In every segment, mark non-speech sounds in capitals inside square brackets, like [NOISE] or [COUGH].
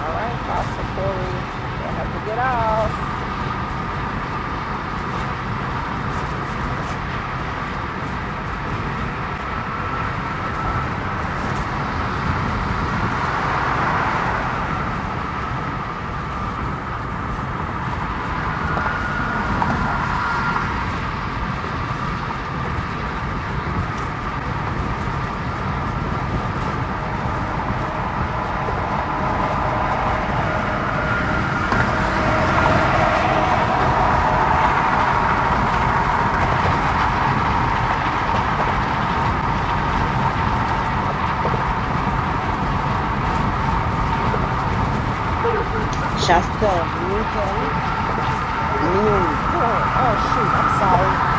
All right, Pastor Corey, you have to get off. Chester Newton, mute. Oh, oh, shoot, I'm sorry.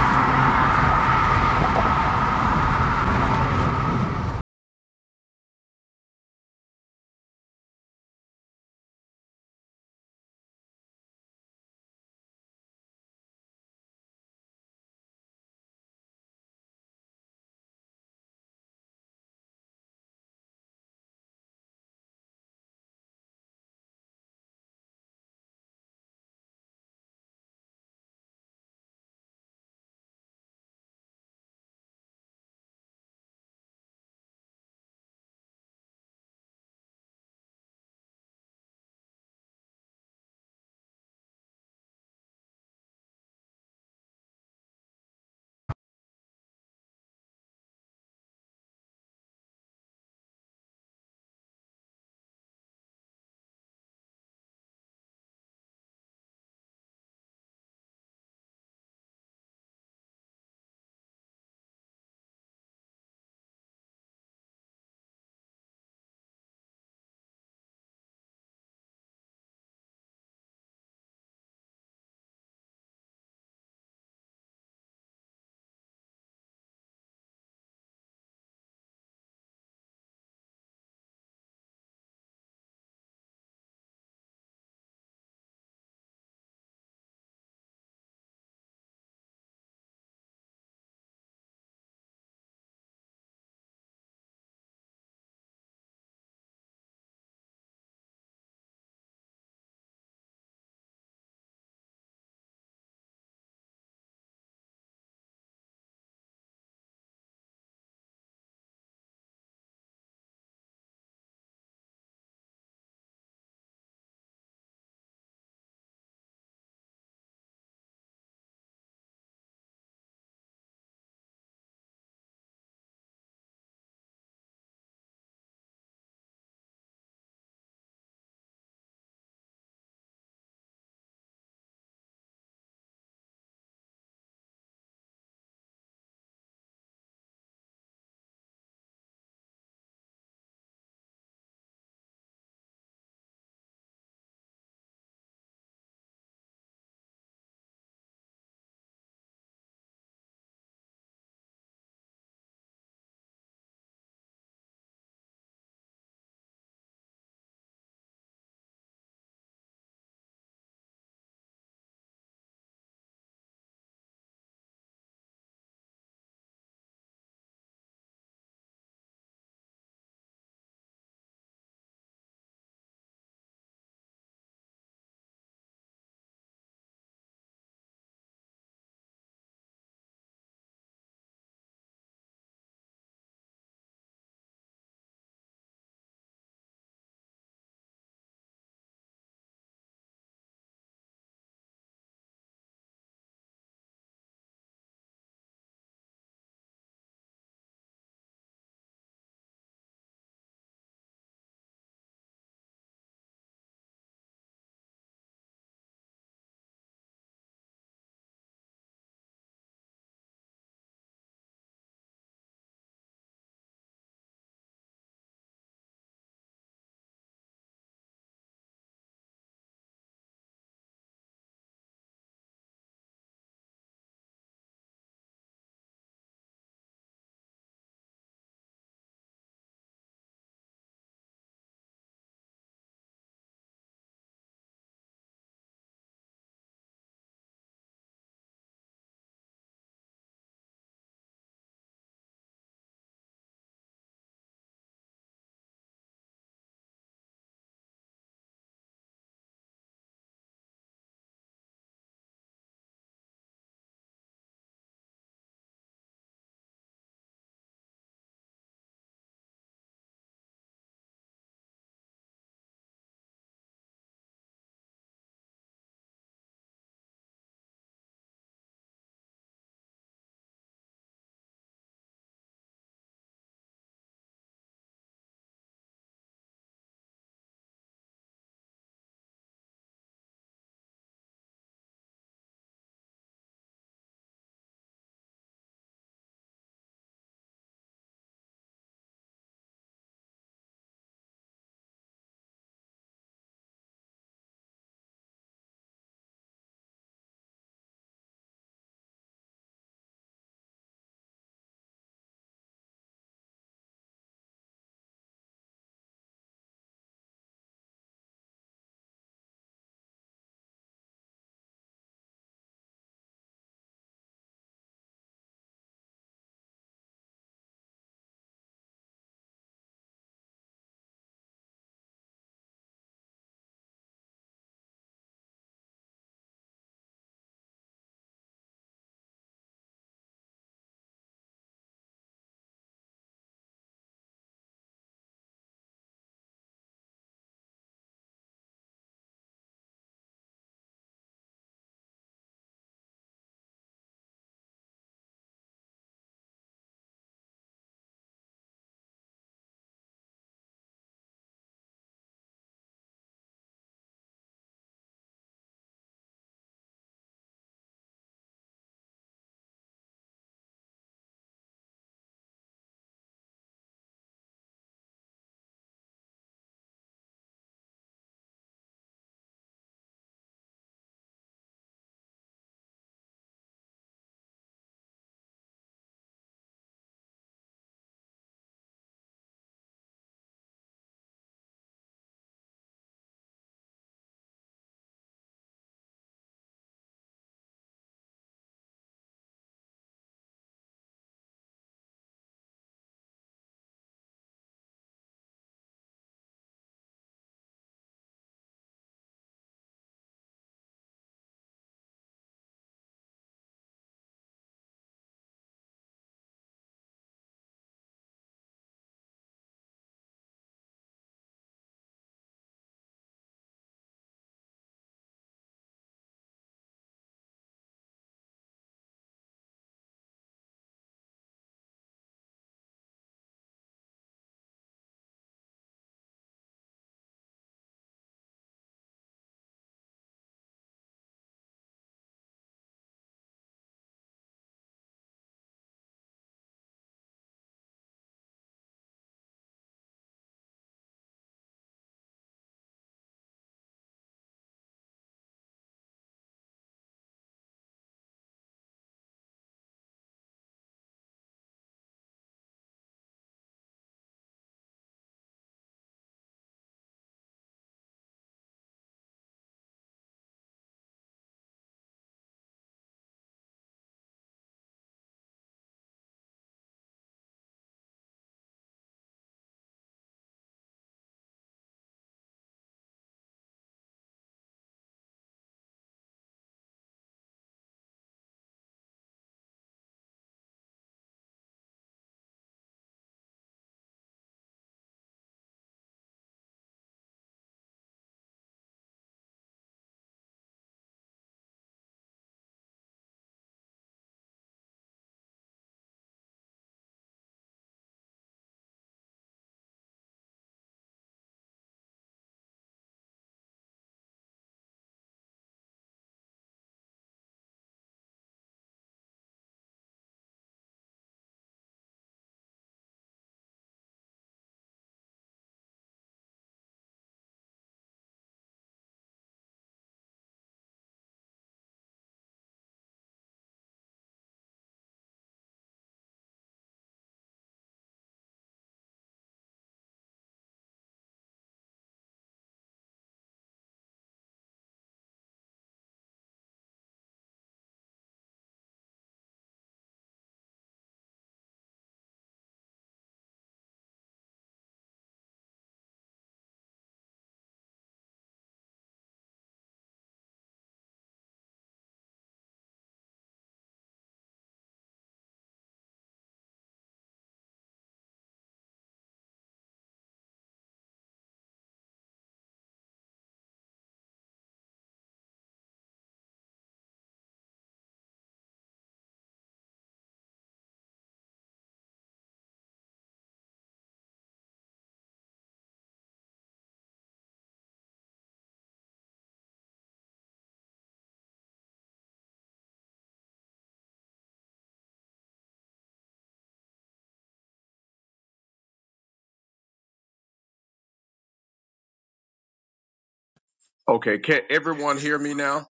Okay, can everyone hear me now?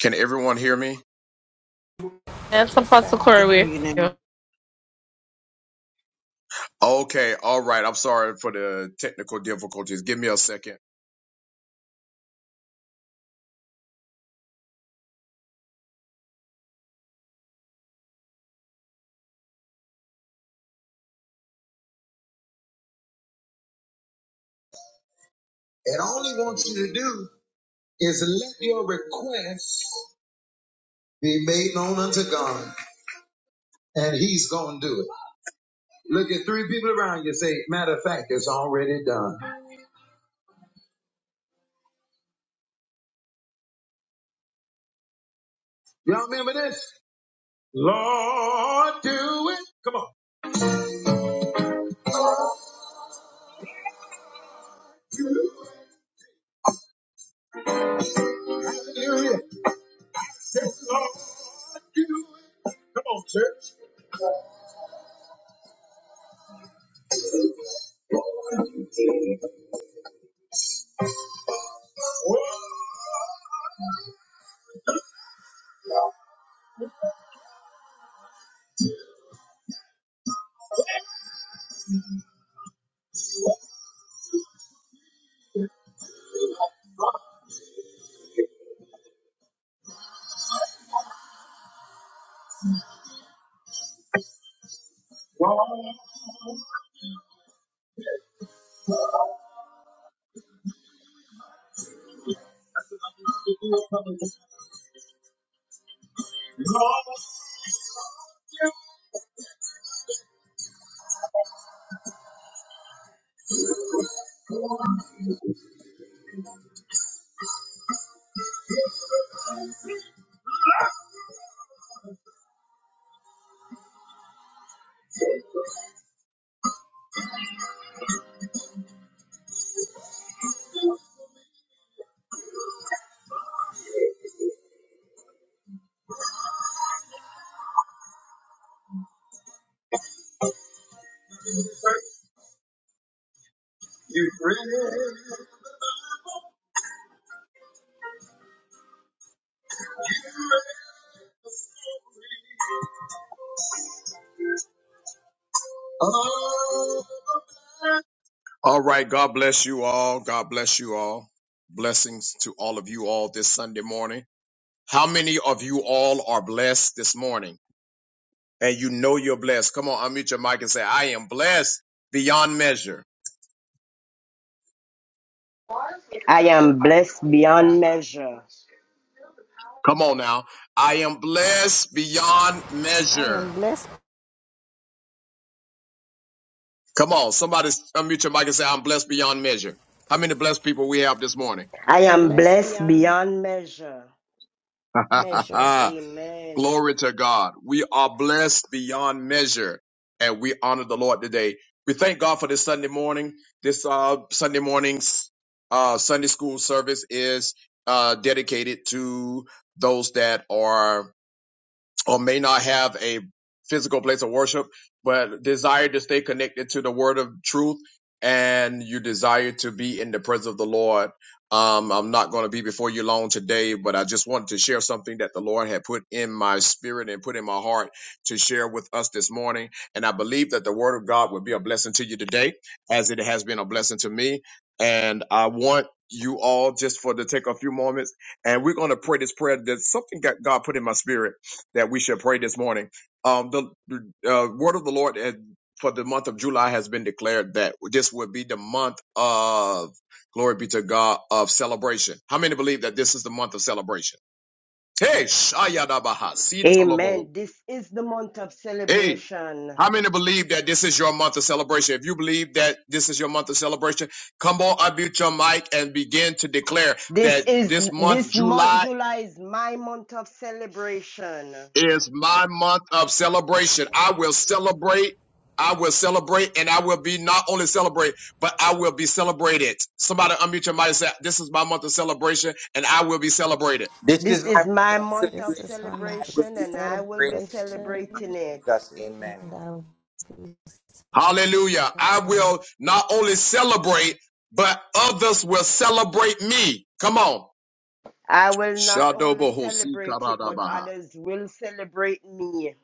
Can everyone hear me? That's a Yes, Apostle sir. Good Corey. with evening. you. Okay, all right. I'm sorry for the technical difficulties. Give me a second. And all he wants you to do is let your request be made known unto God, and he's going to do it. Look at three people around you say, matter of fact, it's already done. Y'all remember this? Lord, do it. Come on. Hallelujah. Say, Lord, do it. Come on, church. Oh, you bring it. Oh, All right. God bless you all. God bless you all. Blessings to all of you all this Sunday morning. How many of you all are blessed this morning? And you know you're blessed. Come on, unmute your mic and say, I am blessed beyond measure. I am blessed beyond measure. Come on now. I am blessed beyond I am measure. blessed. Come on. Somebody unmute your mic and say, I'm blessed beyond measure. How many blessed people we have this morning? I I'm am blessed blessed beyond beyond measure. measure. [LAUGHS] Amen. Glory to God. We are blessed beyond measure and we honor the Lord today. We thank God for this Sunday morning. This uh, Sunday morning's uh, Sunday school service is uh, dedicated to those that are or may not have a physical place of worship, but desire to stay connected to the word of truth and you desire to be in the presence of the Lord. Um, I'm not going to be before you long today, but I just wanted to share something that the Lord had put in my spirit and put in my heart to share with us this morning. And I believe that the word of God will be a blessing to you today as it has been a blessing to me. And I want you all just for to take a few moments and we're going to pray this prayer. There's something that God put in my spirit that we should pray this morning. Um, the uh, word of the Lord uh, for the month of July has been declared that this would be the month of glory be to God of celebration. How many believe that this is the month of celebration? Hey, Shayadabaha, Sitolobohu. Amen. This is the month of Hey, celebration. how many believe that this is your month of celebration? If you believe that this is your month of celebration, come on, unmute your mic and begin to declare This that is this month, this July. month, July is my month of celebration. is my month of celebration. I will celebrate. I will celebrate and I will be not only celebrate, but I will be celebrated. Somebody unmute your mic and say, this is my month of celebration and I will be celebrated. This is This my is month my of month of This is celebration, my and I month of will celebration, be and I will celebrated be in the name of celebrating celebration, it. Jesus. Amen. and I'll be Hallelujah. I celebrating. will not only celebrate, but others will celebrate me. Come on. I will not only celebrate it, but Shadobohosikaradaba. others will celebrate me.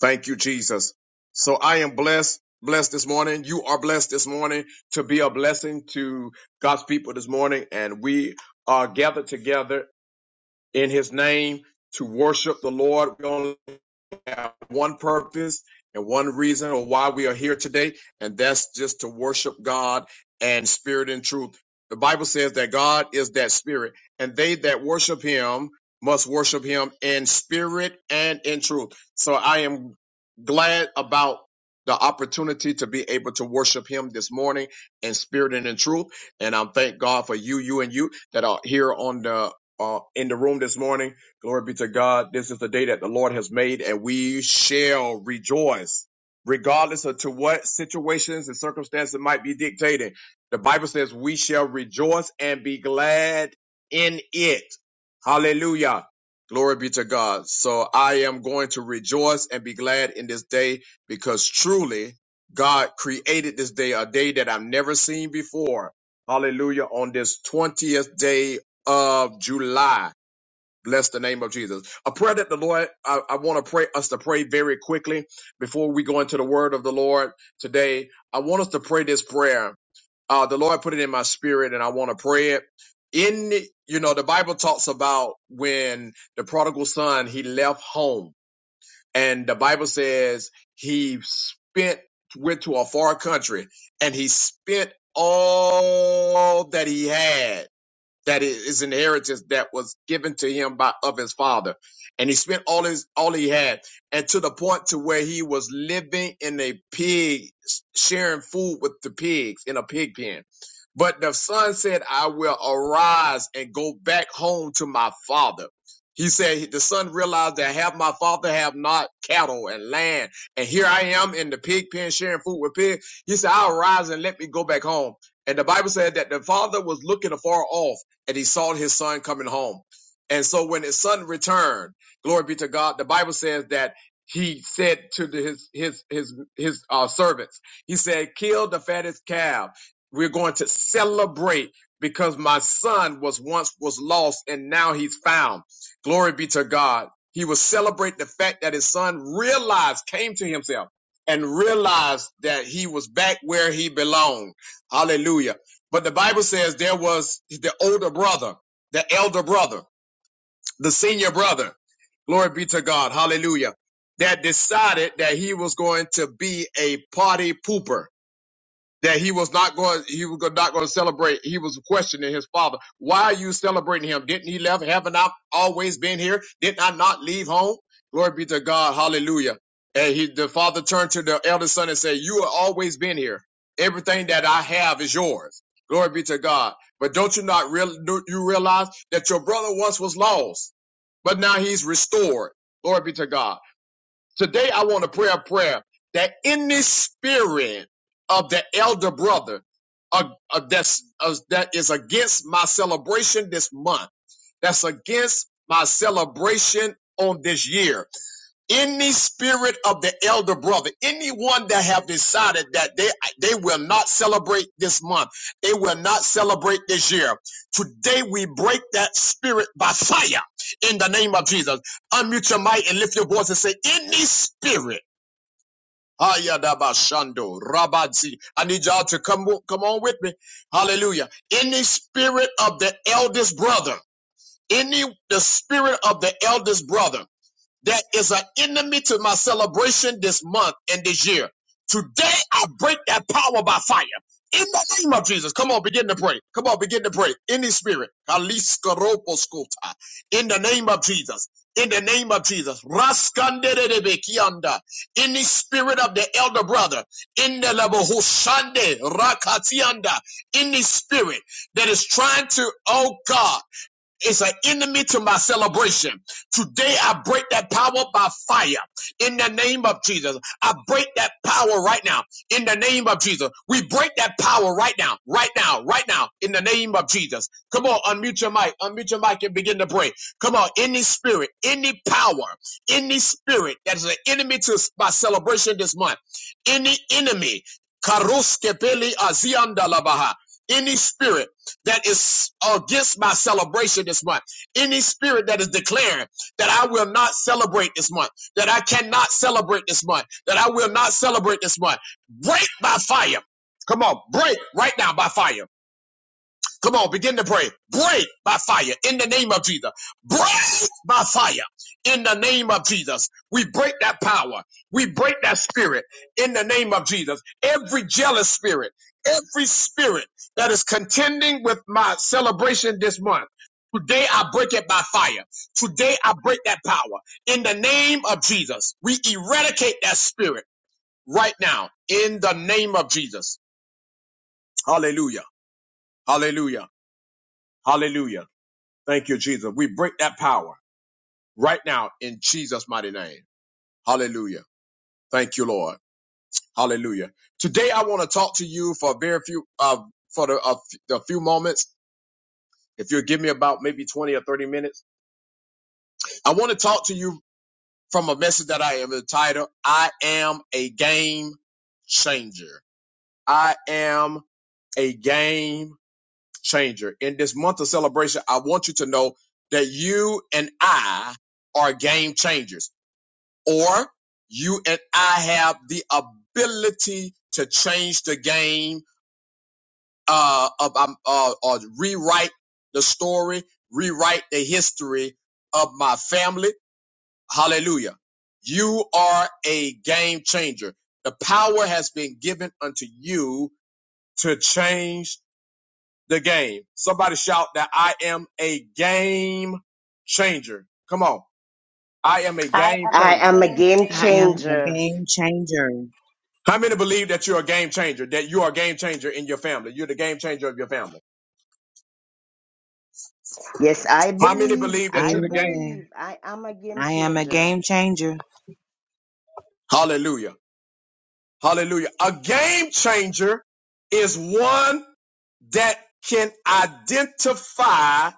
Thank you, Jesus. So I am blessed, blessed this morning. You are blessed this morning to be a blessing to God's people this morning. And we are gathered together in his name to worship the Lord. We only have one purpose and one reason of why we are here today, and that's just to worship God and spirit and truth. The Bible says that God is that spirit, and they that worship him must worship him in spirit and in truth. So I am glad about the opportunity to be able to worship him this morning in spirit and in truth. And I thank God for you, you and you that are here on the uh, in the room this morning Glory be to God. This is the day that the Lord has made, and we shall rejoice, regardless of to what situations and circumstances might be dictated. The Bible says we shall rejoice and be glad in it. Hallelujah. Glory be to God. So I am going to rejoice and be glad in this day because truly God created this day, a day that I've never seen before. Hallelujah. On this 20th day of July. Bless the name of Jesus. A prayer that the Lord, I, I want to pray us to pray very quickly before we go into the word of the Lord today. I want us to pray this prayer. Uh, the Lord put it in my spirit and I want to pray it. In, you know, the Bible talks about when the prodigal son, he left home and the Bible says he spent, went to a far country and he spent all that he had that is inheritance that was given to him by of his father and he spent all his all he had and to the point to where he was living in a pig sharing food with the pigs in a pig pen but the son said i will arise and go back home to my father he said the son realized that have my father have not cattle and land and here i am in the pig pen sharing food with pigs he said i'll rise and let me go back home and the bible said that the father was looking afar off and he saw his son coming home. And so when his son returned, glory be to God, the Bible says that he said to the, his his his his uh, servants, he said, "Kill the fattest calf. We're going to celebrate because my son was once was lost and now he's found." Glory be to God. He will celebrate the fact that his son realized, came to himself, and realized that he was back where he belonged. Hallelujah. But the Bible says there was the older brother, the elder brother, the senior brother. Glory be to God. Hallelujah. That decided that he was going to be a party pooper that he was not going he was not going to celebrate he was questioning his father why are you celebrating him didn't he left haven't i always been here didn't i not leave home glory be to god hallelujah and he the father turned to the elder son and said you have always been here everything that i have is yours glory be to god but don't you not real do you realize that your brother once was lost but now he's restored glory be to god Today, I want to pray a prayer that in this spirit of the elder brother uh, uh, that's, uh, that is against my celebration this month, that's against my celebration on this year any spirit of the elder brother, anyone that have decided that they they will not celebrate this month, they will not celebrate this year. Today we break that spirit by fire in the name of Jesus. Unmute your mic and lift your voice and say, any spirit. Hayadabashando, Rabazi. I need y'all to come come on with me. Hallelujah. Any spirit of the eldest brother, any the spirit of the eldest brother that is an enemy to my celebration this month and this year. Today, I break that power by fire. In the name of Jesus, come on, begin to pray. Come on, begin to pray. in the spirit, Kaliskaroposkota. in the name of Jesus, in the name of Jesus, Raskanderebekianda. In the spirit of the elder brother, in the Labohushande, Rakatianda, any spirit that is trying to, oh God, is an enemy to my celebration. Today I break that power by fire in the name of Jesus. I break that power right now in the name of Jesus. We break that power right now, right now, right now in the name of Jesus. Come on, unmute your mic, unmute your mic and begin to pray. Come on, any spirit, any power, any spirit that is an enemy to my celebration this month, any enemy, karuskepeli aziandalabaha, any spirit that is against my celebration this month, any spirit that is declaring that I will not celebrate this month, that I cannot celebrate this month, that I will not celebrate this month, break by fire. Come on, break right now by fire. Come on, begin to pray. Break by fire in the name of Jesus. Break by fire in the name of Jesus. We break that power. We break that spirit in the name of Jesus. Every jealous spirit, every spirit that is contending with my celebration this month. Today I break it by fire. Today I break that power. In the name of Jesus, we eradicate that spirit right now. In the name of Jesus. Hallelujah. Hallelujah. Hallelujah. Thank you, Jesus. We break that power right now in Jesus' mighty name. Hallelujah. Thank you, Lord. Hallelujah. Today, I want to talk to you for a very few, uh, for the, a, f- the few moments. If you'll give me about maybe 20 or 30 minutes, I want to talk to you from a message that I am entitled, I am a game changer. I am a game changer. In this month of celebration, I want you to know that you and I are game changers. or you and I have the ability to change the game, uh, of, um, uh, or rewrite the story, rewrite the history of my family. Hallelujah. You are a game changer. The power has been given unto you to change the game. Somebody shout that I am a game changer. Come on. I am a I game am I changer. a am a game game I changer. am a changer. game changer. How many believe that you're a game changer, that you are a game changer in your family? You're the game changer of your family. Yes, I How many believe. believe that I you're the game? Amen. believe. I am a game I am a changer. game changer. Hallelujah. Hallelujah. A game changer is one that can identify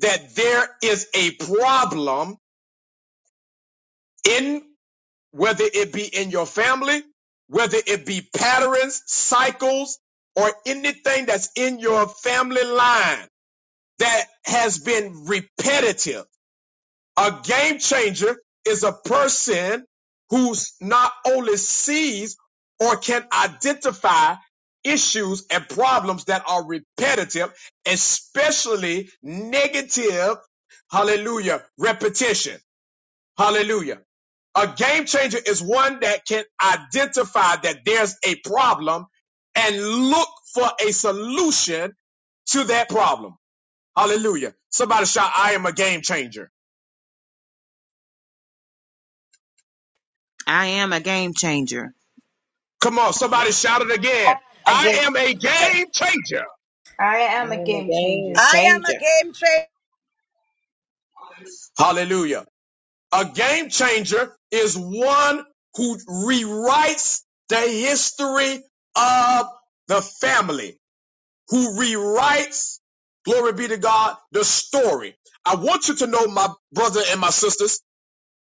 that there is a problem in whether it be in your family, whether it be patterns, cycles, or anything that's in your family line that has been repetitive A game changer is a person who's not only sees or can identify issues and problems that are repetitive, especially negative, hallelujah, repetition. Hallelujah. A game changer is one that can identify that there's a problem and look for a solution to that problem. Hallelujah. Somebody shout, I am a game changer. I am a game changer. Come on, somebody shout it again. A I game am a changer. game changer. I I am a am a game game changer. I am a changer. game changer. Hallelujah. A game changer is one who rewrites the history of the family, who rewrites, glory be to God, the story. I want you to know, my brother and my sisters,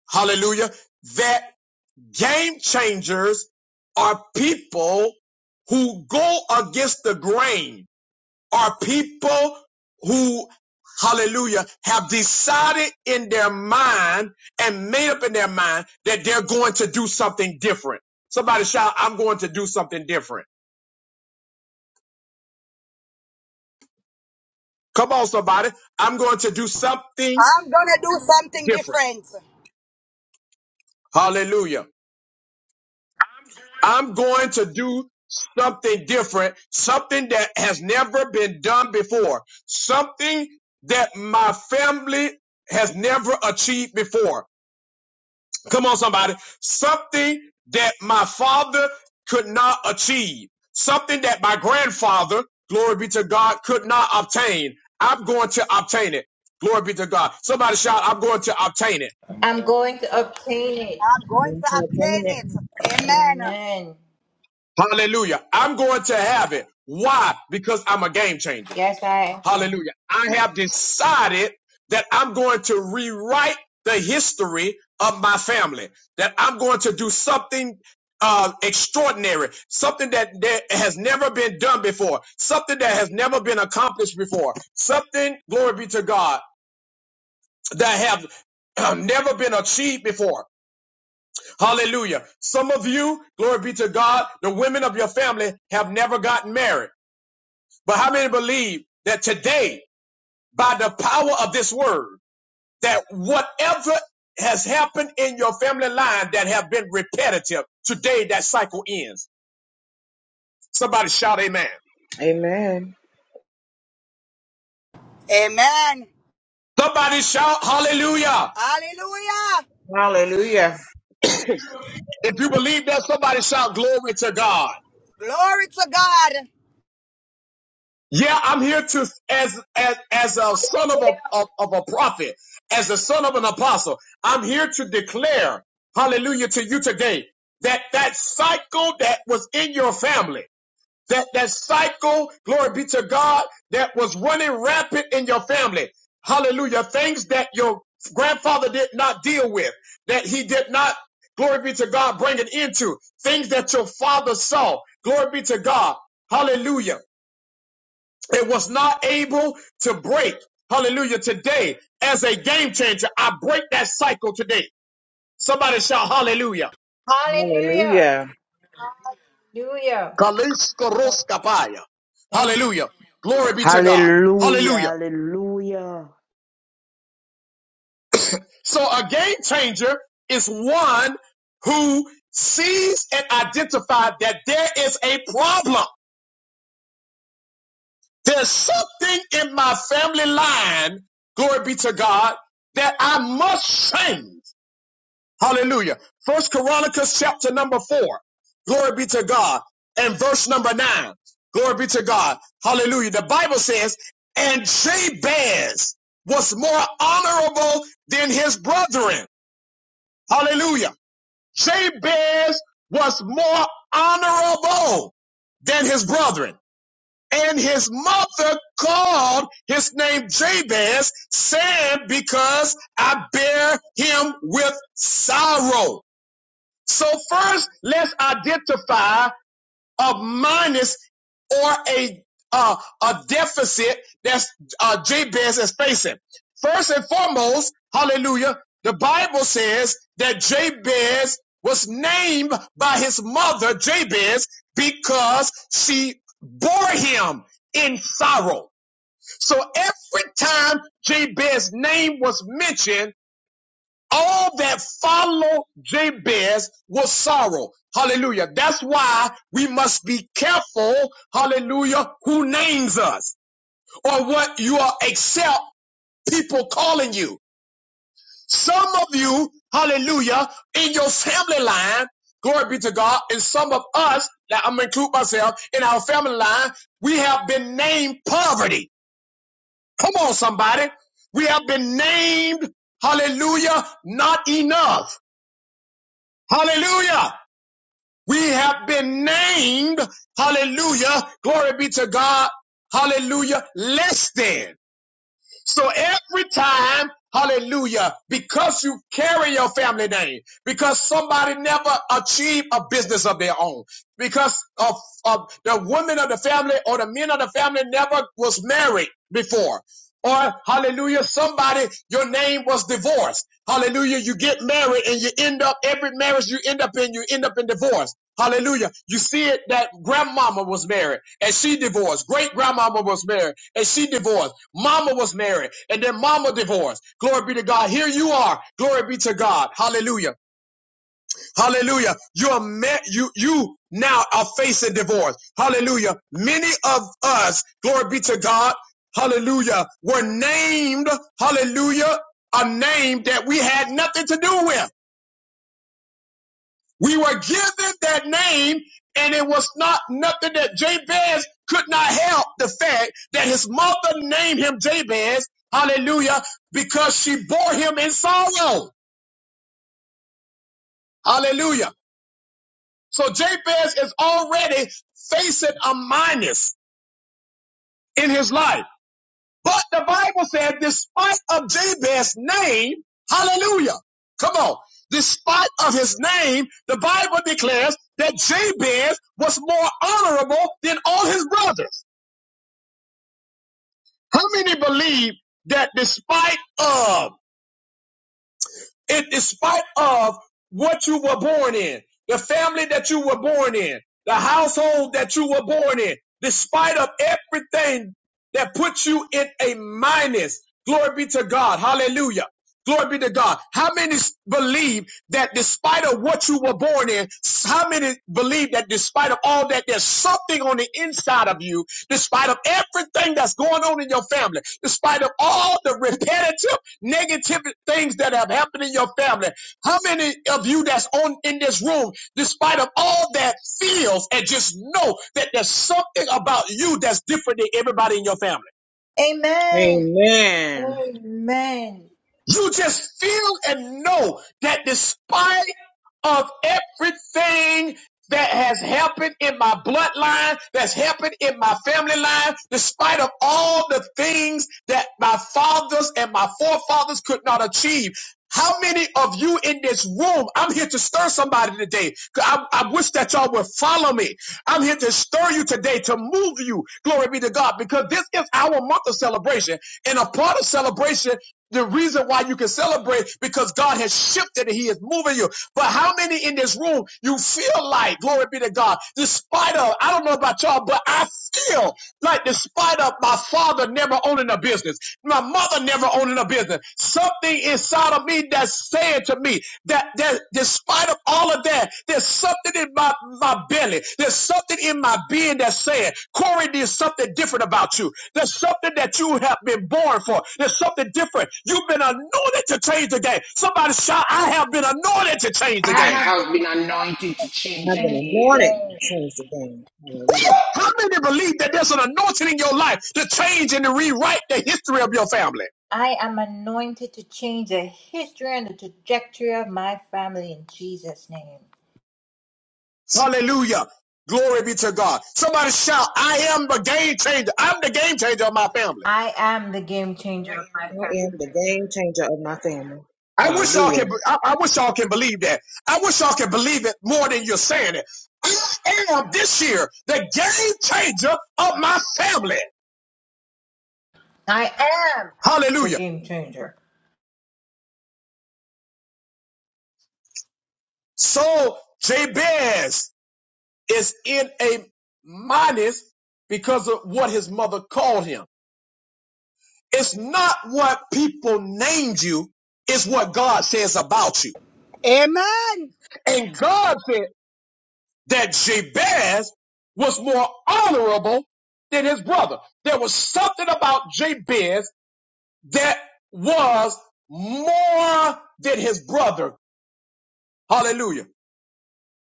hallelujah, that game changers are people who go against the grain are people who, hallelujah, have decided in their mind and made up in their mind that they're going to do something different. Somebody shout, I'm going to do something different. Come on, somebody. I'm going to do something I'm gonna do something different. different. Hallelujah. I'm going to do something different, something that has never been done before, something that my family has never achieved before Come on, somebody. Something that my father could not achieve. Something that my grandfather, glory be to God, could not obtain. I'm going to obtain it. Glory be to God. Somebody shout, I'm going to obtain it. I'm going to obtain it. I'm going to obtain Entertainment. it. Amen. Amen. Hallelujah. I'm going to have it. Why? Because I'm a game changer. Yes, I am. Hallelujah. I have decided that I'm going to rewrite the history of my family, that I'm going to do something uh, extraordinary, something that, that has never been done before, something that has never been accomplished before, something, glory be to God, that have have never been achieved before. Hallelujah. Some of you, glory be to God, the women of your family have never gotten married. But how many believe that today, by the power of this word, that whatever has happened in your family line that have been repetitive, today that cycle ends. Somebody shout amen. Amen. Amen. Somebody shout hallelujah. Hallelujah. Hallelujah. If you believe that, somebody shout glory to God. Glory to God. Yeah, I'm here to as as as a son of a of, of a prophet, as a son of an apostle. I'm here to declare hallelujah to you today that that cycle that was in your family that that cycle, glory be to God, that was running rampant in your family. Hallelujah. Things that your grandfather did not deal with, that he did not, glory be to God, bring it into. Things that your father saw, glory be to God. Hallelujah. It was not able to break. Hallelujah. Today, as a game changer, I break that cycle today. Somebody shout hallelujah. Hallelujah. Hallelujah. Hallelujah. Lord, Kaliskaroskapaya. Thank Hallelujah. Glory be to God. Hallelujah. Hallelujah. Hallelujah. So a game changer is one who sees and identifies that there is a problem. There's something in my family line, glory be to God, that I must change. Hallelujah. First Chronicles chapter number four. Glory be to God. And verse number nine. Glory be to God. Hallelujah. The Bible says, and Jabez was more honorable than his brethren. Hallelujah. Jabez was more honorable than his brethren. And his mother called his name Jabez, saying, because I bear him with sorrow. So first, let's identify of minus or a uh, a deficit that's uh, Jabez is facing. First and foremost, hallelujah, the Bible says that Jabez was named by his mother, Jabez, because she bore him in sorrow. So every time Jabez's name was mentioned, all that follow Jabez was sorrow. Hallelujah. That's why we must be careful, hallelujah, who names us or what you are accept people calling you. Some of you, hallelujah, in your family line, glory be to God, and some of us, that I'm gonna include myself, in our family line, we have been named poverty. Come on, somebody. We have been named, hallelujah, not enough. Hallelujah. We have been named, hallelujah, glory be to God, hallelujah, less than. So every time, hallelujah, because you carry your family name, because somebody never achieved a business of their own, because of, of the women of the family or the men of the family never was married before or hallelujah, somebody, your name was divorced. Hallelujah, you get married and you end up, every marriage you end up in, you end up in divorce. Hallelujah. You see it that grandmama was married and she divorced. Great grandmama was married and she divorced. Mama was married and then mama divorced. Glory Glory be be to to God. God. Here you are. Glory be to God. Hallelujah. Hallelujah. You are met, you you now are facing divorce. Hallelujah. Many of us, glory be to God, hallelujah, were named, hallelujah, a name that we had nothing to do with. We were given that name, and it was not nothing that Jabez could not help the fact that his mother named him Jabez, hallelujah, because she bore him in sorrow. Hallelujah. So Jabez is already facing a minus in his life. But the Bible said, despite of Jabez's name, hallelujah. Come on. Despite of his name, the Bible declares that Jabez was more honorable than all his brothers. How many believe that despite of in despite of what you were born in, the family that you were born in, the household that you were born in, despite of everything that puts you in a minus. Glory be to God. Hallelujah. Glory be to God. How many believe that despite of what you were born in, how many believe that despite of all that, there's something on the inside of you, despite of everything that's going on in your family, despite of all the repetitive negative things that have happened in your family, how many of you that's on in this room, despite of all that feels and just know that there's something about you that's different than everybody in your family? you. Amen. Amen. Amen. You just feel and know that despite of everything that has happened in my bloodline, that's happened in my family line, despite of all the things that my fathers and my forefathers could not achieve. How many of you in this room? I'm here to stir somebody today. I, I wish that y'all would follow me. I'm here to stir you today, to move you. Glory be to God, because this is our month of celebration. And a part of celebration, the reason why you can celebrate, because God has shifted and He is moving you. But how many in this room you feel like, glory be to God, despite of, I don't know about y'all, but I feel like despite of my father never owning a business, my mother never owning a business, something inside of me that's saying to me, that, that despite of all of that, there's something in my, my belly. There's something in my being that's saying, Corey, there's something different about you. There's something that you have been born for. There's something different. You've been anointed to change the game. Somebody shout, I have been anointed to change the I I game. have been have been anointed to change I've the been game. anointed anointed to today. change the game. Hallelujah. How many believe that there's an anointing in your life to change and to rewrite the history of your family? I am anointed to change the history and the trajectory of my family in Jesus' name. Hallelujah. Glory be to God. Somebody shout, I am the game changer. I'm the game changer of my family. I am the game changer of my I family. am the game changer of my family. I wish y'all Hallelujah. can. I, I wish y'all can believe that. I wish y'all can believe it more than you're saying it. I am this year the game changer of my family. I am the Hallelujah. game changer. So Jabez is in a minus because of what his mother called him. It's not what people named you. It's what God says about you. Amen. And God said. that Jabez was more honorable than his brother. There was something about Jabez that was more than his brother. Hallelujah.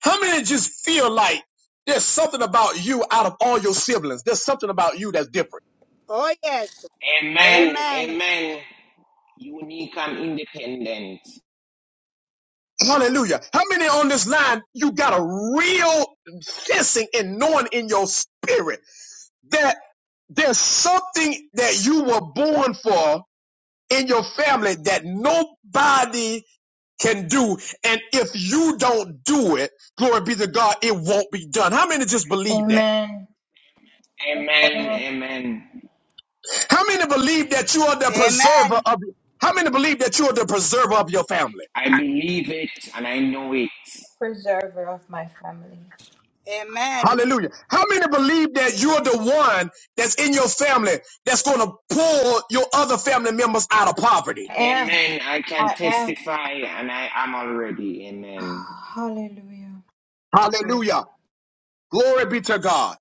How many just feel like there's something about you out of all your siblings? There's something about you that's different. Oh yes. Amen. Amen. Amen. Unique and independent. Hallelujah. How many on this line you got a real sensing and knowing in your spirit that there's something that you were born for in your family that nobody can do. And if you don't do it, glory be to God, it won't be done. How many just believe that? Amen. Amen. Amen. Amen. How many believe that you are the preserver Amen. of how many believe that you are the preserver of your family? I believe it and I know it. Preserver of my family. Amen. Hallelujah. How many believe that you're the one that's in your family that's going to pull your other family members out of poverty? I am. Amen. I can I am. testify and I am already. Amen. [SIGHS] hallelujah. Good. Hallelujah. Glory be to God.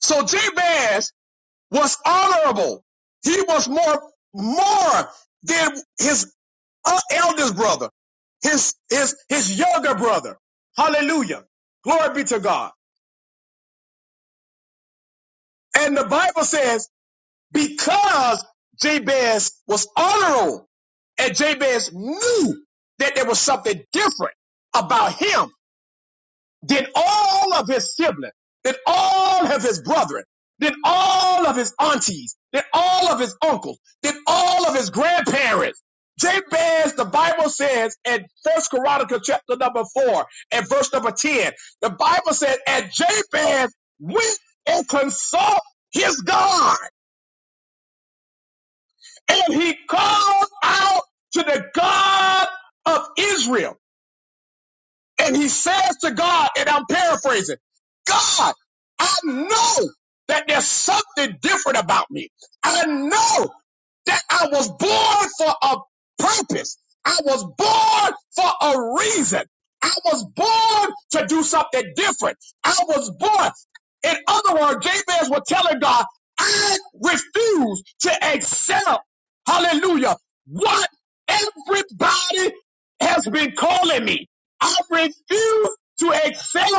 So Jabez was honorable. He was more more than his uh, eldest brother, his his his younger brother. Hallelujah. Glory be to God. And the Bible says because Jabez was honorable and Jabez knew that there was something different about him Did all of his siblings, did all of his brethren, did all of his aunties, did all of his uncles, did all of his grandparents. Jabez, the Bible says in First Chronicles chapter number four and verse number ten, the Bible says, and Jabez went and consulted his God, and he called out to the God of Israel. And he says to God, and I'm paraphrasing, God, I know that there's something different about me. I know that I was born for a purpose. I was born for a reason. I was born to do something different. I was born. In other words, Jabez was telling God, I refuse to accept, hallelujah, what everybody has been calling me. I refuse to accept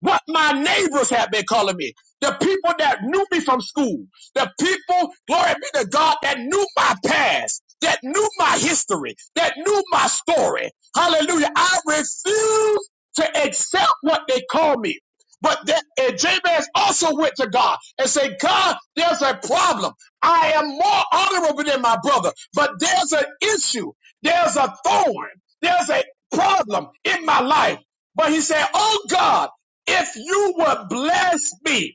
what my neighbors have been calling me. The people that knew me from school. The people, glory be to God, that knew my past, that knew my history, that knew my story. Hallelujah. I refuse to accept what they call me. But that, and Jabez also went to God and said, God, there's a problem. I am more honorable than my brother, but there's an issue. There's a thorn. There's a problem in my life. But he said, Oh God, if you would bless me.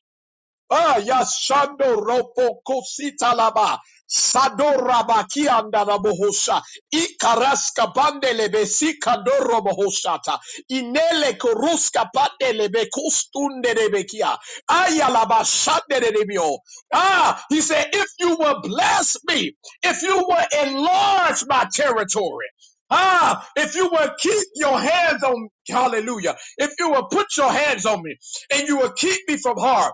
Ah, Yashando Ropo Kositalaba. Sadorabakia Ndarabohosha. Ikaraska Bandelebe Sikadorobohoshata. Inele Koruska Bandelebe Kustunderebekia. Ayalaba Shanderebio. Ah, he said, if you will bless me, if you will enlarge my territory. Ah, if you will keep your hands on me, hallelujah. If you will put your hands on me and you will keep me from harm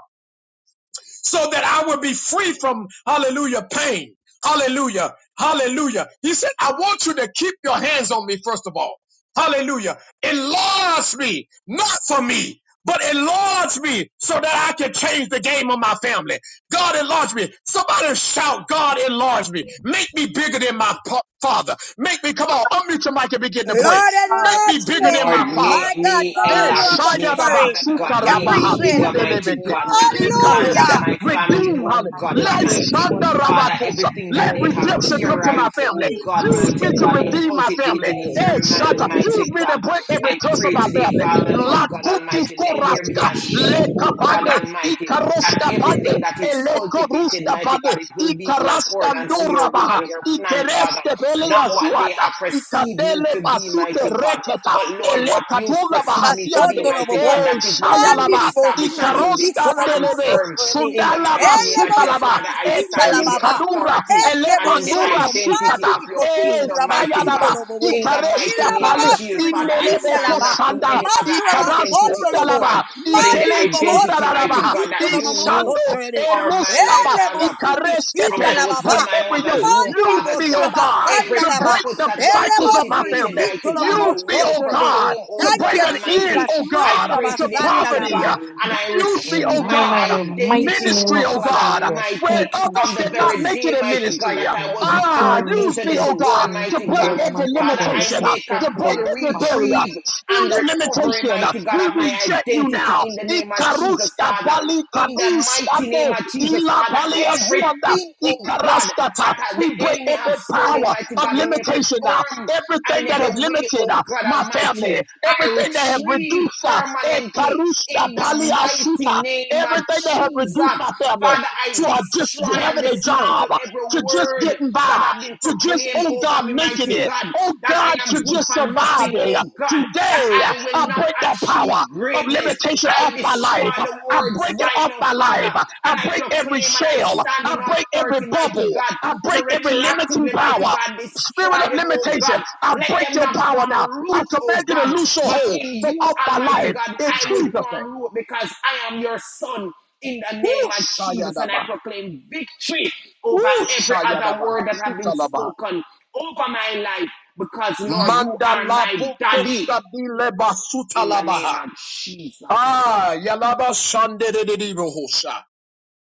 so that I will be free from, hallelujah, pain. Hallelujah. Hallelujah. He said, I want you to keep your hands on me, first of all. Hallelujah. Enlarge me, not for me, but enlarge me so that I can change the game of my family. God enlarge me. Somebody shout, God enlarge me. Make me bigger than my pa- father. Make me, come on, unmute your mic and begin to pray. Lord Make God, me enlarge bigger than me. my Lord, father. My make God, me, come Eh, on God, now, enlarge in Apostle me, shaya the lion, baba, Curry. Father God. suka You're Make rabaha, me preaching. bigger, sute mighty lebeke, God, than God, the in the lion, plan of ikareska, Hallelujah. my family, Redeem, oh hallelujah. God Let Father, Almighty. Lord, shanda Father. Father, rabakosa. everything that Let they have redemption come to my theorized, oh family. God, Use me mighty to God, in redeem my family. cultivating in their Hey, mind, Shaka, use mighty me to God. break every I curse of pray my today, family. Father, La Lord God kutu Almighty, let there be koraska, a le shift, oh God kapane, Almighty that ikaroska pate, everything that is ele cultivated, koruska mighty pate, God, it will be in ikaraska accordance to your ndura will baha, and your plan, Father. ikereske pele Not ya what they suata, have perceived me ikandele to be, basute mighty God, reketa, but Lord, ele what you kadula perceive me to bahasiande, be, Basondo lo mighty God, bobo. eh, that is what will shayalaba. be Mandi li bo established and suridi will be Ikaroska sito lo stand momo delebe, firm sotrede. in the Sundalaba mighty Ele name of bo Jesus, sutalaba, Father. suridi I sinda stand la Ekeli in the baba. kadura, authority ele Eke and bo in the mandura shoto. identity Mandi sikata, of your E kotushi kingdom, mighty rabasindo God. ayadaba, lo bobo. In the Ikareska mighty Ila name of baba pale, Jesus, suridi Father, I Inelebe sinda la stand ba. not in kosanda, any other Masura identity, basondo lo oh bo. God, Ikaraskundalaba, but in the Mandi Ikele bobo identity, suridi mighty kundalaba, God, sito that lo you momo knew Ishando, sotrede. for my life, Eruskaba, Ele bo Father. suridi From sinda Ikareskete, I la was baba. in break my every mother's yoke. womb, Use Father Mandilibos me, oh from God. a God, Every to sandalaba. break purpose the that you have cycles of Elebos my cultivated, family. ribisito mighty God, your Use me, will oh lomomosotrebe. God, proclaim, to oh Thank bring God you, an end, Almighty. Jesus. oh I God, pray Masraba to today, mighty poverty. God, sandalaba. uh, and I Use me, oh retrieve my Amen. In God. the mighty identity, name Ministry, oh of oh God God, Jesus. where Almighty, Thank you, others from the did not very make Jesus. it day, in mighty God, ministry. that I In the was mighty Ah, birthed name of use into me, this oh Jesus. God, world, Thank to mighty you, break God. every Father, I limitation, Almighty uh, make a to break full every God. barrier, retrieve spirit and of recovery, limitation, uh, mighty God, we of my reject you identity now. in the name of Jesus, Ikaruska Father. pali In the mighty kaduskande name of Jesus, ila Father, pali asuanda everything, oh God, that ikaraskata. the We break enemy have every stolen, power mighty of God, in every limitation now. form and Everything in that every has way, limited oh uh, God my Almighty, family, I everything that have retrieve reduced uh, permanently ikaruska in the pali mighty asuta. name of Everything that have Jesus. reduced my family Father, I to uh, just destroy and having a dismantle job, every to just word getting that by, have been to just, proclaimed oh over God, me, making mighty it, God, oh that God, I am to good just for nothing, surviving. oh God, that Today, I will I not break that power achieve of greatness. limitation off I my destroy life. the I words break it right off now, my life. Father, I and I break every proclaim and I shell. stand I in break every authority, mighty bubble. God, I to break every limiting retroactively, mighty power. God, destroy Spirit of them, oh limitation, God, I let break them your not power form now. I root, oh command you to God, loose your but hold in from you, off my Almighty life God, in I will Jesus' form name. root because I am your son in the Woo, name of Jesus. And I Sayadaba. proclaim victory over Woo, every other Sayadaba. word that have been Talaba. spoken over my life because, Lord, you are Mandala my daddy Pukoska Dileba in the name Sutalabaha. of Jesus. Ah, Yalaba Sande de Dibohosa.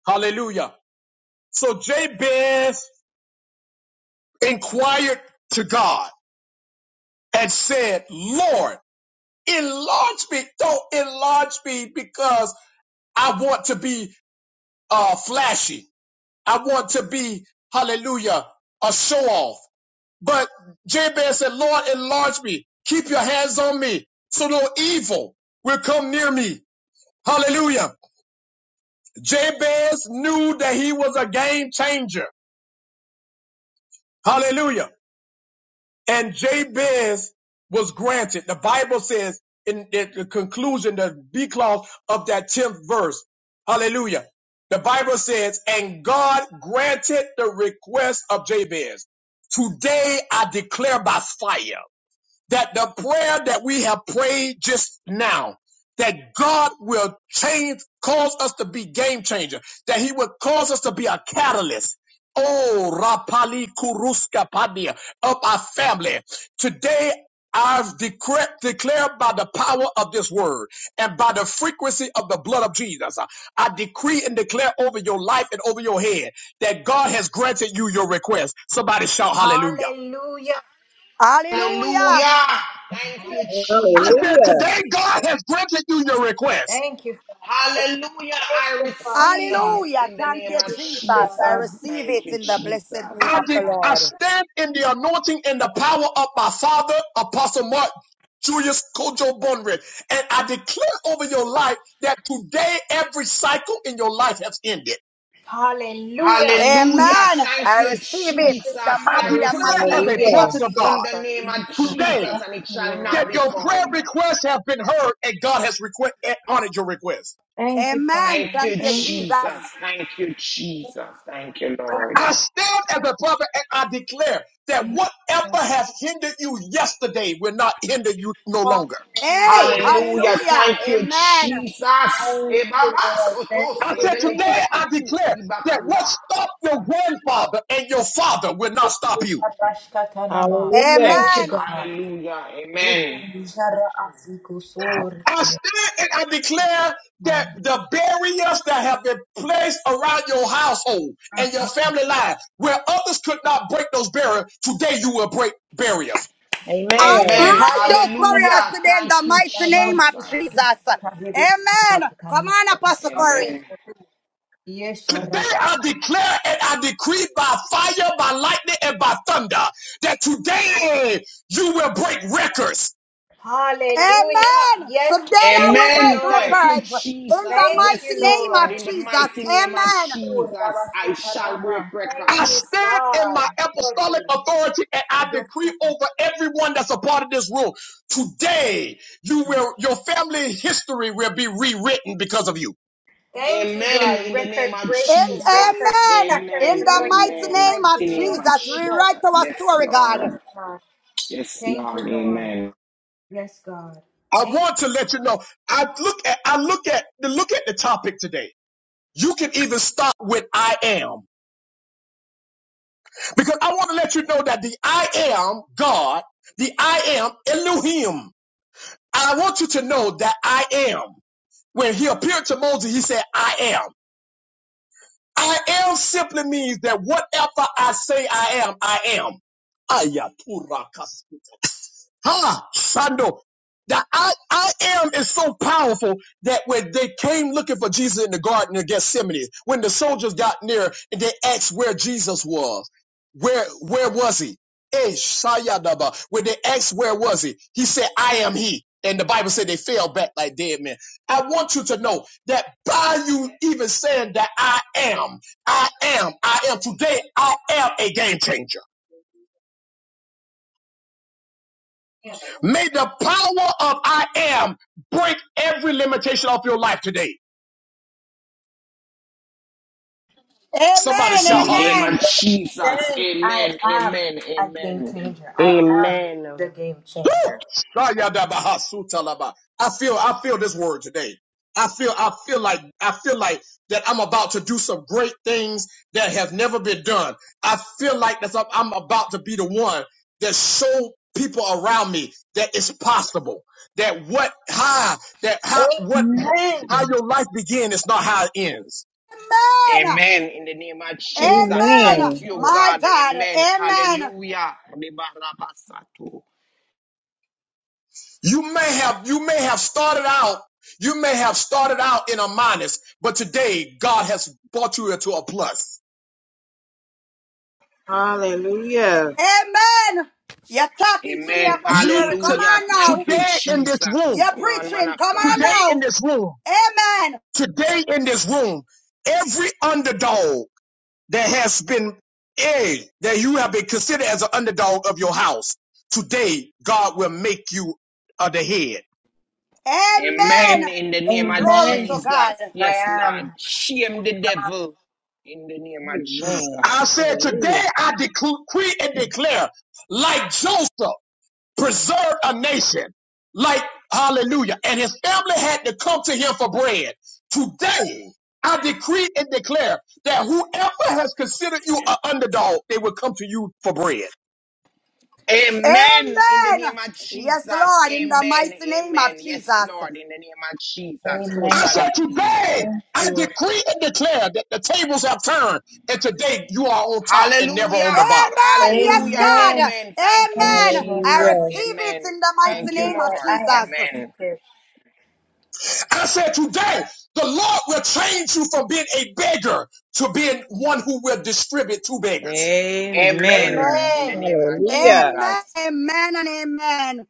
Hallelujah. So Jabez inquired to God and said, Lord, enlarge me. Don't enlarge me because I want to be uh, flashy. I want to be, hallelujah, a show off. But Jabez said, Lord, enlarge me. Keep your hands on me so no evil will come near me. Hallelujah. Jabez knew that he was a game changer. Hallelujah. and Jabez was granted. The Bible says in the conclusion, the B clause of that 10th verse. Hallelujah. The Bible says, and God granted the request of Jabez. Today I declare by fire that the prayer that we have prayed just now, that God will change, cause us to be game changer, that he will cause us to be a catalyst. Oh, Rapali Kuruska Padia of our family. Today, I've decre- declared by the power of this word and by the frequency of the blood of Jesus. I decree and declare over your life and over your head that God has granted you your request. Somebody shout hallelujah. Hallelujah. Hallelujah. Hallelujah. Thank you, I said, Jesus. Hallelujah. today God has granted you your request. Thank you. Hallelujah. Thank I you, Father receive God. Hallelujah. in the Thank name you, We of Jesus. receive it, Jesus. I God. receive Thank it you, in the blessed name Jesus. I, of the de- I Lord. stand in the anointing and the power of my father, Apostle Mark Julius Kojo Bonred. And I declare over your life that today every cycle in your life has ended. Hallelujah. Hallelujah. Amen. Thank I you, receive it in Jesus. the I I mighty and declare as matchless receive a name of Hallelujah. it prophet of God in Jesus. the name of Jesus. Jesus today and Thank it you, shall not Lord. that be your prayer void. requests have been heard and God has requ- and honored your request. Thank you, Amen. Thank Father. you, Thank you, Thank you. Jesus. Jesus. Thank you, Jesus. Thank you, Lord. Lord. I stand as a prophet and I declare that whatever has hindered you yesterday will not hinder you no longer. Hey, Hallelujah. Thank, Hallelujah. hallelujah. Thank you, Amen. Jesus. thank you, Ebaba Lord. Thank soto I you, said, sendelebi today Lord. I kutu declare that what ibakata. stopped your grandfather and your father will not Thank stop you, you. Fatashkatanama. Hallelujah. Thank you, Amen. God. Hallelujah. Amen. Utunjara asikusor. I stand and I declare that the barriers that have been placed around your household and your family life, where others could not break those barriers, today you will break barriers. I Amen. Amen. break those Hallelujah. barriers Hallelujah. today in Thank the you, mighty name of Jesus. Jesus. Amen. Come on, Apostle Corey. Amen. Yes, Today Sharaba. I declare and I decree by fire, by lightning, and by thunder that today you will break records. Hallelujah. Amen. Yes, Today I thank will you, Amen. break Lord. Thank you, records in Jesus. the Thank mighty Yes, you, name Lord. of Lord. In the mighty Jesus. name of Amen. Oh, Jesus, I shall break Rabashakarama. Thank I you, records. stand in God, my for apostolic being. authority and I Yes, decree God. over everyone that's a part of this room. Thank Today, you, you Jesus. will, your family history will be rewritten because of you. Thank you, Amen. God. In the name Record of In, breaking, Jesus. record amen. shattering In Amen. the anointing in mighty the Amen. In name mighty of the name name of of Jesus, Jesus. rewrite Jesus. our Yes, story, God. Yes, Lord. God. Yes, Thank you, Lord. Lord. Amen. Yes, God. I Thank want you. to let you know. I look at, I look at the, look at the topic today. You can even start with I am because I want to let you know that the I am God, the I am Elohim. I want you to know that I am. When he appeared to Moses, he said, I am. I am simply means that whatever I say I am, I am. Ayaturakasa. Ha, Shando. The I, I am is so powerful that when they came looking for Jesus in the Garden of Gethsemane, when the soldiers got near and they asked where Jesus was, where where was he? Eh, Shayadaba. When they asked where was he, he said, I am he. And the Bible said they fell back like dead men. I want you to know that by you even saying that I am, I am, I am today, I am a game changer. May the power of I am break every limitation of your life today. Somebody Amen. In shout the name of hallelujah. Amen. Jesus. Then I Amen. am Amen. a game Amen. changer. I am Amen. the game Woo! changer. I feel, I feel this word today. I feel, I feel like, I feel like that I'm about to do some great things that have never been done. I feel like that I'm about to be the one that show people around me that it's possible. That what, how, that how, what, how Amen. your life begins is not how it ends. Amen. Amen. In the name of Jesus. Amen. Thank Amen. you, My God. God. Amen. Amen. Hallelujah. Ribarabasato. You may have you may have started out you may have started out in a minus, but today God has brought you into a plus. Hallelujah. Amen. You're talking to me, Amen. Apostle You Curry. Come to, Hallelujah. on now. Thank you, today in this Jesus. room, You're Come on, man preaching. of Come on God. today in now. this room, Amen. today in this room, every underdog that has been a that you have been considered as an underdog of your house, today God will make you uh, the head. Amen. Amen. In the name of Glory to Amen. God. Jesus. I Yes, am. Lord. Shame the devil. In the name of Jesus. Amen. I said today Hallelujah. I decree and declare like Joseph. preserved a nation like hallelujah and his family had to come to him for bread today i decree and declare that whoever has considered you an underdog they will come to you for bread Amen. In the name Amen. of Yes, Jesus. Lord, in the Amen. mighty name of Amen. Yes, Jesus. Lord. In the name of Jesus. So i Amen, shall God. said it be. today Thank i you. Lord. decree and declare that the tables have turned and today you are on top and never on the Hallelujah. bottom Amen. Yes, Hallelujah. Amen. God. Amen. Thank you, Thank you, Amen. Lord I Jesus. receive Hallelujah. God. it Amen. in the Thank mighty Thank you, you, name of Lord. Lord. I am Jesus. Amen. seated. i said today the lord will change you from being a beggar to being one who will distribute to beggars Amen. Amen. In the Amen. name of Hallelujah. Amen. Jesus. Amen and amen.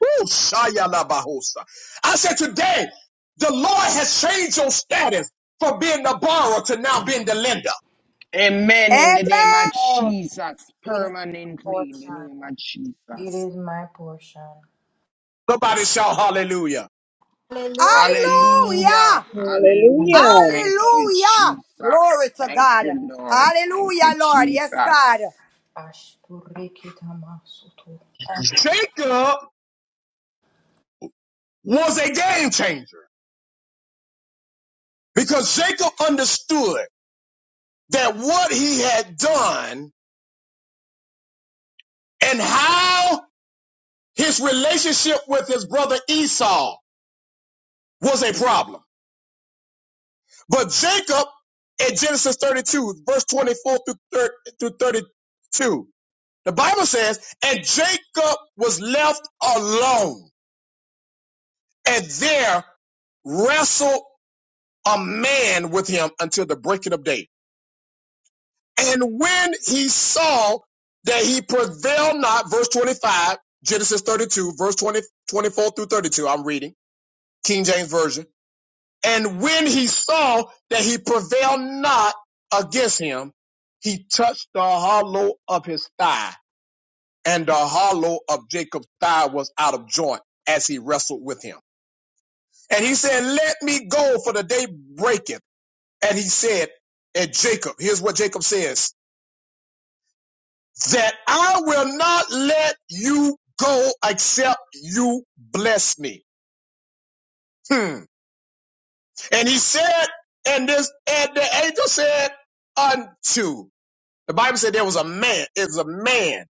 Woo, Shaya Labahosa. I said today, the Lord has changed your status from being the borrower to now being the lender. Amen in the name Amen. of Amen. Jesus. It is my Permanently in the portion. name of It Jesus. is my portion. Somebody shout hallelujah. Hallelujah. Hallelujah. Hallelujah. Hallelujah. Hallelujah. Thank you, Lord. Hallelujah. Glory Jesus. to Thank God. you, Lord. Thank Hallelujah, you, Lord. Yes, God. Jesus. Ashturikitamasoto. Jacob was a game changer because Jacob understood that what he had done and how his relationship with his brother Esau was a problem. But Jacob in Genesis 32, verse 24 through 32, The Bible says, and Jacob was left alone, and there wrestled a man with him until the breaking of day. And when he saw that he prevailed not, verse 25, Genesis 32, verse 20 24 through 32, I'm reading, King James Version. And when he saw that he prevailed not against him, he touched the hollow of his thigh and the hollow of Jacob's thigh was out of joint as he wrestled with him. And he said, Let me go, for the day breaketh. And he said, And Jacob, here's what Jacob says, that I will not let you go except you bless me. Hmm. And he said, and this, and the angel said, Unto. The Bible said there was a man, it was a man.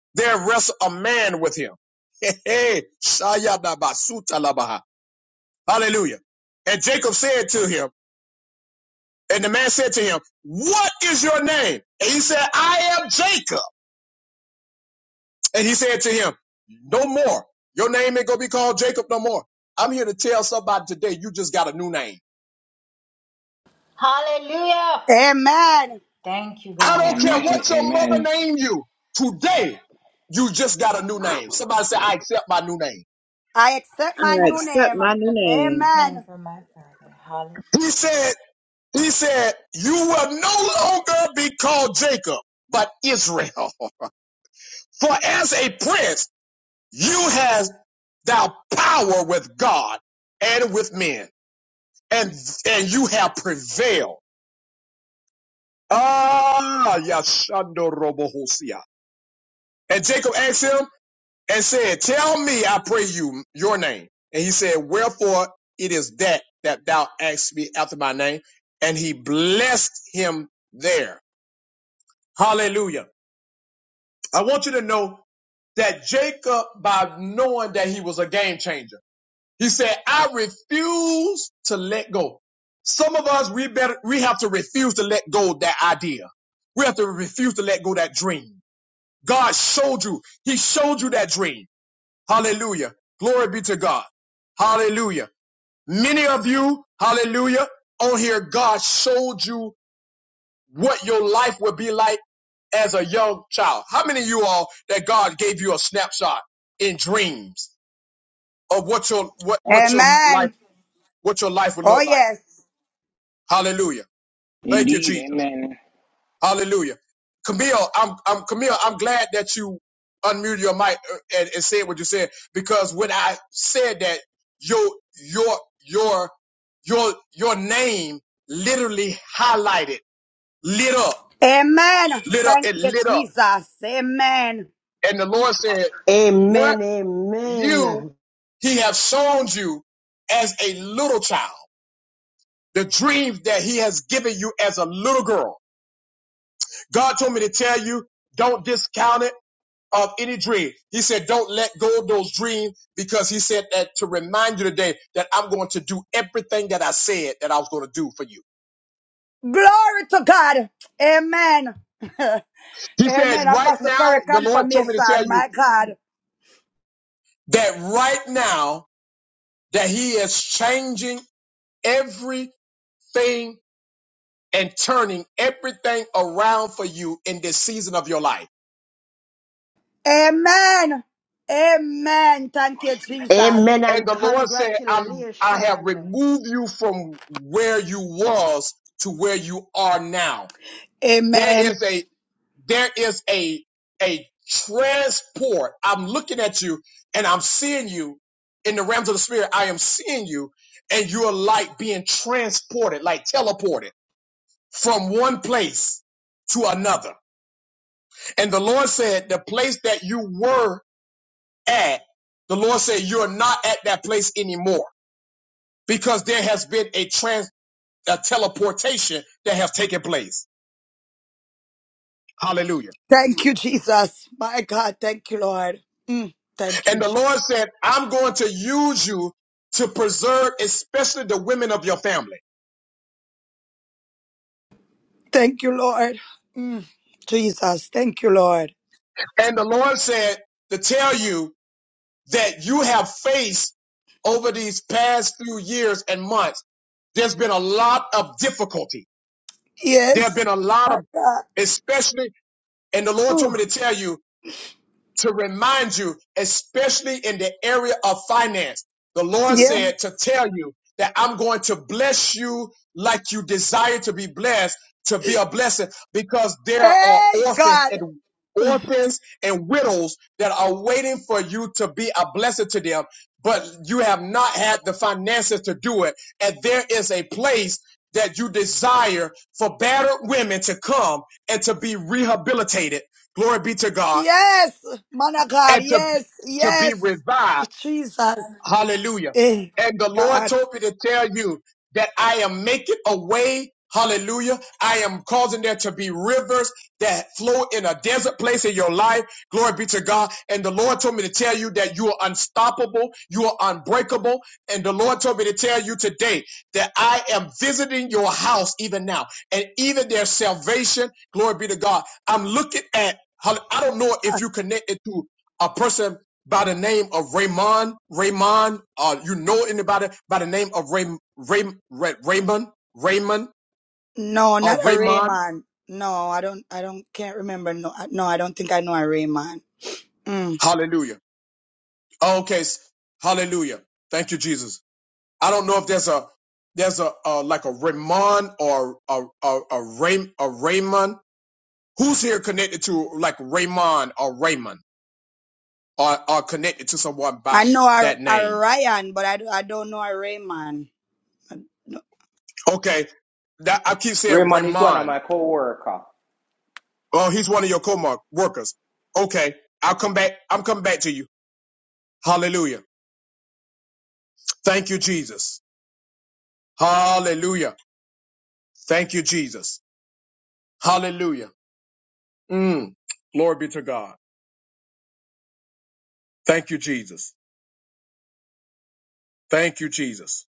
[LAUGHS] there wrestled a man with him. [LAUGHS] Hey, hey, Hallelujah. And Jacob said to him, and the man said to him, What is your name? And he said, I am Jacob. And he said to him, No more. Your name ain't gonna be called Jacob no more. I'm here to tell somebody today, you just got a new name. Hallelujah. Amen. Thank you, I God. don't care Amen. what your mother Amen. named you. Today, you just got a new name. Somebody said, I accept my new name. I accept my I new accept name. my new name. Name Amen. for my Father. Hallelujah. He said, he said, you will no longer be called Jacob, but Israel. [LAUGHS] For as a prince, you have.'" thou power with God and with men, and and you have prevailed. Ah, Yashando Robohosia. And Jacob asked him and said, Tell me, I pray you, your name. And he said, Wherefore it is that that thou askest me after my name. And he blessed him there. Hallelujah. I want you to know that Jacob, by knowing that he was a game changer. He said, I refuse to let go. Some of us, we better, we have to refuse to let go of that idea. We have to refuse to let go of that dream. God showed you. He showed you that dream. Hallelujah. Glory be to God. Hallelujah. Many of you, hallelujah, on here, God showed you what your life would be like as a young child. How many of you all that God gave you a snapshot in dreams of what your, what, what your life, Amen. what your life would Oh, look like? yes. Hallelujah. Thank you, Indeed, Jesus. amen. Hallelujah. Camille, I'm, I'm Camille. I'm glad that you unmuted your mic uh, and, and said what you said because when I said that, your your your your your name literally highlighted, lit up, Amen. lit up, Thank it you, lit up, Jesus. Amen. and the Lord said, "What Amen. you Amen. He have shown you as a little child." The dreams that he has given you as a little girl. God told me to tell you, don't discount it of any dream. He said, don't let go of those dreams because he said that to remind you today that I'm going to do everything that I said that I was going to do for you. Glory to God. Amen. [LAUGHS] He said, Amen. right Apostle now, Corey the Lord told me to tell confirmation, you my God. that right now that he is changing everything and turning everything around for you in this season of your life. Amen. Amen. Thank you, Jesus. Amen. And And the Lord said, I'm, I have congratulations. removed you from where you was to where you are now. There Amen. is a there is a a transport. I'm looking at you and I'm seeing you in the realms of the spirit. I am seeing you and you're like being transported, like teleported from one place to another. And the Lord said, the place that you were at, the Lord said, you're not at that place anymore because there has been a trans, a teleportation that has taken place. Hallelujah. Thank you, Jesus. My God. Thank you, Lord. Mm. Thank you. And the Je- Lord said, I'm going to use you to preserve, especially the women of your family. Thank you, Lord. Mm. Jesus. Thank you, Lord. And the Lord said to tell you that you have faced over these past few years and months, there's been a lot of difficulty. There have Yes. been a lot My of, God. especially, and the Lord told Ooh, me to tell you to remind you, especially in the area of finance. The Lord Yeah. said to tell you that I'm going to bless you like you desire to be blessed, to be a blessing, because there are Hey, orphans God. and orphans and widows that are waiting for you to be a blessing to them, but you have not had the finances to do it. And there is a place that you desire for battered women to come and to be rehabilitated. Glory be to God Yes. Man of God. and to, Yes. to be Yes. revived. Jesus. Hallelujah. Hey, And the Lord God. told me to tell you that I am making a way. Hallelujah. I am causing there to be rivers that flow in a desert place in your life. Glory be to God. And the Lord told me to tell you that you are unstoppable. You are unbreakable. And the Lord told me to tell you today that I am visiting your house even now. And even their salvation. Glory be to God. I'm looking at, I don't know if you connected to a person by the name of Raymond, Raymond, uh, you know anybody by the name of Ray, Ray, Ray, Raymond, Raymond, No, not or a Raymond? Rayman. No, I don't, I don't, can't remember. No, I- no, I don't think I know a Rayman. Mm. Hallelujah. Okay. Hallelujah. Thank you, Jesus. I don't know if there's a, there's a, uh, like a Raymond or a, a, a, Ray, a Raymond. Who's here connected to like Raymond or Raymond or, or connected to someone by I know a, that a name? Ryan, but I, do- I don't know a Rayman. I- no. Okay. That, I keep saying Raymond is one of Raymond. my co-worker. Oh, he's one of your co-workers. Okay. I'll come back. I'm coming back to you. Hallelujah. Thank you, Jesus. Hallelujah. Thank you, Jesus. Hallelujah. Mm. Glory be to God. Thank you, Jesus. Thank you, Jesus.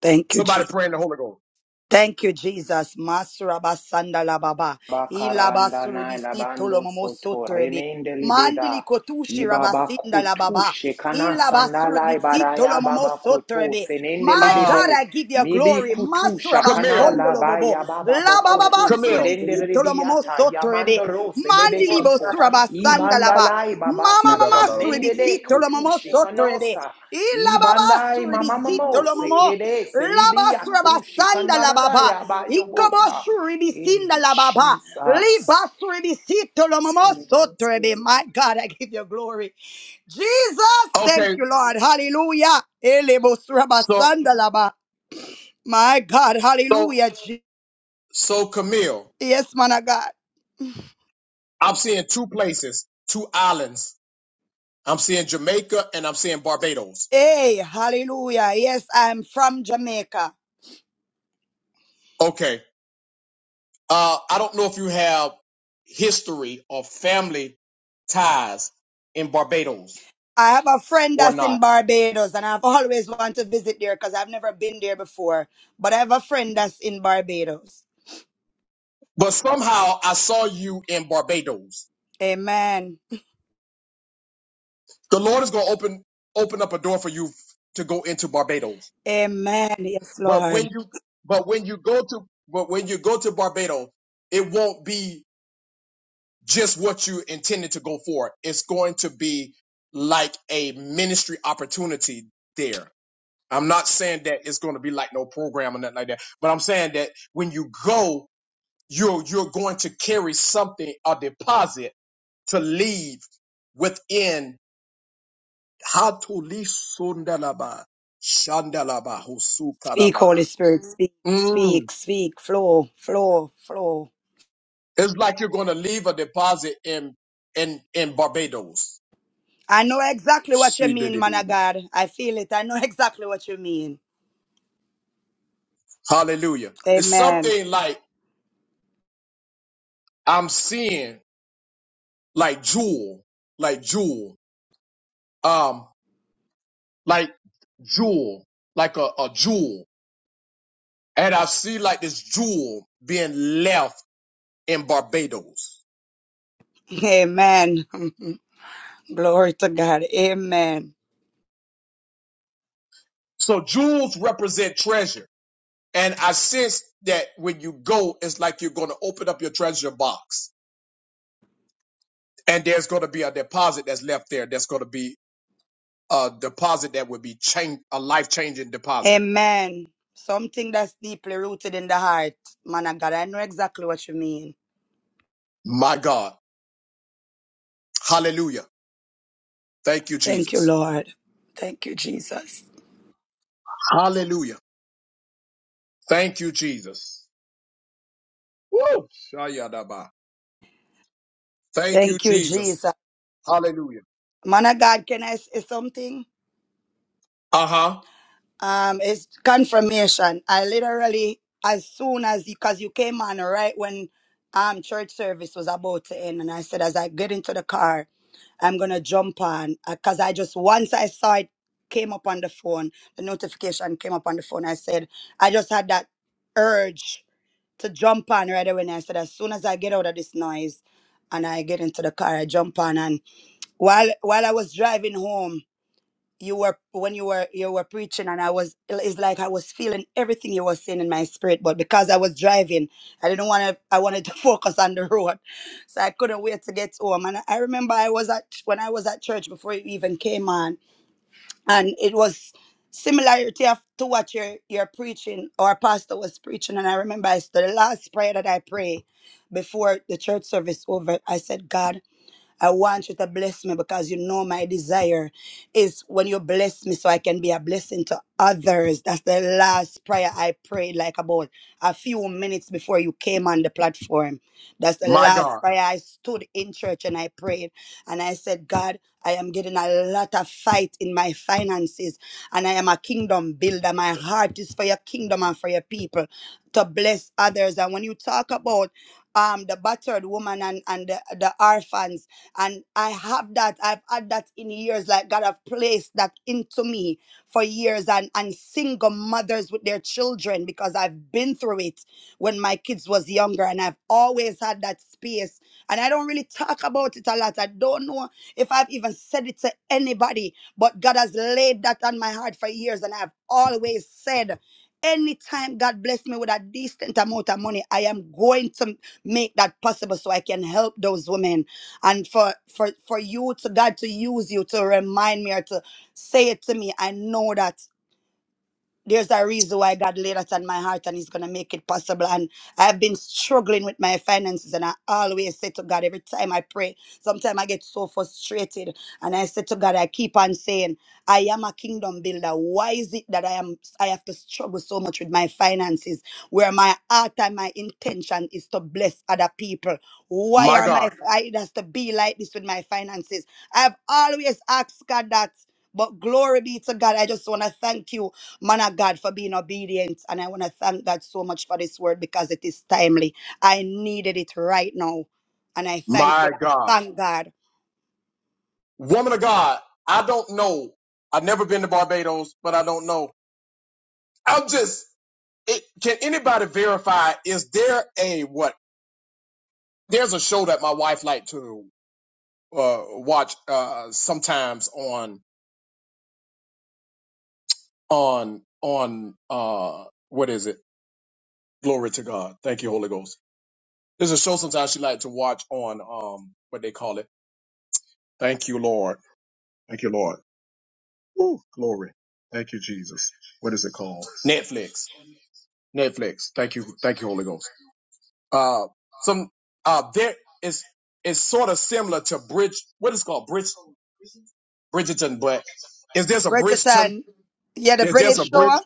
Thank you, Somebody Jesus. pray in the Holy Ghost. Thank you, Jesus. Masura basanda la baba. Bakaranda Ilabasuri na labando soto bisi remende Mandili libeda. kotushi Ibaba rabasinda la kutu baba. shekana Ila basuri sandala bisito ibaraya lo momo baba kutu sotrebe. senende My Uh, God, I give you lebebe. glory. Masura Camille, basondo lo bobo. La baba Koto, Camille. basuri Selende bisito lo momo Rebiata sotrebe. Mandili Bekoto, bosura basanda la ba. Idalai Baba Mama no, mama no, suri no, Nende no. bisito lo momo sotrebe. Shikanosa, Ila baba Ibandai suri Mama bisito lo momo. Sekede, La Selibia basura Tu basanda la baba. Shikanaraya Babosa. Ikoboshuribisinda Hey, la baba. Jesus. Libasurebisito lo momosotorebe. My God, I give you glory. Jesus, Okay. thank you, Lord. Hallelujah. So, Elebosurabasanda la ba. My God, so, hallelujah. Je- so Camille, Yes, man of God. I'm seeing two places, two islands. I'm seeing Jamaica and I'm seeing Barbados. Hey, hallelujah. Yes, I'm from Jamaica. Okay. Uh, I don't know if you have history or family ties in Barbados I have a friend or that's in not, Barbados, and I've always wanted to visit there because I've never been there before. But I have a friend that's in Barbados. but somehow I saw you in Barbados. Amen. The Lord is going to open open up a door for you to go into Barbados. Amen. Yes, But when Lord. you but when you go to but when you go to Barbados, it won't be just what you intended to go for. It's going to be like a ministry opportunity there I'm not saying that it's going to be like no program or nothing like that, but I'm saying that when you go, you're you're going to carry something, a deposit to leave within Hatuli Sundalaba Shandalaba Speak, Husukarabaha. Holy Spirit, speak, Mm. speak, speak, flow, flow, flow. It's like you're going to leave a deposit in in in Barbados. I know exactly what you mean, man of Sididididi. God. I feel it. I know [LAUGHS] exactly what you mean. Hallelujah. It's Amen. something like I'm seeing, like Jewel, like Jewel. um. like jewel, like a, a jewel. And I see like this jewel being left in Barbados. Amen. [LAUGHS] Glory to God. Amen. So jewels represent treasure. And I sense that when you go, it's like you're going to open up your treasure box and there's going to be a deposit that's left there. That's going to be a deposit that would be change, a life changing deposit. Amen. Something that's deeply rooted in the heart, man of God. I know exactly what you mean. My God. Hallelujah. Thank you, Thank you, Jesus. Lord. Thank you, Jesus. Hallelujah. Thank you, Jesus. Woo! Shayadaba. Thank you, Thank you, Jesus. Jesus. Hallelujah. Man of God, can I say something? Uh huh. Um, it's confirmation. I literally, as soon as you, cause you came on right when um church service was about to end, and I said, as I get into the car, I'm gonna jump on, Uh, cause I just once I saw it came up on the phone, the notification came up on the phone. I said, I just had that urge to jump on right away. And I said, as soon as I get out of this noise, and I get into the car, I jump on. And while while I was driving home you were when you were you were preaching and i was it's like i was feeling everything you were saying in my spirit but because i was driving i didn't want to i wanted to [LAUGHS] focus on the road so i couldn't wait to get home and i remember i was at when i was at church before you even came on and it was similarity of to what your your preaching or pastor was preaching and i remember i the last prayer that i prayed before the church service over i said god I want you to bless me because you know my desire is when you bless me so I can be a blessing to others. That's the last prayer I prayed, like about a few minutes before you came on the platform. That's the My last God. prayer I stood in church and I prayed. And I said, God, I am getting a lot of fight in my finances, and I am a kingdom builder. My heart is for your kingdom and for your people to bless others. And when you talk about um, the battered woman and, and the, the orphans, and I have that. I've had that in years. Like God have placed that into me for years. And and single mothers with their children because I've been through it when my kids was younger. And I've always had that space. And I don't really talk about it a lot. I don't know if I've even said it to anybody, but God has laid that on my heart for years. And I've always said anytime God bless me with a decent amount of money, I am going to make that possible so I can help those women and for for for you to God to use you to remind me or to say it to me. I know that there's a reason why God laid that on my heart and He's gonna make it possible. And I've been struggling with my finances, and I always say to God every time I pray. Sometimes I get so frustrated, and I say to God, I keep on saying, I am a kingdom builder. Why is it that I am I have to struggle so much with my finances? Where my heart and my intention is to bless other people. Why My are my God. I it has to be like this with my finances? I've always asked God that. But glory be to God. I just want to thank you Man of God, for being obedient. And I want to thank God so much for this word because it is timely. I needed it right now. And I thank you My and I God. thank God. Woman of God, I don't know. I've never been to Barbados, but I don't know. I'm just. It, can anybody verify? Is there a what? There's a show that my wife like to uh, watch uh, sometimes on on on uh, what is it? Glory to God. Thank you, Holy Ghost. There's a show sometimes she like to watch on um what they call it. Thank you, Lord. Thank you, Lord. Ooh, glory. Thank you, Jesus. What is it called? Netflix. Netflix. Thank you. Thank you, Holy Ghost. Uh, some, uh, there is, it's sort of similar to Bridge, what is it called? Bridge, Bridgeton, but if there's a Bridgeton, Bridgerton, yeah, the if there's a British bridge, shore,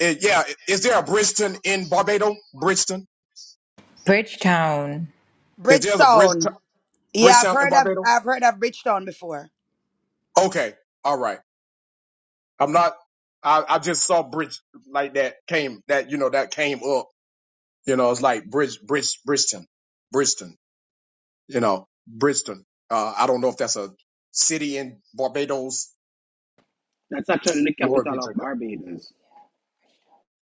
eh, yeah, is there a Bridgeton in Barbados? Bridgeton? Bridgetown. Is there a Bridgetown. Bridgeton, Yeah, I've Bridgetown in heard of Barbados? I've heard of Bridgetown before. Okay, all right. I'm not. I, I just saw bridge like that came that you know that came up. You know, it's like Bridge, Bridge, Bridgeton, Bridgeton, you know, Bridgeton. Uh, I don't know if that's a city in Barbados. Glory be to God.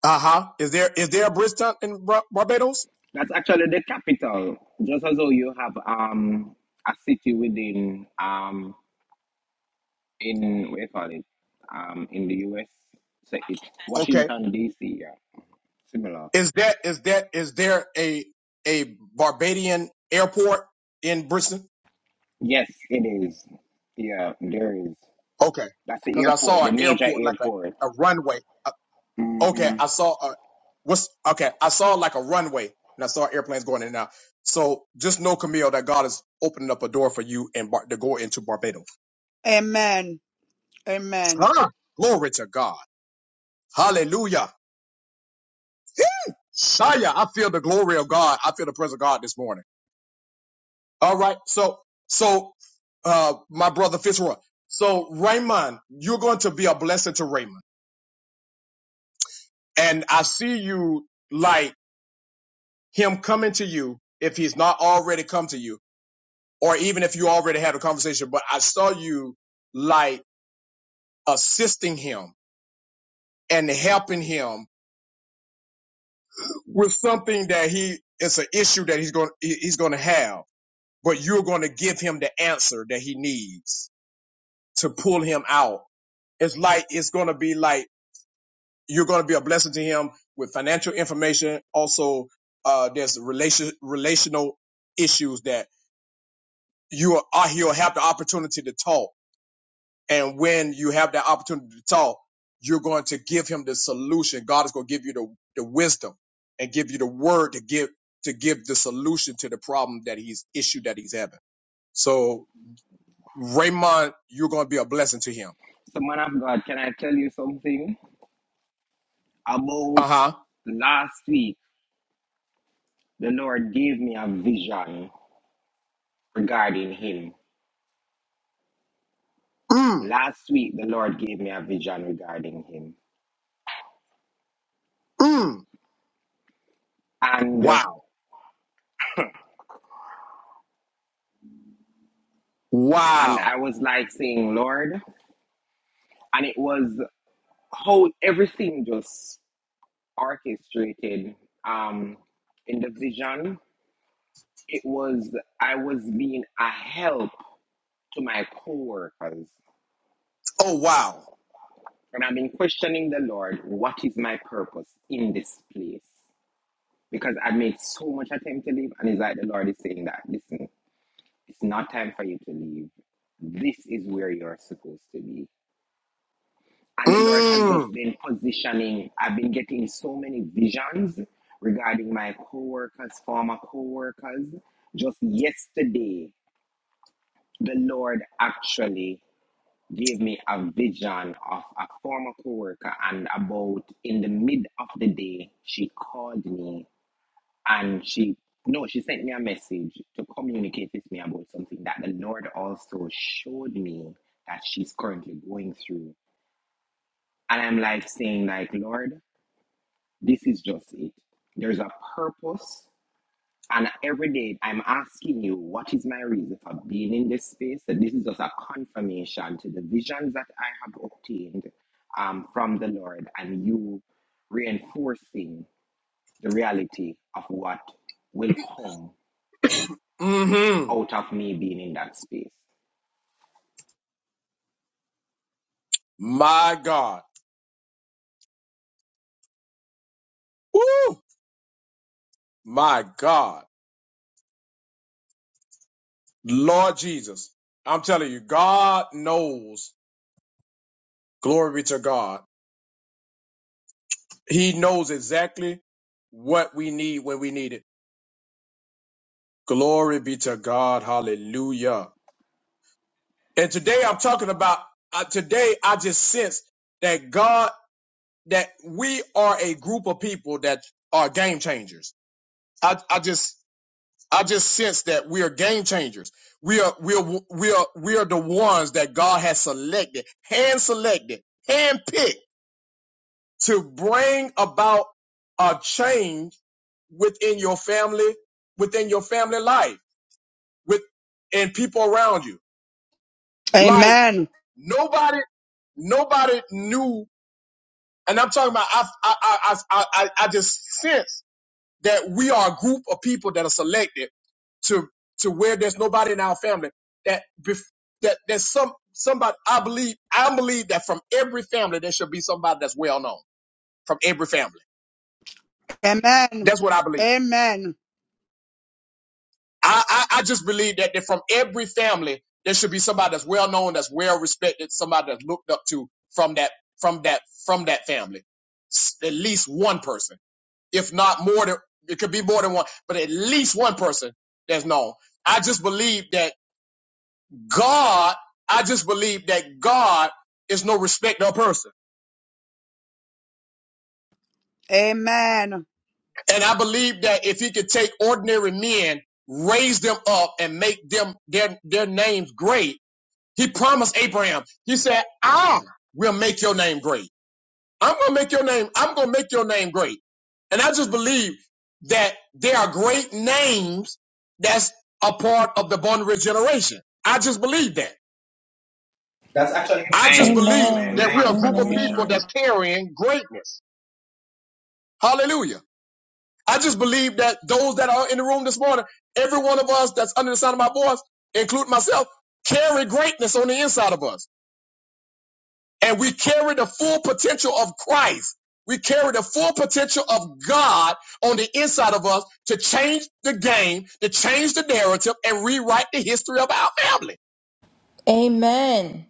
Uh huh. Is there, is there a Bridgeton in Bar- Barbados? That's actually the capital. Just as though you have um a city within um in what do you call it um in the US, so it's Okay. Washington D.C. Yeah, similar. Is that, is that, is there a, a Barbadian airport in Bridgeton? Yes, it is. Yeah, there is. Okay. That's the Cause I airport, saw the an major airport, like airport. a, a runway. okay, I saw a what's okay, I saw like a runway and I saw airplanes going in and out. So just know, Camille, that God is opening up a door for you and Bar- to go into Barbados. Amen. Amen. Huh? Glory to God. Hallelujah. Shia, I feel the glory of God. I feel the presence of God this morning. All right. So, so, uh, my brother Fitzroy. So Raymond, you're going to be a blessing to Raymond. And I see you like him coming to you if he's not already come to you or even if you already had a conversation, but I saw you like assisting him and helping him with something that he it's an issue that he's going he's going to have, but you're going to give him the answer that he needs to pull him out. It's like it's going to be like you're going to be a blessing to him with financial information. Also, uh, there's relation relational issues that you are he'll have the opportunity to talk And when you have that opportunity to talk, you're going to give him the solution. God is going to give you the, the wisdom and give you the word to give to give the solution to the problem that he's issue that he's having. So Raymond, you're going to be a blessing to him. So, man of God, can I tell you something? About Uh huh. last week, the Lord gave me a vision regarding him. Mm, Last week, the Lord gave me a vision regarding him. mm. And Wow. and I Wow. was like saying, Lord, and it was how everything just orchestrated um in the vision. It was I was being a help to my coworkers. Oh wow. And I've been questioning the Lord, what is my purpose in this place? Because I made so much attempt to leave, and it's like the Lord is saying that, listen, it's not time for you to leave. This is where you're supposed to be. And the Lord has just Mm. been positioning. I've been getting so many visions regarding my coworkers, former coworkers. Just yesterday, the Lord actually gave me a vision of a former coworker and about in the mid of the day she called me and she no she sent me a message to communicate with me about something that the lord also showed me that she's currently going through and i'm like saying like lord this is just it there's a purpose And every day I'm asking you, what is my reason for being in this space? That this is just a confirmation to the visions that I have obtained um, from the Lord, and you reinforcing the reality of what will come Mm-hmm. out of me being in that space. My God. Woo. My God. Lord Jesus. I'm telling you, God knows glory be to God He knows exactly what we need when we need it. Glory be to God. Hallelujah. And today I'm talking about, uh, today I just sense that God, that we are a group of people that are game changers. I, I just, I just sense that we are game changers. We are, we are, we are, we are the ones that God has selected, hand selected, hand picked to bring about a change within your family, within your family life, with and people around you. Like Amen. nobody, nobody knew. And I'm talking about. I I I I, I just sense that we are a group of people that are selected to to where there's nobody in our family that bef- that there's some somebody. I believe I believe that from every family there should be somebody that's well known from every family. Amen. That's what I believe. Amen. I, I, I just believe that, that from every family there should be somebody that's well known, that's well respected, somebody that's looked up to from that from that from that family. S- At least one person, if not more than it could be more than one, but at least one person that's known. I just believe that God. I just believe that God is no respecter of person, Amen. and I believe that if He could take ordinary men, raise them up, and make them their their names great He promised Abraham. He said, I will make your name great. I'm going to make your name. I'm going to make your name great. And I just believe that there are great names that's a part of the Born Rich generation. I just believe that. That's actually. I just Amen. believe Amen. Amen. that we're a group of people that's Amen. Confirmation. carrying greatness. Hallelujah. I just believe that those that are in the room this morning, every one of us that's under the sound of my voice, including myself, carry greatness on the inside of us. and we carry the full potential of Christ. We carry the full potential of God on the inside of us to change the game, to change the narrative, and rewrite the history of our family. Amen. Amen.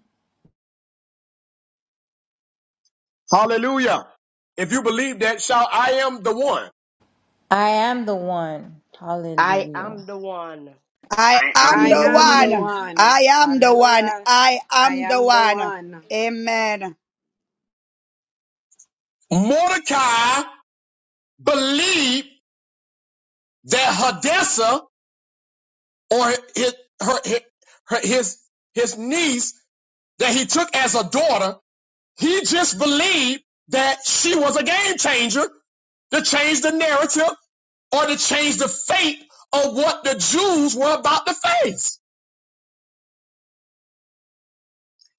Hallelujah. If you believe that, shout, I am the one. I am the one. I Hallelujah. am the one. I I am am I the the am the one. Amen. one. one. I am the one. Hallelujah. I I am the am the one. one. Amen. Mordecai believed that Hadassah or his, her, his, his, his niece that he took as a daughter He just believed that she was a game changer to change the narrative or to change the fate of what the Jews were about to face.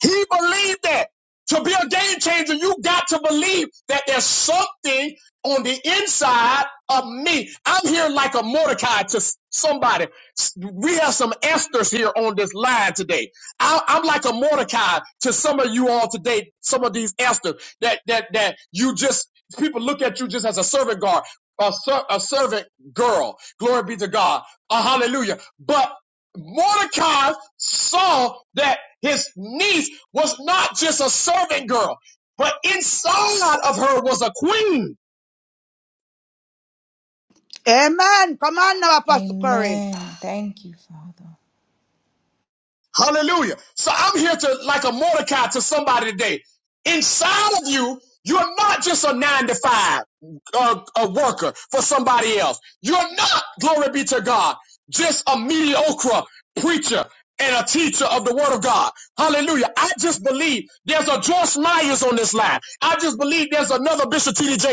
He believed that. To be a game changer, you got to believe that there's something on the inside of me. I'm here like a Mordecai to s- somebody. S- We have some Esther's here on this line today. I, I'm like a Mordecai to some of you all today. Some of these Esther that that that you just people look at you just as a servant guard, a, ser- a servant girl. Glory be to God. A hallelujah. But. Mordecai saw that his niece was not just a servant girl, but inside of her was a queen. Amen. Come on now, Apostle Curry. Amen. Thank you, Father. Hallelujah. So I'm here to, like a Mordecai to somebody today. Inside of you, you're not just a nine to five uh, a worker for somebody else. You're not, glory be to God, just a mediocre preacher and a teacher of the word of God. Hallelujah. I just believe there's a Josh Myers on this line. I just believe there's another Bishop T D J.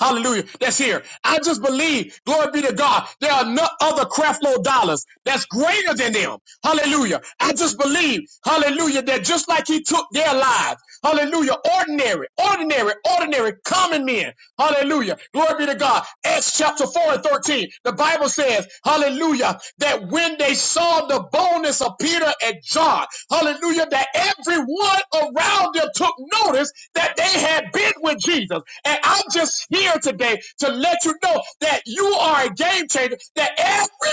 Hallelujah. That's here. I just believe, glory be to God, there are no other Creflo dollars that's greater than them. Hallelujah. I just believe, hallelujah, that just like he took their lives, hallelujah, ordinary, ordinary, ordinary, common men, hallelujah. Glory be to God. Acts chapter 4 and 13. The Bible says, hallelujah hallelujah, that when they saw the boldness of Peter and John, hallelujah, that everyone around them took notice that they had been with Jesus. And I'm just here today to let you know that you are a game changer, that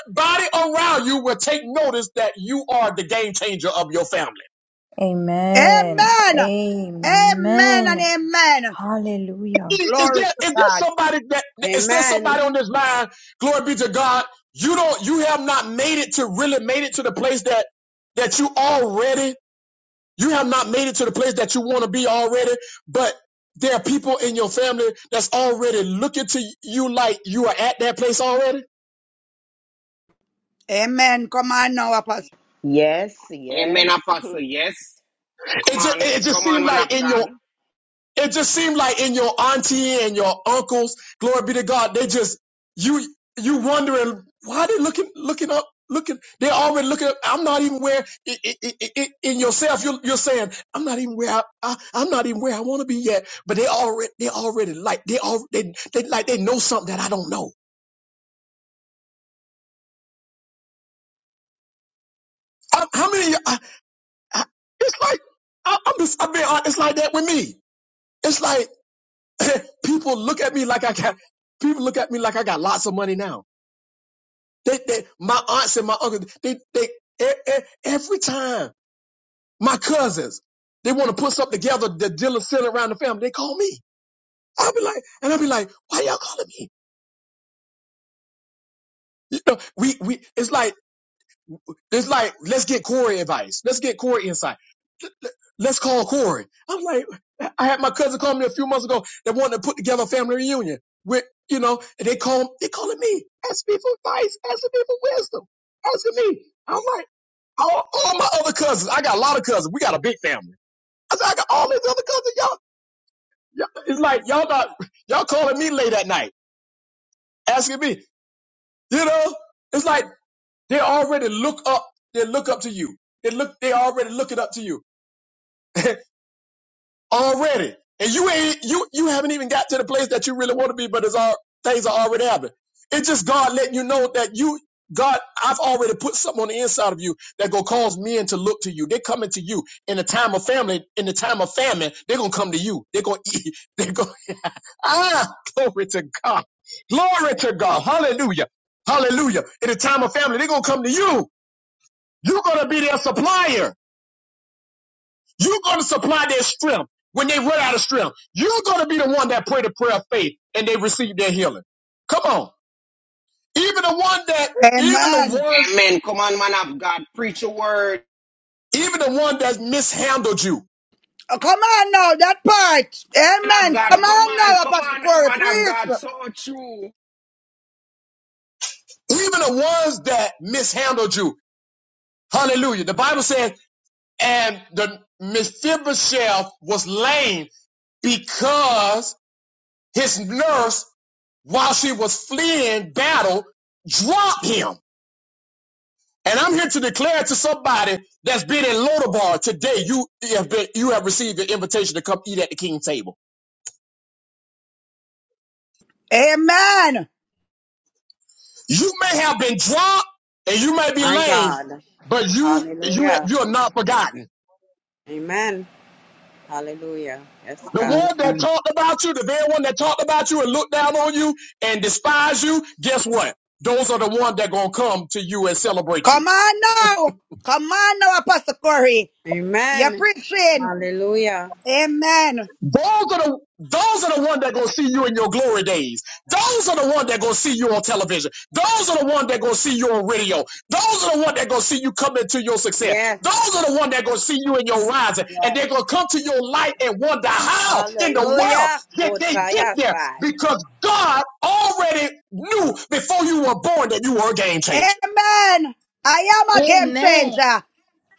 everybody around you will take notice that you are the game changer of your family. Amen. Amen. Amen and Amen. amen. Hallelujah. Is Glory there, to is there God. somebody that is there somebody Amen. on this line? Glory be to God. You don't you have not made it to really made it to the place that that you already You have not made it to the place that you want to be already, but there are people in your family that's already looking to you like you are at that place already. Amen. Come on now, Apostle. Yes, Amen, yes. Apostle. Yes. Come It just, on. it just Come on, seemed man of like in your God. it just seemed like in your auntie and your uncles, glory be to God, they just you you wondering why they looking looking up looking they're already looking up i'm not even where i i i i in yourself you're, you're saying i'm not even where I, I i'm not even where i want to be yet but they already they already like they all they, they like they know something that i don't know I, how many I, I, it's like I, i'm just i'm being it's like that with me it's like [CLEARS THROAT] people look at me like i got people look at me like i got lots of money now They, they, my aunts and my uncles, they, they, e- e- every time my cousins, they want to put something together that deal with sin around the family. They call me. I'll be like, and I'll be like, why y'all calling me? You know, we, we, it's like, it's like, let's get Corey advice. Let's get Corey insight. Let's call Corey. I'm like, I had my cousin call me a few months ago that wanted to put together a family reunion with, you know, and they call, they calling me, asking me for advice, asking me for wisdom, asking me. I'm like, all, all my other cousins. I got a lot of cousins. We got a big family. I said, I got all these other cousins. Y'all, y'all it's like y'all not y'all calling me late at night, asking me. You know, it's like they already look up. They look up to you. They look. They already look it up to you. [LAUGHS] already. And you ain't you you haven't even got to the place that you really want to be, but it's all things are already happening. It's just God letting you know that you God, I've already put something on the inside of you that gonna cause men to look to you. They coming to you in the time of family, in the time of famine, they're gonna come to you. They're gonna eat, [LAUGHS] they're gonna ah glory to God. Glory to God. Hallelujah. Hallelujah. In the time of family, they're gonna come to you. You're gonna be their supplier. You're going to supply their strength when they run out of strength. You're going to be the one that pray the prayer of faith and they receive their healing. Come on. Even the one that, even the Amen. ones, Amen. Come on, man of God. Preach a word. even the one that mishandled you, Oh, come on now, that part. man of Amen. God, Come come on on, now, come Apostle on, Corey, man of God, please. so true, even the ones that mishandled you. Hallelujah. The Bible says, and the Mephibosheth was lame because his nurse, while she was fleeing battle, dropped him. And I'm here to declare to somebody that's been in Lodabar today, you have been, you have received an invitation to come eat at the king's table. Amen. You may have been dropped and you may be My lame, God. but you, you, have, Hallelujah. you are not forgotten. Amen. Hallelujah. Yes, The God. one that Amen. talked about you, the very one that talked about you and looked down on you and despised you, guess what? Those are the ones that gonna come to you and celebrate you. Come on now. Come on now, Apostle Corey. You're Amen. preaching. Hallelujah. Amen. Those are the those are the ones that gonna see you in your glory days. Those are the ones that gonna see you on television. Those are the ones that gonna see you on radio. Those are the ones that gonna see you come into your success. Yes. Those are the ones that gonna see you in your rising, and Yes. they're gonna come to your light and wonder how in the world Hallelujah. did they get there? Kotayasai. Because God already knew before you were born that you were a game changer. Amen. I am a game Amen. changer.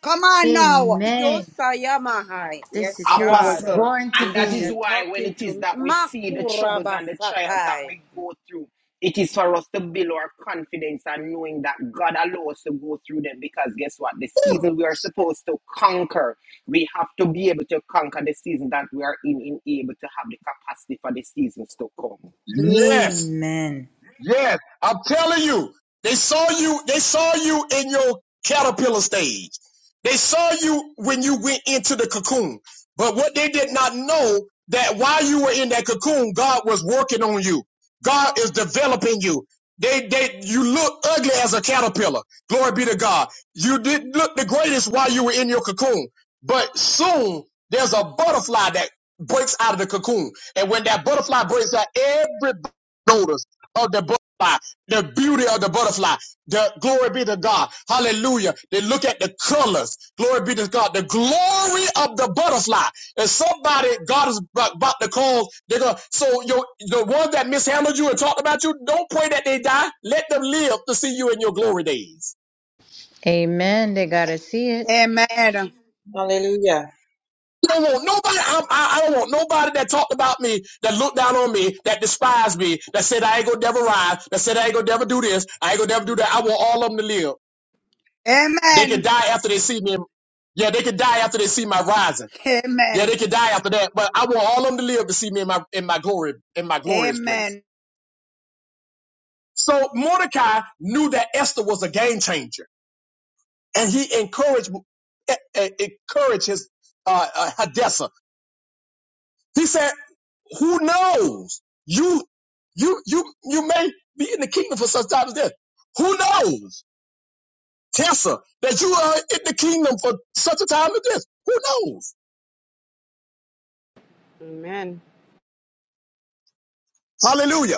Come on now. Amen. Yosayamahai. Yes, This is who I was God. apostle. born And that is You're to why, when talking it is to that we see the troubles and the trials that Makurabasatai. we go through, it is for us to build our confidence and knowing that God allows us to go through them. Because guess what? The season we are supposed to conquer, we have to be able to conquer the season that we are in, in able to have the capacity for the seasons to come. be. Yes. Amen. Yes, I'm telling you, they saw you. They saw you in your caterpillar stage. They saw you when you went into the cocoon. But what they did not know that while you were in that cocoon, God was working on you. God is developing you. They, they, you look ugly as a caterpillar. Glory be to God. You didn't look the greatest while you were in your cocoon. But soon there's a butterfly that breaks out of the cocoon. And when that butterfly breaks out, everybody notices of the butterfly, the beauty of the butterfly. The glory be to God. Hallelujah. They look at the colors. Glory be to God. The glory of the butterfly. And somebody, God is about about to call. They're gonna, so your, the ones that mishandled you and talked about you, don't pray that they die. Let them live to see you in your glory days. Amen. They got to see it. Amen. Hallelujah. I don't want nobody. I'm, I, I don't want nobody that talked about me, that looked down on me, that despised me, that said I ain't gonna never rise, that said I ain't gonna never do this, I ain't gonna never do that. I want all of them to live. They could Amen. die after they see me. Yeah, they could die after they see my rising. Yeah, Amen. they could die after that. But I want all of them to live to see me in my in my glory in my glorious place. Amen. So Mordecai knew that Esther was a game changer, and he encouraged e- e- encouraged his uh, uh, Hadassah. He said, "Who knows? You you you you may be in the kingdom for such time as this. Who knows, Tessa, that you are in the kingdom for such a time as this? Who knows? Amen. Hallelujah."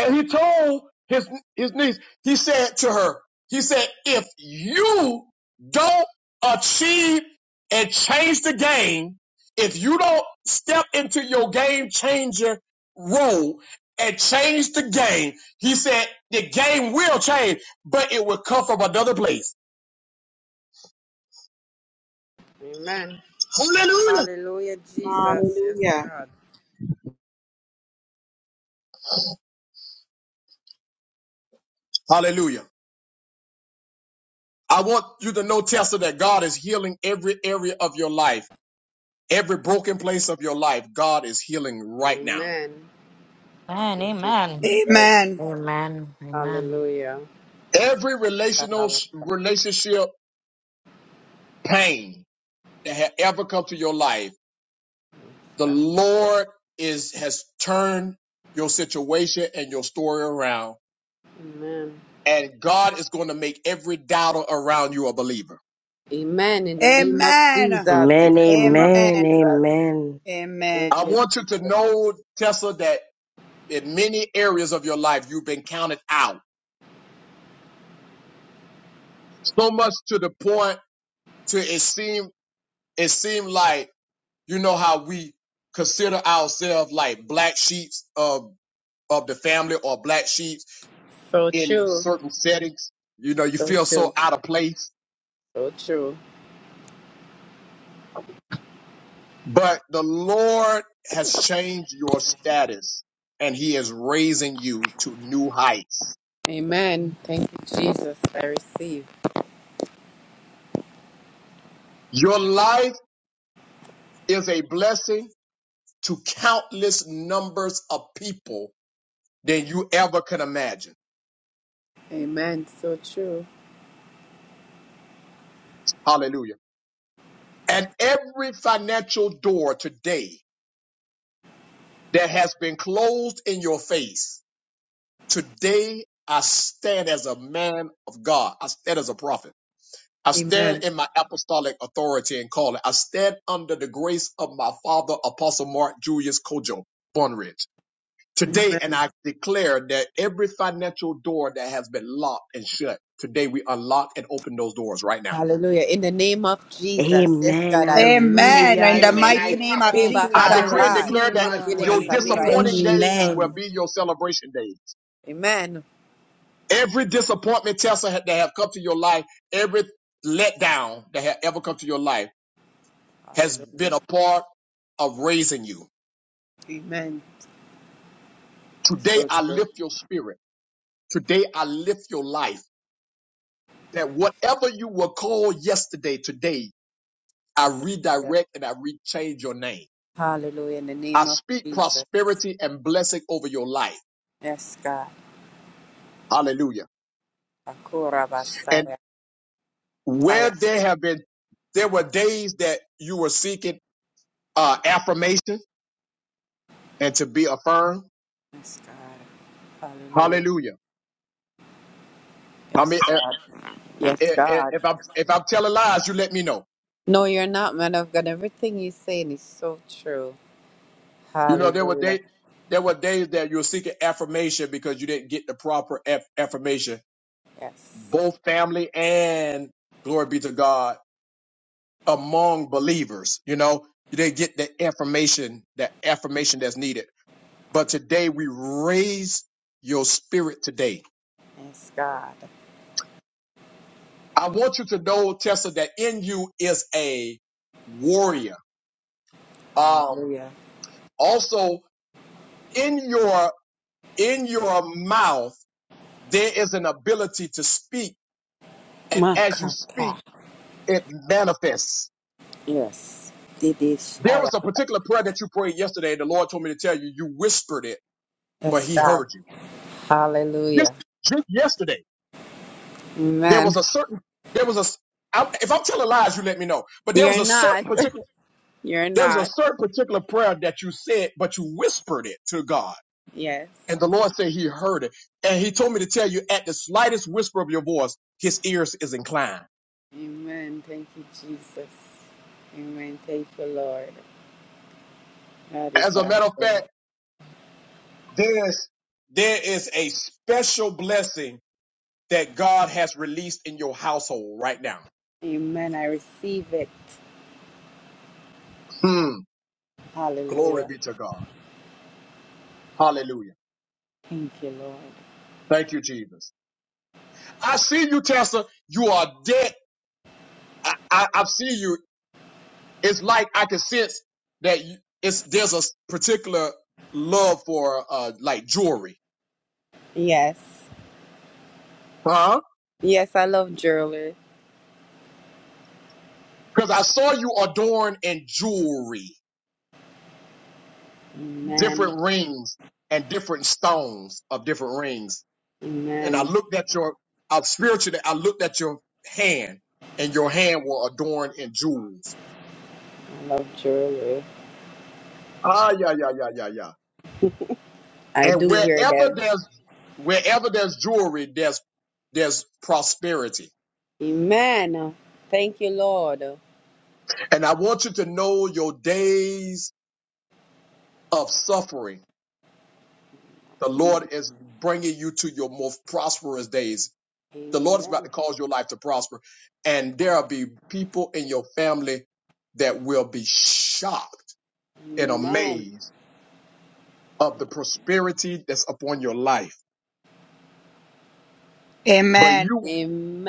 And he told his, his niece, he said to her, he said, if you don't achieve and change the game, if you don't step into your game changer role and change the game, he said, the game will change, but it will come from another place. Amen. Hallelujah. Hallelujah, Jesus. Yes, Hallelujah. God. Hallelujah. I want you to know, Tessa, that God is healing every area of your life. Every broken place of your life, God is healing right now. Amen. Amen. Thank you, Amen. Jesus. Amen. Amen. Amen. Hallelujah. Every relational relationship pain that had ever come to your life, the Amen. Lord is has turned your situation and your story around, and God is going to make every doubter around you a believer. Amen. In the name of Amen. Jesus. Amen. In the name of Amen. Amen. Jesus. Amen. Amen. I Thank you, want you to Jesus. know, Tessa, that in many areas of your life you've been counted out so much to the point to it seem it seemed like you know how we consider ourselves like black sheets of of the family or black sheep So in true. certain settings. You know, you So feel so true. out of place, So true. but the Lord has changed your status and he is raising you to new heights. Amen. Thank you, Jesus. I receive. Your life is a blessing to countless numbers of people than you ever can imagine. Amen. So true. Hallelujah. And every financial door today that has been closed in your face, today I stand as a man of God. I stand as a prophet. I Amen. stand in my apostolic authority and calling. I stand under the grace of my father, Apostle Mark Julius Kojo Bunridge. Today, and Amen. I declare that every financial door that has been locked and shut, today we unlock and open those doors right now. Hallelujah. In the name of Jesus. Yes, Amen. God, I And receive. Hallelujah. Amen. In the amen. I mighty name tap of Hallelujah. Deba into it I Jesus. and decree and Shatai. declare receive that as Hallelujah. well your in the name of Ketididikasaya. disappointing Hallelujah. Jesus. days will Amen. be your celebration days. Amen. Every disappointment test that have come to your life, every letdown that have ever come to your life has been Hallelujah. a part of raising you. Amen. Today, So I true. lift your spirit. Today, I lift your life that whatever you were called yesterday, today, I Hallelujah. redirect and I rechange your name. Hallelujah. In the I name of speak Jesus. prosperity and blessing over your life. Yes, God. Hallelujah. Akura And basaya where taya. there have been, there were days that you were seeking uh, affirmation and to be affirmed. Yes, God. Hallelujah. Hallelujah. I Yes, mean, eh, God. Yes, eh, eh, God. if I'm, if I'm telling lies, you let me know. No, you're not, man of God. Everything you're saying is so true. You know, there were days, Hallelujah. there were days that you were seeking affirmation because you didn't get the proper aff- affirmation Yes. both family and glory be to God among believers. You know, they get the information, that affirmation that's needed. But today we raise your spirit today. Yes, God. I want you to know, Tessa, that in you is a warrior. Um, Hallelujah. also in your in your mouth there is an ability to speak, and as you Makata. speak, it manifests. Yes. There was Didishaya. a particular prayer that you prayed yesterday, and the Lord told me to tell you, you whispered it, but Yes, He God. heard you. Just, Hallelujah. just yesterday, there was Amen. a certain, there was a, s- I- if I'm telling lies, you let me know. But there was You're a certain not. [LAUGHS] particular, You're there was a not. certain particular prayer that you said, but you whispered it to God, Yes. and the Lord said He heard it, and He told me to tell you, at the slightest whisper of your voice, His ears is inclined. Amen. Thank you, Jesus. Amen. Thank you, Lord. That is As a matter of awesome. fact, there's there is a special blessing that God has released in your household right now. Amen. I receive it. Mm, glory Hallelujah. be to God. Hallelujah. Thank you, Lord. Thank you, Jesus. I see you, Tessa. You are dead. I, I, I see you. It's like I can sense that you, it's there's a particular love for uh like jewelry, Yes. huh? Yes, I love jewelry. Because I saw you adorned in jewelry, Amen. different rings and different stones of different rings. And I Amen. looked at your uh, spiritually. I looked at your hand, and your hand were adorned in jewels. I love jewelry. Ah, yeah, yeah, yeah, yeah, yeah. I And do wear wherever them. there's wherever there's jewelry, there's there's prosperity. Amen. Thank you, Lord. And I want you to know your days of suffering. The Lord is bringing you to your most prosperous days. The Lord is about Amen. to cause your life to prosper, and there'll be people in your family that will be shocked and Amen. amazed of the prosperity that's upon your life. But Amen. you,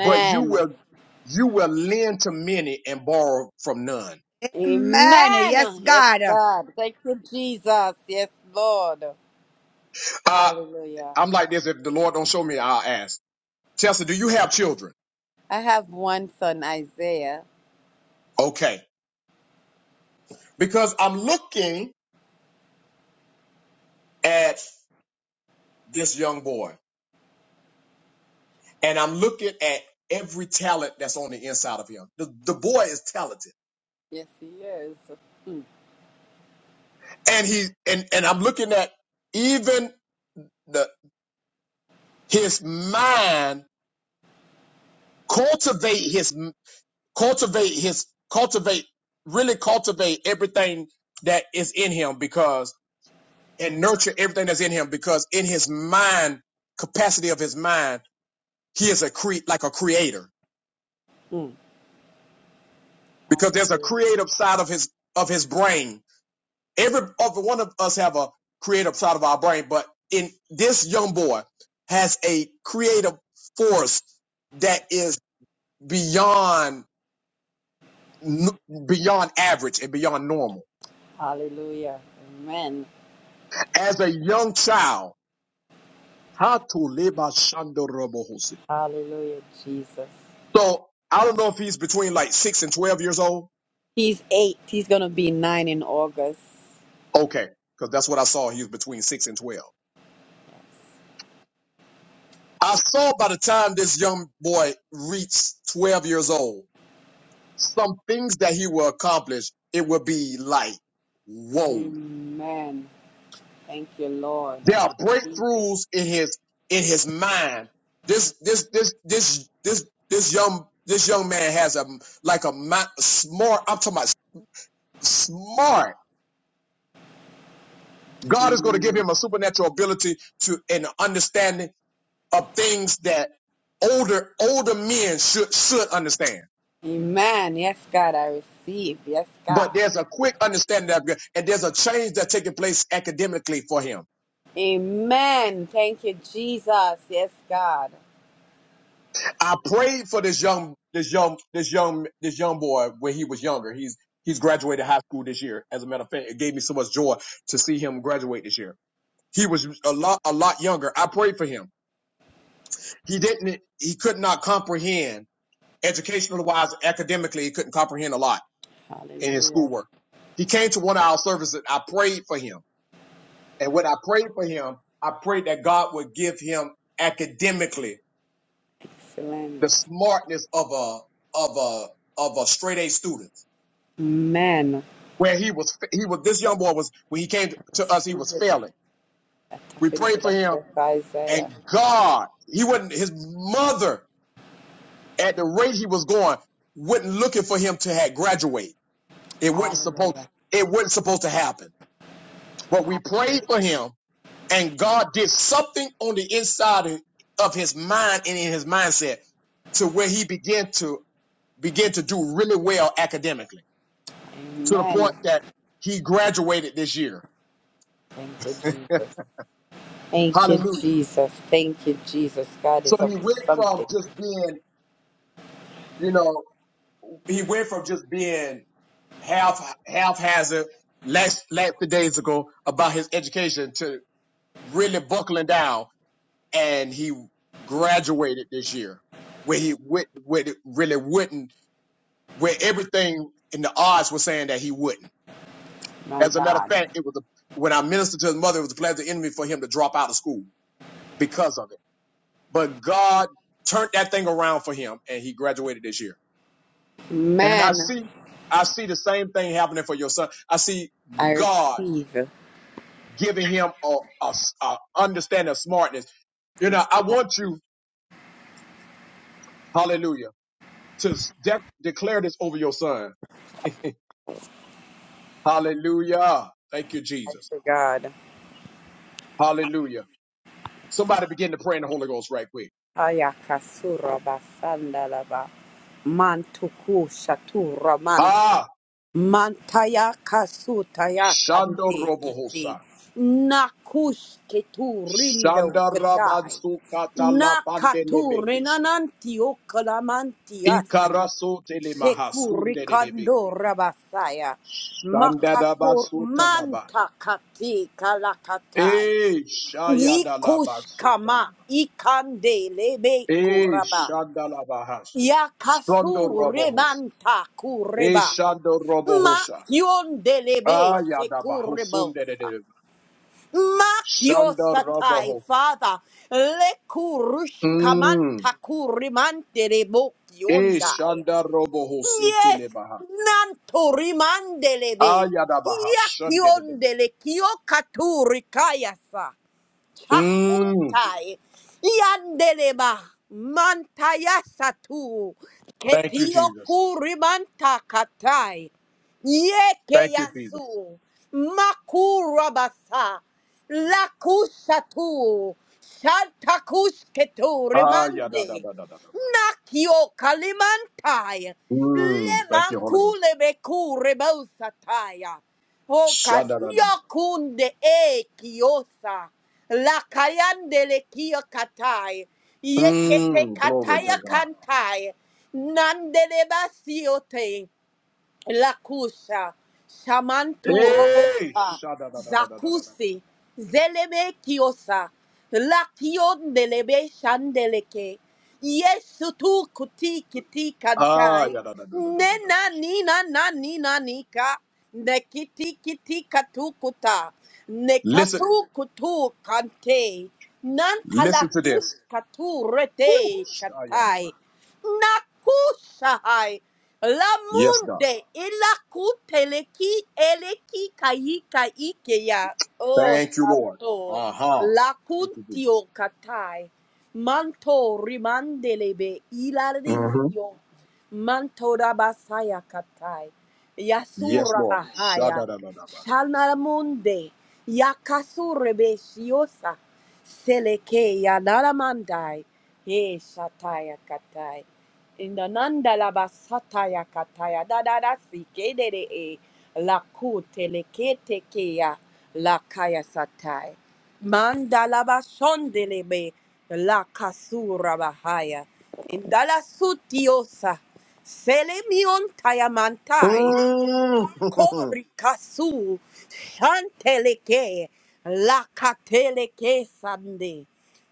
but you will, you will lend to many and borrow from none. Amen. Yes, Amen. Yes, God. God. Thank you, Jesus. Yes, Lord. Uh, Hallelujah. I'm like this. If the Lord don't show me, I'll ask. Chelsea, do you have children? I have one son, Isaiah. Okay. Because I'm looking at this young boy and I'm looking at every talent that's on the inside of him. The, the boy is talented Yes, he is. Mm, and he, and, and I'm looking at even the, his mind cultivate his, cultivate his, cultivate, really cultivate everything that is in him because. and nurture everything that's in him because in his mind capacity of his mind he is a cre- like a creator mm. because there's a Hallelujah. creative side of his of his brain every other one of us have a creative side of our brain but in this young boy has a creative force that is beyond beyond average and beyond normal Hallelujah. Amen. as a young child how to live by Shandorobohosi. Hallelujah, Jesus. so i don't know if he's between like 6 and 12 years old He's eight. He's going to be nine in August. Okay, because that's what I saw. He was between six and twelve. I saw by the time this young boy reached twelve years old, some things that he will accomplish. It will be like, whoa! Amen. Thank you, Lord. There I are receive it. breakthroughs in his in his mind. This this this this this this young this young man has a like a mi- smart. I'm talking about smart. God is going to give Amen. him a supernatural ability to and understanding of things that older older men should should understand. Amen. Yes, God, I receive. Yes, But God. there's a quick understanding of it, and there's a change that's taking place academically for him. Amen. Thank you, Jesus. Yes, God. I prayed for this young this young this young this young boy when he was younger. He's he's graduated high school this year. As a matter of fact, it gave me so much joy to see him graduate this year. He was a lot a lot younger. I prayed for him. He didn't he could not comprehend educational wise academically he couldn't comprehend a lot in his Hallelujah. schoolwork. He came to one of our services. I prayed for him. And when I prayed for him, I prayed that God would give him academically Excellent. the smartness of a, of a, of a straight A student Amen. where he was, he was, this young boy was, when he came to us, he Receive was it. failing. We Tap into prayed for that him book, and Isaiah. God, he wouldn't, his mother at the rate he was going, wasn't looking for him to have graduate. It wasn't supposed, Hallelujah. it wasn't supposed to happen, but we prayed Hallelujah. for him And God did something on the inside of his mind and in his mindset to where he began to begin to do really well academically to the point Amen. that he graduated this year. Thank you, Jesus. Thank you, Hallelujah. Jesus. Thank you, Jesus. God So is he up to went from something. just being, you know, he went from just being half haphazard, last last few days ago about his education to really buckling down and he graduated this year where he would would really wouldn't where everything in the odds was saying that he wouldn't. My As a matter of God. fact, it was a, when I ministered to his mother, it was a plan of the enemy for him to drop out of school because of it. But God turned that thing around for him, and he graduated this year. And I Man, see, I see the same thing happening for your son. I see I God receive. giving him a a, a understanding of smartness. You know, Yes, I thank want you, Hallelujah, to de- declare this over your son. Hallelujah. Thank you, Jesus. you, God. Hallelujah. Somebody begin to pray in the Holy Ghost right quick. Ayakasura basandalaba. Mantuku shatura Ah, Mantaya kasutaya Shando kande kiti. Robohosa, Nakush ketu rindo Shanda katai. Rabansu Katala Nakatu Bandelebekus, renananti okalamanti ati. Ikaraso Telemaha Sekuri kando Sundelebekia, rabasaya. Shanda Makator Dabatsu Talaba, manta kati kalakatai. E Shaya Nikush Dalabatsu kama Talaba, ikande lebe E kuraba. Shanda Labahas, Shondo Yakasu Robohos, remanta E kureba. Shando Robohosa, Makiondelebe sekurebo. Ayadabahusundelebe, Shanda Makiosatai, Robohos, Father. Lekurush Mm. kamanta kurimantele E bokiondai. Shanda Robohosi Yes, Telebaha. nanto rimandelebe. Ayadabaha shandedede. Yakiondele kiokaturikayasa. Mm. Chakutai. Yandeleba. Mantayasatu. Thank you, Jesus. Ketioku rimanta katai. Thank you, Jesus. Yekeyasu. Makurabasa. Lakusatu. Shantakusketu rimande. Ayadadadadadadaba. Nakio kalimantai. Mm. Thank you, Holy Ghost. Lemakule beku rebosataya. Oka Shadadadadada. yokunde e kiosa. La kayandele kia katai. Yekete Mm. Glory to kataya God. kantai. Nandeleba siote. Lakusha, Shamantu Hey. Robosa, Shadadadadadadadada. Zakusi, Zeleme Kiosa, Lakion delebe Shandeleke, Yesu tu kuti kiti kantai, Ayadadadadadadadaba. Nena nina na nina nika, Nekiti kiti katukuta, Listen, Nekatu kutu kante, listen to this. Nantalakus katu Woo. rete Shayadaba. katai, Nakushahai, La Yes, God. munde elakuteleki eleki kaika ikeya. Oh Thank you, Lord. santo. Uh-huh. La Thank you, Jesus. kuntio katai. Manto rimandelebe hmm ilarisio. Manto rabasaya katai. Yes, Yasura Lord. bahaya. Shadadadadadaba. Shalnaramunde. Yakasurebe shiosa. Selekeya naramandai. Ye shataya katai. In the nanda la basataya kataya da da da si ke de de e la ku te le ya la kaya satai manda la basonde le be la kasura bahaya indala sutiosa selemion tayamantai Mm. [LAUGHS] Kori kasu shanteleke lakateleke sande.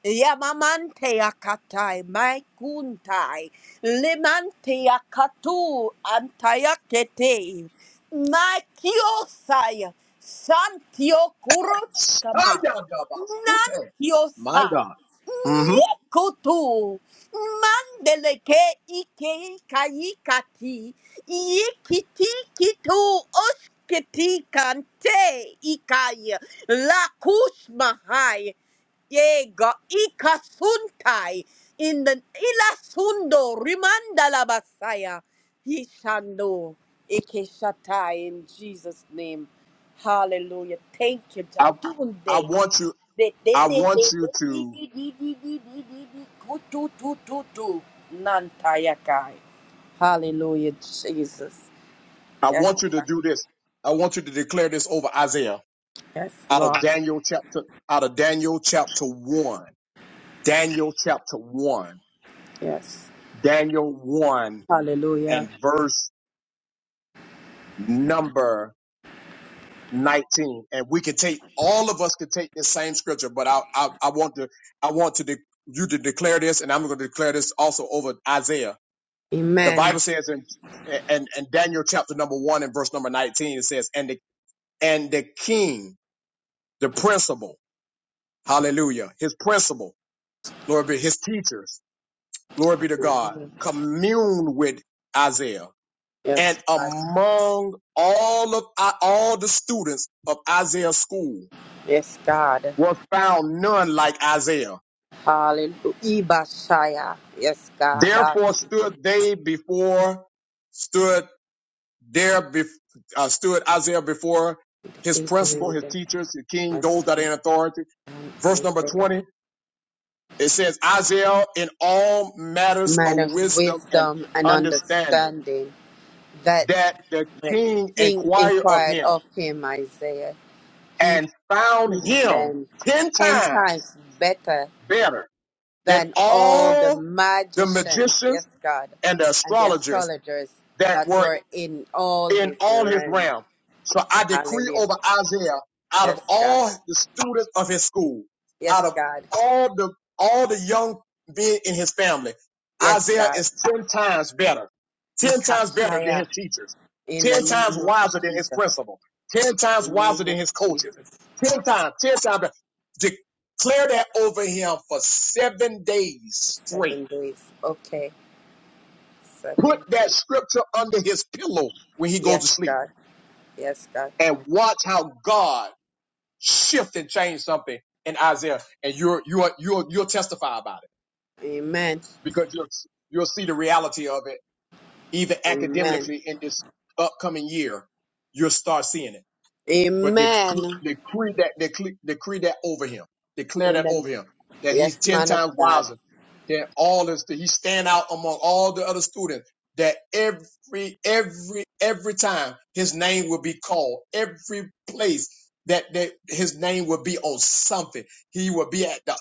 Yamamante akatai, maikuntai, lemante akatu, antayakete, maikiosai, santio kurochkama, Shayadabasute. My nantiosai, God. hmm nikutu, Mandeleke ike kaikati ikiti kitu oskiti kante ikaya lakus mahai yega ikasuntai in the ilasundo rimandala basaya hishando ikeshatai in Jesus name hallelujah thank you I I Jatunde want you De- de- I de- want de- you de- de- to de- de- de- de- de- de- de- ku- tu- tu- tu- tu. Nantayakai. Hallelujah, Jesus. I Yes, want you to Lord. do this. I want you to declare this over Isaiah yes, out of Lord. Daniel chapter out of Daniel chapter one. Daniel chapter one. Yes. Daniel one Hallelujah. and verse number 19 and we can take all of us can take this same scripture but I I, I want to I want to de- you to declare this and I'm going to declare this also over Isaiah the Amen. Bible says in and and Daniel chapter number one and verse number nineteen it says and the and the king the principal hallelujah his principal glory be his teachers glory be to God Hallelujah. commune with Isaiah and Yes, God. among all of all the students of Isaiah's school Yes, God. was found none like Isaiah Hallelujah. Ibashaya. Yes, God. That therefore stood they before stood there be, uh, stood Isaiah before the his King of principal, his England. teachers, the king, those Yes, that are Lord. in authority. And Verse I number say, 20, it says, Isaiah in all matters of man of wisdom and wisdom and understanding, understanding, that that the the king King inquired of inquired him of him, Isaiah. He and found favored him them 10 ten times times better better than than all the all the magicians, yes, magicians God, and the and the astrologers astrologers that that were were in all in his all his realm. realm. So I decree Hallelujah. over Isaiah, out of Yes, God. all the students of his school, out Yes, of God. all the all the young men in his family, Yes, Isaiah God. is ten times better, ten times better than his Nikashaya. teachers, In the ten times name of wiser than his Jesus. principal, ten times In the wiser name than of his coaches, Jesus. ten times, ten times. Better. Declare that over him for seven days straight. Seven days. Okay. Seven Put that days. scripture under his pillow when he goes Yes, to sleep God. Yes, God. and watch how God shift and change something in Isaiah, and you're you're you'll you'll testify about it Amen. because you'll you'll see the reality of it Even Amen. academically in this upcoming year, you'll start seeing it but dec- Amen. decree that decree, decree that over him, declare In that the over him, that Yes, he's ten man of times God, wiser than all this. That he stand out among all the other students. That every every every time his name will be called, every place that that his name will be on something, he will be at the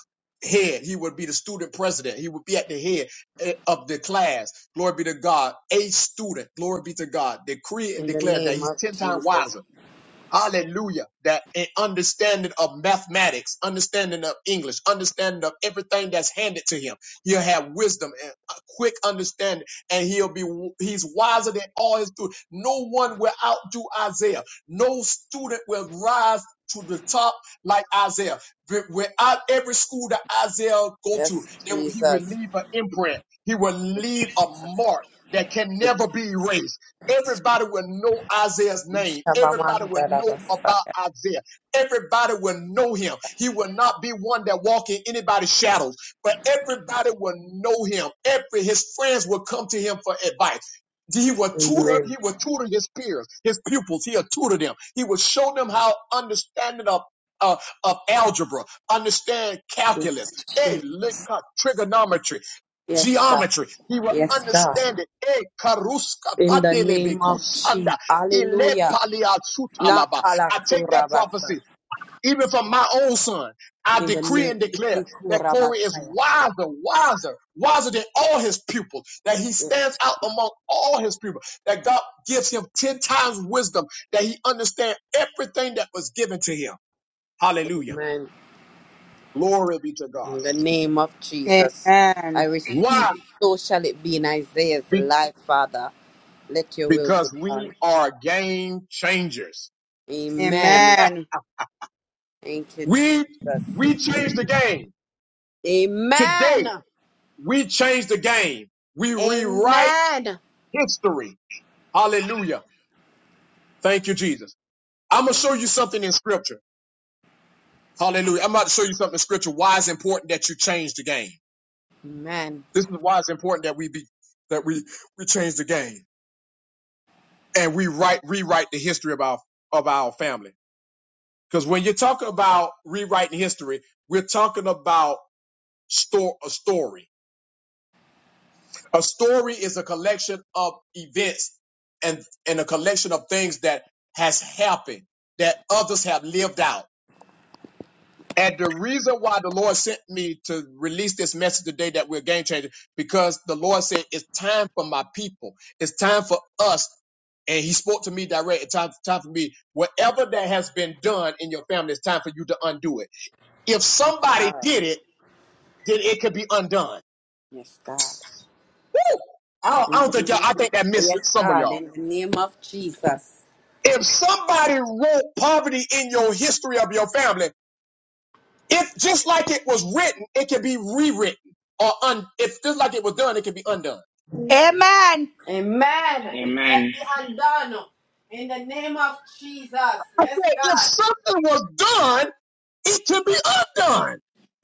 head. He would be the student president. He would be at the head eh, of the class. Glory be to God. A student. Glory be to God. Decree and in the declare that name he's of ten times wiser Jesus. Hallelujah. That an understanding of mathematics, understanding of English, understanding of everything that's handed to him. He'll have wisdom and a quick understanding, and he'll be he's wiser than all his students. No one will outdo Isaiah. No student will rise to the top like Isaiah. Wi- Without every school that Isaiah go to, Yes, there, he will Jesus. leave an imprint. He will Yes, leave a Jesus. mark that can In never the name be erased. of Jesus. Everybody will know Isaiah's name. Everybody will know about Shabamandarabasaya. Isaiah. Everybody will know him. He will not be one that walk in anybody's shadows, but everybody will know him. Every his friends will come to him for advice. He will tutor, Amen. he will tutor his peers, his pupils. He'll tutor them. He will show them how understanding of uh, of algebra, understand Yes, calculus, hey, Jesus. look, uh, trigonometry, Yes, God. geometry. He will Yes, God. understand it. E karuska In the padele name of Jesus. bekushanda, ile Hallelujah. paliatsutalaba. Nakala I take that surabasa. prophecy. Even from my own son, I In the decree name and of declare that Corey is wiser, wiser, wiser than all his pupils, that he stands Yes, out among all his pupils, that God gives him 10 times wisdom, that he understands everything that was given to him. Hallelujah. Amen. Glory be to God. In the name of Jesus, I Amen. Why? receive it. So shall it be in Isaiah's life, Father. Let your will be because we done. are game changers. Amen. Amen. Thank you, We, Jesus. we change the game. Amen. Today, we change the game. We rewrite Amen. history. Hallelujah. Thank you, Jesus. I'm going to show you something in scripture. Hallelujah. I'm about to show you something in scripture. Why it's important that you change the game. Amen. This is why it's important that we be, that we, we change the game and we write, rewrite the history of our, of our family. Because when you talk about rewriting history, we're talking about store, a story A story is a collection of events and, and a collection of things that has happened that others have lived out. And the reason why the Lord sent me to release this message today that we're game changers, because the Lord said it's time for my people. It's time for us. And he spoke to me direct. It's time, time for me. Whatever that has been done in your family, it's time for you to undo it. If somebody God. did it, then it could be undone. Yes, God. Woo! I don't, I In don't the think y'all, name I of think that missed yes, some of God. y'all. In the name of Jesus. if somebody wrote poverty in your history of your family, if just like it was written, it can be rewritten. Or un, if just like it was done, it can be undone. Amen. Amen. It shall Amen. be undone. In the name of Jesus. I Yes, said, if God. something was done, it can be undone.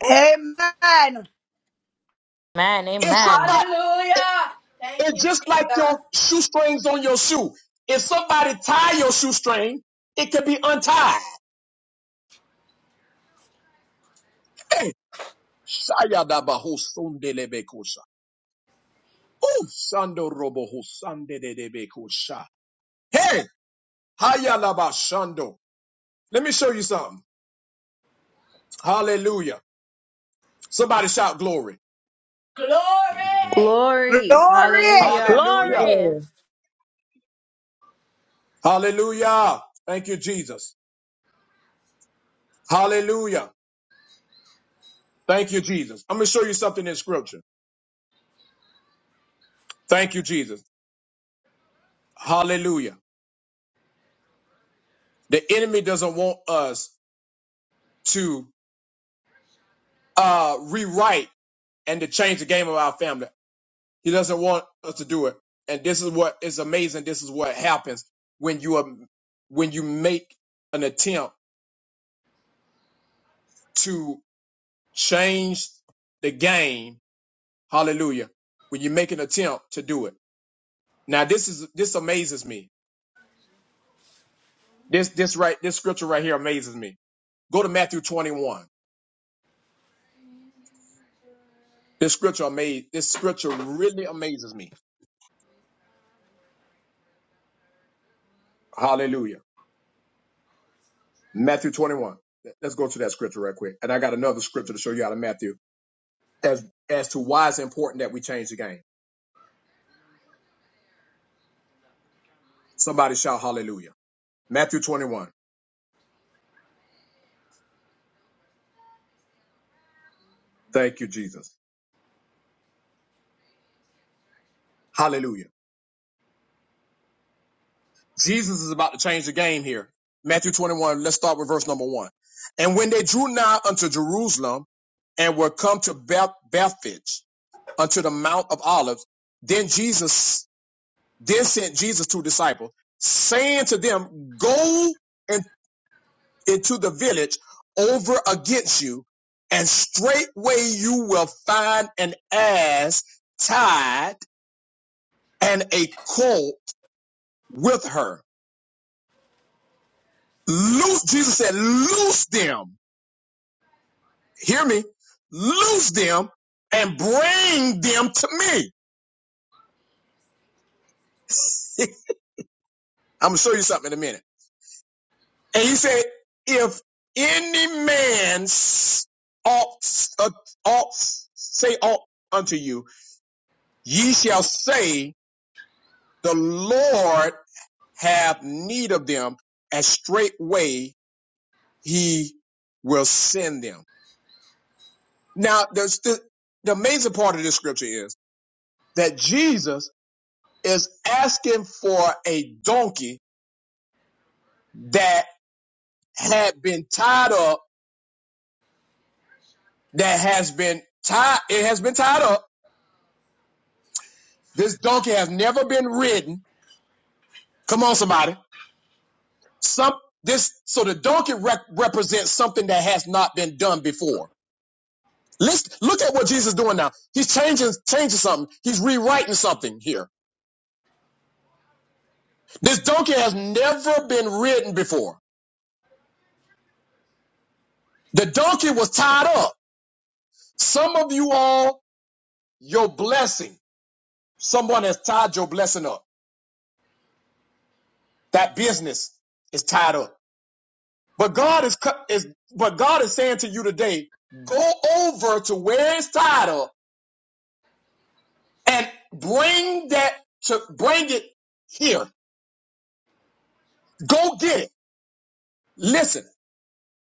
Amen. Amen. If Amen. somebody, it- Hallelujah. Thank it's you, just like Jesus. your shoestrings on your shoe. If somebody tie your shoestring, it can be untied. Hey, Shayadabahosundelebekosha. Ooh, Sando robo Hey, Hayalabashando. Let me show you something. Hallelujah. Somebody shout glory. Glory. Glory. Glory. Hallelujah. Hallelujah. Glory. Yeah! Hallelujah. Thank you, Jesus. Hallelujah. Thank you, Jesus. I'm going to show you something in scripture. Thank you, Jesus. Hallelujah. The enemy doesn't want us to uh, rewrite and to change the game of our family. He doesn't want us to do it. And this is what is amazing. This is what happens when you are, when you make an attempt to change the game Hallelujah. When you make an attempt to do it. Now this is this amazes me. This this right this scripture right here amazes me. Go to Matthew 21. This scripture amaze this scripture really amazes me. Hallelujah. Matthew 21. Let's go to that scripture right quick. And I got another scripture to show you out of Matthew as as to why it's important that we change the game. Somebody shout hallelujah. Matthew 21. Thank you, Jesus. Hallelujah. Jesus is about to change the game here. Matthew 21, let's start with verse number one. And when they drew nigh unto Jerusalem and were come to Beth- Bethphage unto the Mount of Olives, then Jesus, then sent Jesus two disciples, saying to them, Go in- into the village over against you, and straightway you will find an ass tied and a colt with her. Loose, Jesus said, Loose them hear me, loose them and bring them to me. I'm gonna show you something in a minute. And he said, if any man s- ought, uh, ought say ought unto you, ye shall say, the Lord have need of them, and straightway he will send them. Now, the, the, the amazing part of this scripture is that Jesus is asking for a donkey that. had been tied up that has been tied it has been tied up this donkey has never been ridden come on somebody some this so the donkey rep- represents something that has not been done before let's look at what jesus is doing now he's changing changing something he's rewriting something here this donkey has never been ridden before the donkey was tied up some of you all your blessing someone has tied your blessing up that business is tied up But God is, cu- is but God is saying to you today, go over to where it's titled and bring that to bring it here. Go get it. Listen,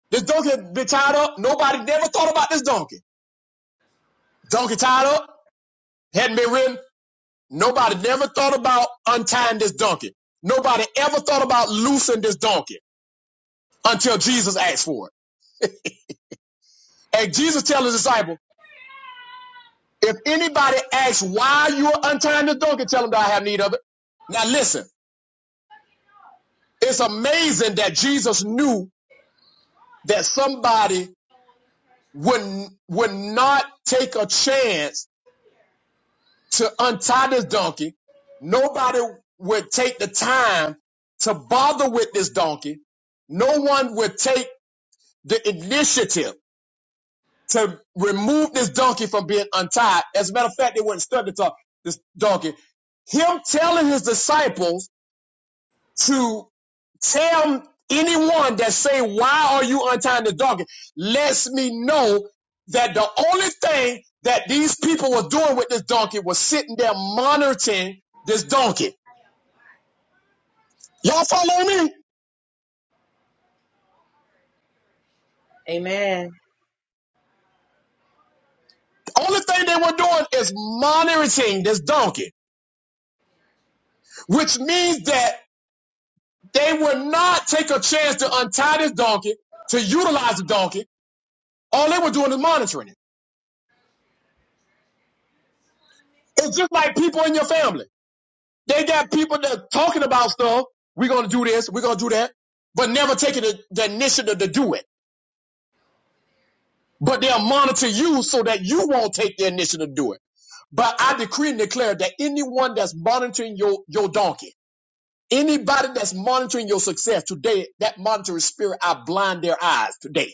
this donkey had been tied up. Nobody never thought about this donkey. Donkey tied up hadn't been ridden. Nobody never thought about untying this donkey. Nobody ever thought about loosing this donkey until Jesus asked for it. And Jesus tells his disciples. If anybody asks why you're untying the donkey, tell them that I have need of it. Now listen, it's amazing that Jesus knew that somebody would, would not take a chance to untie this donkey. Nobody would take the time to bother with this donkey. No one would take the initiative to remove this donkey from being untied. As a matter of fact, they wouldn't study this donkey. Him telling his disciples to tell anyone that say, why are you untying the donkey?" Lets me know that the only thing that these people were doing with this donkey was sitting there monitoring this donkey. Y'all follow me? Amen. Only thing they were doing is monitoring this donkey, which means that they would not take a chance to untie this donkey, to utilize the donkey. All they were doing is monitoring it. It's just like people in your family. They got people that talking about stuff. We're gonna do this. We're gonna do that, but never taking the, the initiative to do it. But they'll monitor you so that you won't take the initiative to do it. But I decree and declare that anyone that's monitoring your your donkey, anybody that's monitoring your success today, that monitoring spirit, I blind their eyes today.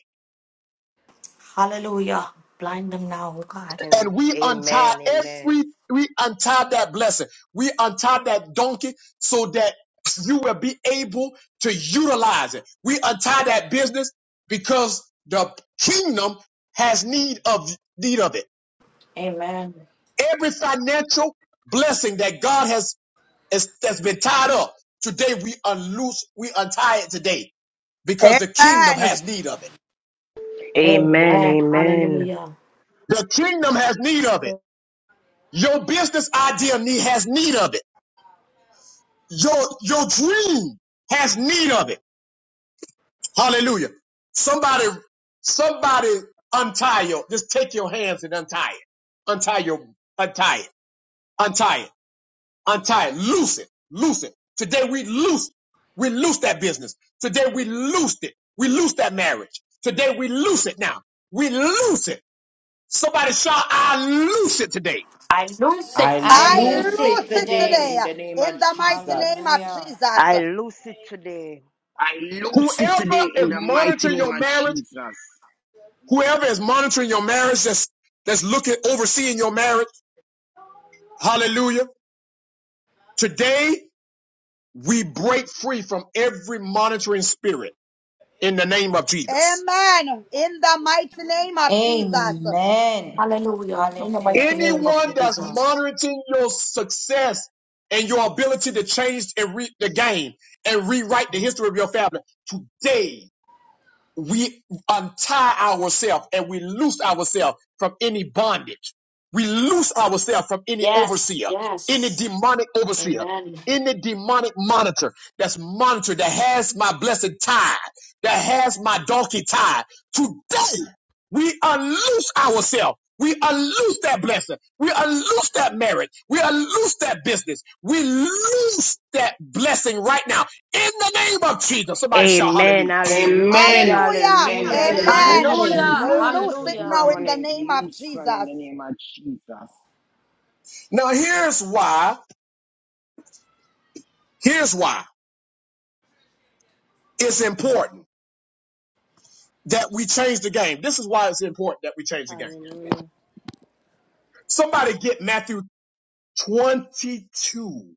Hallelujah. Blind them now, oh God. Amen. and we untie Amen. every we untie that blessing we untie that donkey so that you will be able to utilize it we untie that business because the kingdom has need of need of it Amen. every financial blessing that god has is, that's been tied up today we unloose we untie it today because the kingdom Amen. has need of it Amen. Amen. Amen. Hallelujah. the kingdom has need of it your business idea need, has need of it Your your dream has need of it. Hallelujah. Somebody, somebody untie your, just take your hands and untie it. Untie your, untie it, untie it, untie it, loose it, loose it. Today we loose, we loose that business. Today we loosed it. We loose that marriage. Today we loose it now. We loose it. Somebody shout, I loose it today. I lose I it I lose I today. loose it it lose today it today. today in the name of in Jesus. the mighty name of Hallelujah. I Jesus. loose it today. I lose it Whoever today is in the mighty monitoring name your of marriage, Jesus. Whoever is monitoring your marriage, that's that's looking overseeing your marriage, hallelujah. Today we break free from every monitoring spirit in the name of Jesus. Amen. In the mighty name of Jesus. Amen. Hallelujah. In the Hallelujah. mighty name of Thank Anyone you, that's Lord. Jesus. monitoring your success and your ability to change and read the game and rewrite the history of your family, today we untie ourselves and we loose ourselves from any bondage. We loose ourselves from any Yes. overseer, any Yes. demonic overseer, Amen. any demonic monitor that's monitor that has my blessed tie, that has my donkey tie. Today, we unloose ourselves. We unloose that blessing. We unloose that marriage. We unloose that business. We loose that blessing right now in the name of Jesus. Somebody shout Amen. hallelujah. Hallelujah. Amen. Hallelujah. Amen. Hallelujah. In the I name of Amen. Amen. Loose. Hallelujah. We Hallelujah. Jesus. Loose. loose it Hallelujah. now Hallelujah. in the Permanent name of Jesus. loosen in the I name of Jesus. Now, here's why. Here's why it's important that we change the game. This is why it's important that we change the game. Hallelujah. Somebody get Matthew 22.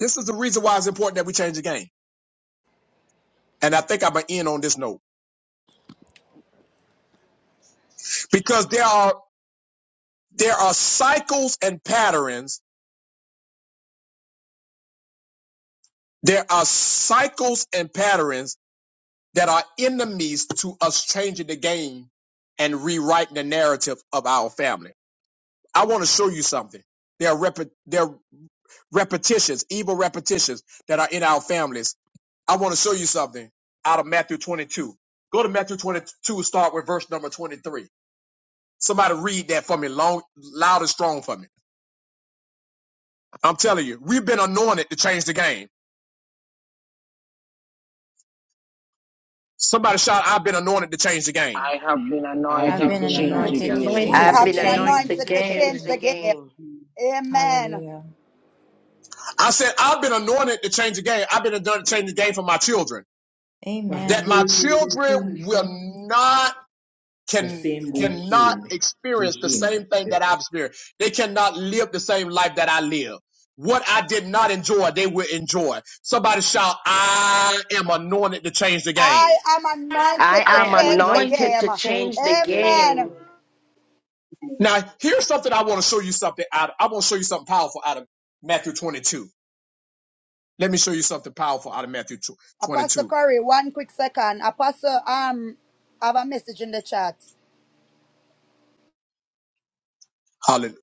This is the reason why it's important that we change the game. And I think I'm gonna end on this note because there are there are cycles and patterns. There are cycles and patterns that are enemies to us changing the game and rewriting the narrative of our family. I want to show you something. They're repetitive. repetitions, evil repetitions that are in our families. I want to show you something out of Matthew 22. Go to Matthew 22, start with verse number 23. Somebody read that for me long, loud and strong for me. I'm telling you, we've been anointed to change the game. Somebody shout, I've been anointed to change the game. I have been I I've have anointed to been been anointed I change have been anointed to to I again. change the anointed change the have to have been been change game. the anointed game. anointed to to Amen. change change the the game. game. game. Amen. Hallelujah. I said, I've been anointed to change the game. I've been anointed to change the game for my children. Matthew Amen. That my 22, verse children will 27. not The can same day cannot came to experience the him. same thing The that I've experienced. They cannot live the same life that I live. What I did not enjoy, they will enjoy. Somebody shout, I am anointed to change the I game. am I anointed I to am am change the anointed anointed game. to to change change the the game. Amen. game. Now, here's something I want to show you something out of. I want to show you something powerful out of Matthew 22. Let me show you something powerful out of Matthew Apostle 22. Corey, one quick second. Apostle, um, I have a message in the chat. Hallelujah.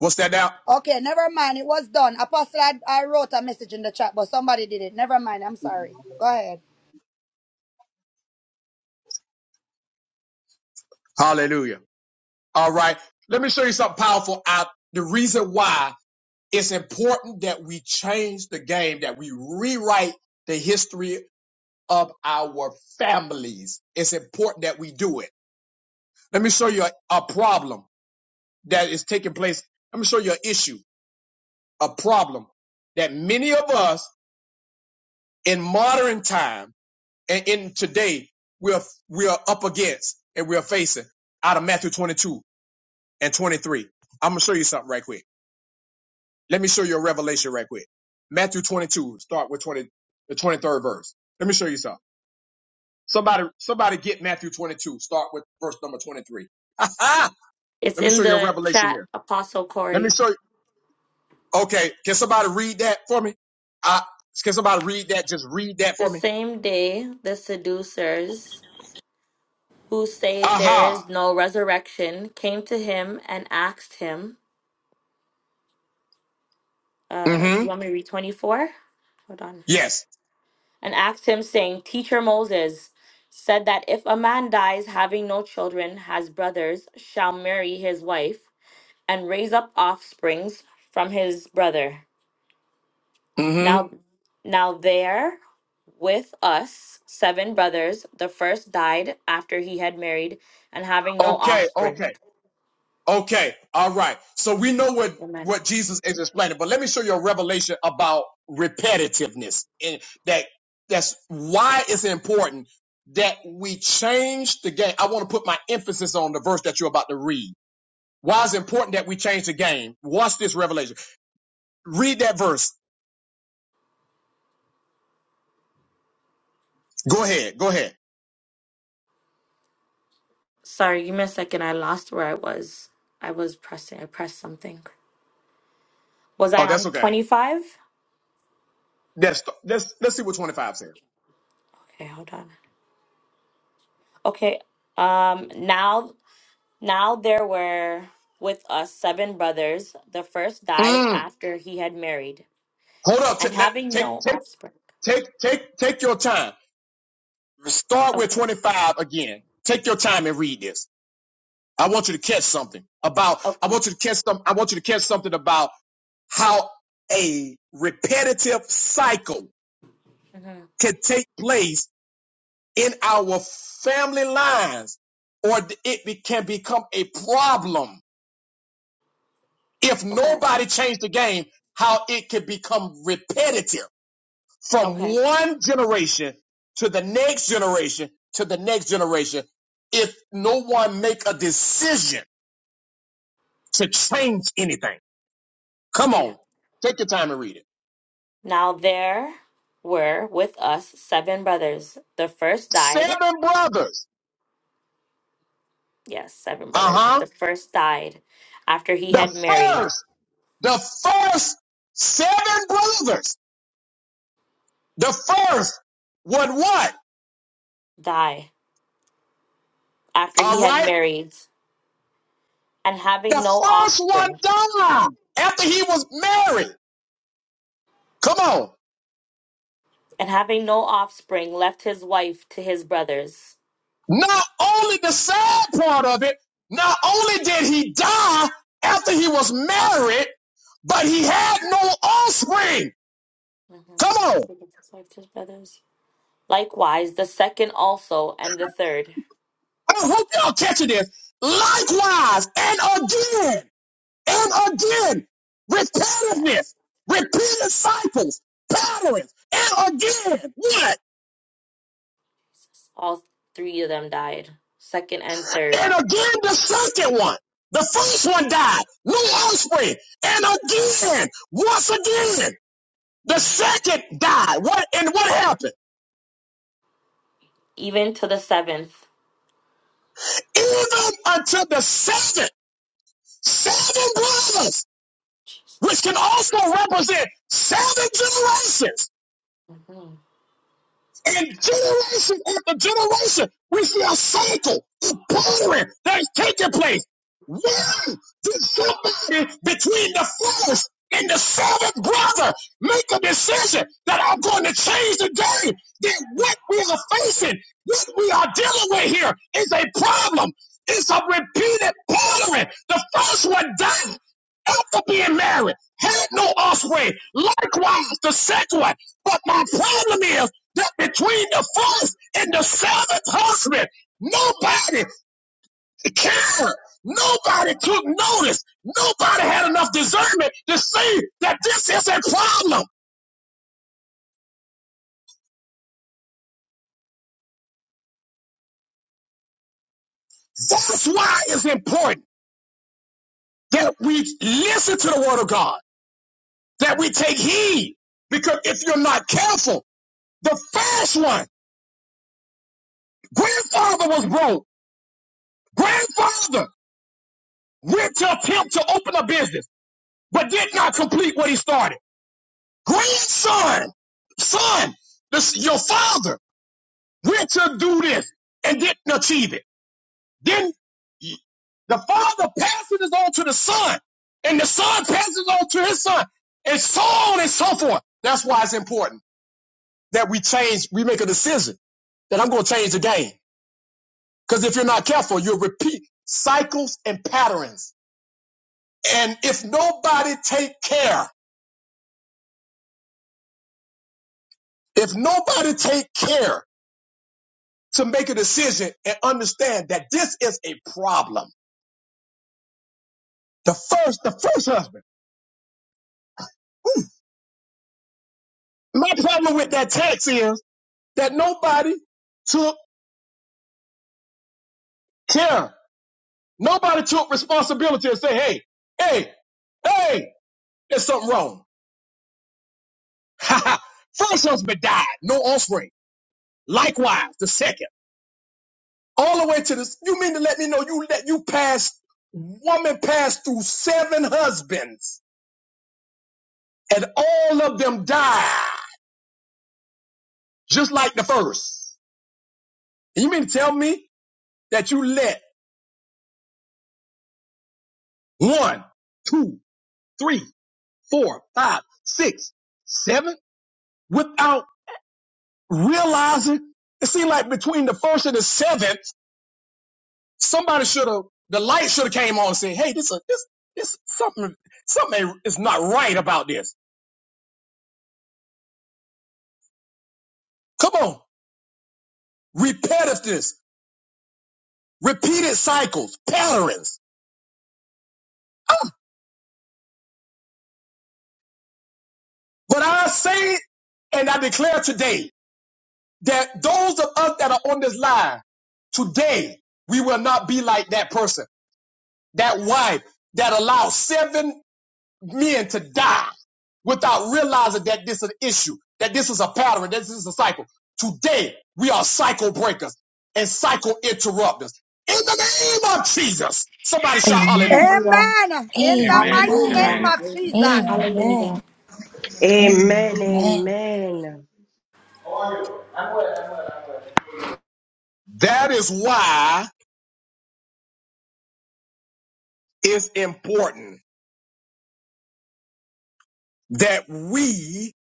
What's that now? Okay, never mind. It was done. Apostle, I, I wrote a message in the chat, but somebody did it. Never mind. I'm sorry. Go ahead. Hallelujah. All right. Let me show you something powerful out. The reason why it's important that we change the game, that we rewrite the history of our families. It's important that we do it. Let me show you a, a problem that is taking place. Let me show you an issue, a problem that many of us in modern time and in today we're we're up against and we're facing out of Matthew 22 and 23. I'm gonna show you something right quick. Let me show you a revelation right quick. Matthew 22, start with 20, the 23rd verse. Let me show you something. Somebody, somebody get Matthew 22, start with verse number 23. [LAUGHS] Let It's me in show you a the revelation chat, here. Apostle Let me Corey. show you. Okay. Can somebody read that for me? Uh, can somebody read that? Just read that The for me. same day, the seducers, who say there Aha. is no resurrection, came to him and asked him, uh, Do Mm-hmm. you want me to read 24? Hold on. Yes. And asked him, saying, Teacher Moses said that if a man dies having no children, has brothers, shall marry his wife and raise up offsprings from his brother. Mm-hmm. Now, now there. with us seven brothers. The first died after he had married and having no Okay. Okay. offspring. Okay, all right. So we know what Amen. what Jesus is explaining, but let me show you a revelation about repetitiveness and that that's why it's important that we change the game. I want to put my emphasis on the verse that you're about to read. Why it's important that we change the game? Watch this revelation. Read that verse. Go ahead. Go ahead. Sorry, give me a second. I lost where I was. I was pressing. I pressed something. Was Oh, I on that's okay. 25? Let's let's let's see what 25 says. Okay, hold on. Okay. Um now now there were with us seven brothers. The first died Mm, after he had married hold up. Ta- and let, having take no take offspring. take take take your time. start with Okay. 25 again. Take your time and read this. I want you to catch something about, I Okay. want you to catch some, I want you to catch something about how a repetitive cycle hmm can take place in our family lines or it be- can become a problem if Okay. nobody changed the game, how it can become repetitive from Okay. one generation to the next generation to the next generation if no Mm-hmm. one make a decision to change anything. Come Okay. on, take your time and read it. Now there were with us seven brothers. The first died. Seven brothers. Yes, seven brothers. Uh-huh. The first died after he The had married. first, the first seven brothers. The first would what? Die. After he All had right. married, and having The no first one offspring, died after he was married. Come on. and having no offspring, left his wife to his brothers. Not only the sad part of it, not only did he die after he was married, but he had no offspring. Come Mhm. on. So he left his wife to his brothers. Likewise, the second also, and the third. I hope y'all catching this. Likewise, and again, and again, repetitiveness, Yes, repeated cycles, patterns, and again, what? all three of them died. Second and And 3rd again, the second one. The first one died, no offspring, and again, once again. The second died. What and what happened? even to the seventh. Even until the seventh, seven brothers, which Jesus. can also represent seven generations. Mhm. And generation after generation, we see a cycle of power that is taking place. Why did somebody between the first and the seventh brother make a decision that I'm going to change the game? That Mm. what we are facing, what we are dealing with here is a problem. It's a repeated pattern. The first one died after being married, had no Yes. offspring. Likewise, the second one. But my problem is that between the fourth and the seventh husband, nobody cared. Nobody took notice. Nobody had enough discernment to see that this is a problem. That's why it's important that we listen to the word of God, that we take heed. Because if you're not careful, the first one, grandfather was broke. Grandfather went to attempt to open a business, but did not complete what he started. grandson, son, this your father went to do this and didn't achieve it. Then the father passes it on to the son, and the son passes it on to his son, and so on and so forth. That's why it's important that we change, we make a decision that I'm going to change the game. Because if you're not careful, you'll repeat cycles and patterns. And if nobody take care, if nobody take care to make a decision and understand that this is a problem. The first, the first husband. My problem with that text is that nobody took care. Nobody took responsibility and say, hey, hey, hey, there's something wrong. [LAUGHS] first husband died, no offspring. Likewise, the second. All the way to this, you mean to let me know you let you pass woman passed through seven husbands and all of them died, just like the first. You mean to tell me that you let one, two, three, four, five, six, seven without realizing? It seemed like between the first and the seventh, somebody should have, the light should have came on and said, hey, this, is this, this, something, something is not right about this. Come on. Repetitiveness, repeated cycles, patterns. But I say it and I declare today that those of us that are on this line today, we will not be like that person, that wife that allowed seven men to die without realizing that this is an issue, that this is a pattern, that this is a cycle. Today, we are cycle breakers and cycle interrupters. In the name of Jesus, somebody shout Amen. hallelujah. Amen. In the Hall- Amen. mighty Amen. name Amen. of Jesus. hall- Amen. Amen. Amen. Amen. Amen. That is why it's important that we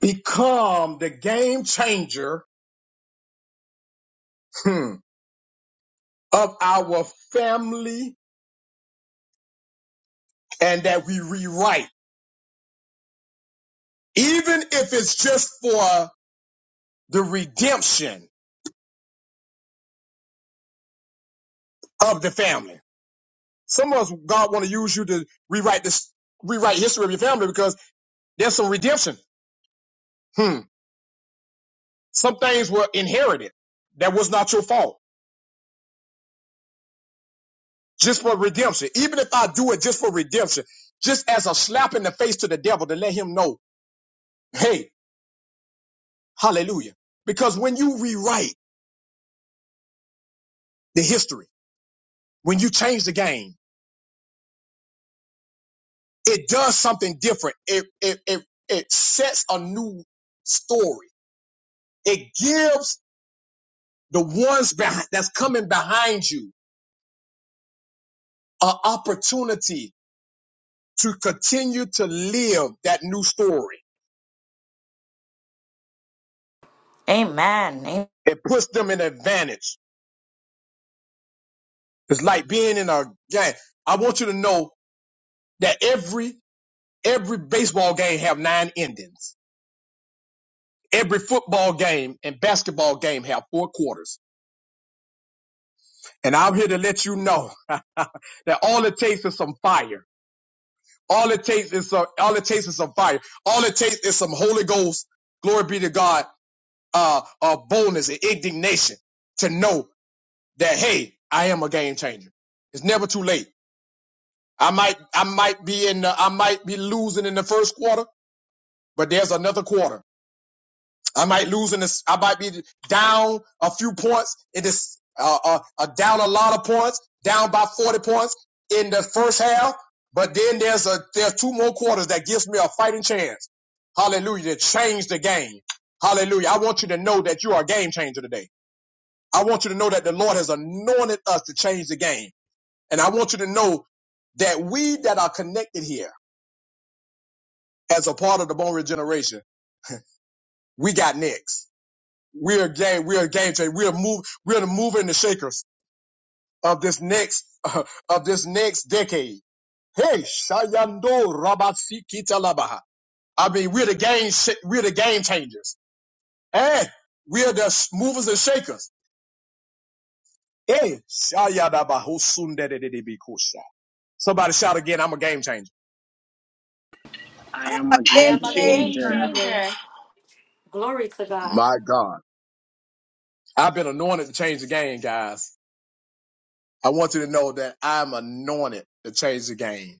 become the game changer hmm, of our family and that we rewrite, even if it's just for the redemption of the family. Some of us, God want to use you to rewrite this, rewrite history of your family because there's some redemption. Hmm. Some things were inherited that was not your fault, just for redemption. Even if I do it just for redemption, just as a slap in the face to the devil to let him know, hey, hallelujah. Because when you rewrite the history, when you change the game, it does something different. It it it it sets a new story. It gives the ones behind, that's coming behind you an opportunity to continue to live that new story. Amen. I It puts them in advantage. It's like being in a game. I want you to know that every every baseball game have nine endings. Every football game and basketball game have four quarters. And I'm here to let you know [LAUGHS] that all it takes is some fire All it takes is some, all it takes is some fire. All it takes is some Holy Ghost, glory be to God, uh, uh, boldness and indignation to know that, hey, I am a game changer. It's never too late. I might, I might be in, the, I might be losing in the first quarter, but there's another quarter. I might lose in this. I might be down a few points in this. Uh, uh, uh, down a lot of points, down by forty points in the first half. But then there's a there's two more quarters that gives me a fighting chance. Hallelujah! To change the game. Hallelujah! I want you to know that you are a game changer today. I want you to know that the Lord has anointed us to change the game, and I want you to know that we that are connected here as a part of the Bone Regeneration, we got next. We're game. We're a game changer. We're move. We're the mover and the shakers of this next [LAUGHS] uh, of this next decade. Hey, Shayando Rabatsikita Labaha. I mean, we're the game. sh- We're the game changers. Hey, we're the movers and shakers. Hey, Shayadabahosundedededebikosha. Somebody shout again. I'm a game changer. I am a game Game A am a game game changer. changer. changer. changer. Glory to God. My God, I've been anointed to change the game, guys. I want you to know that I'm anointed to change the game.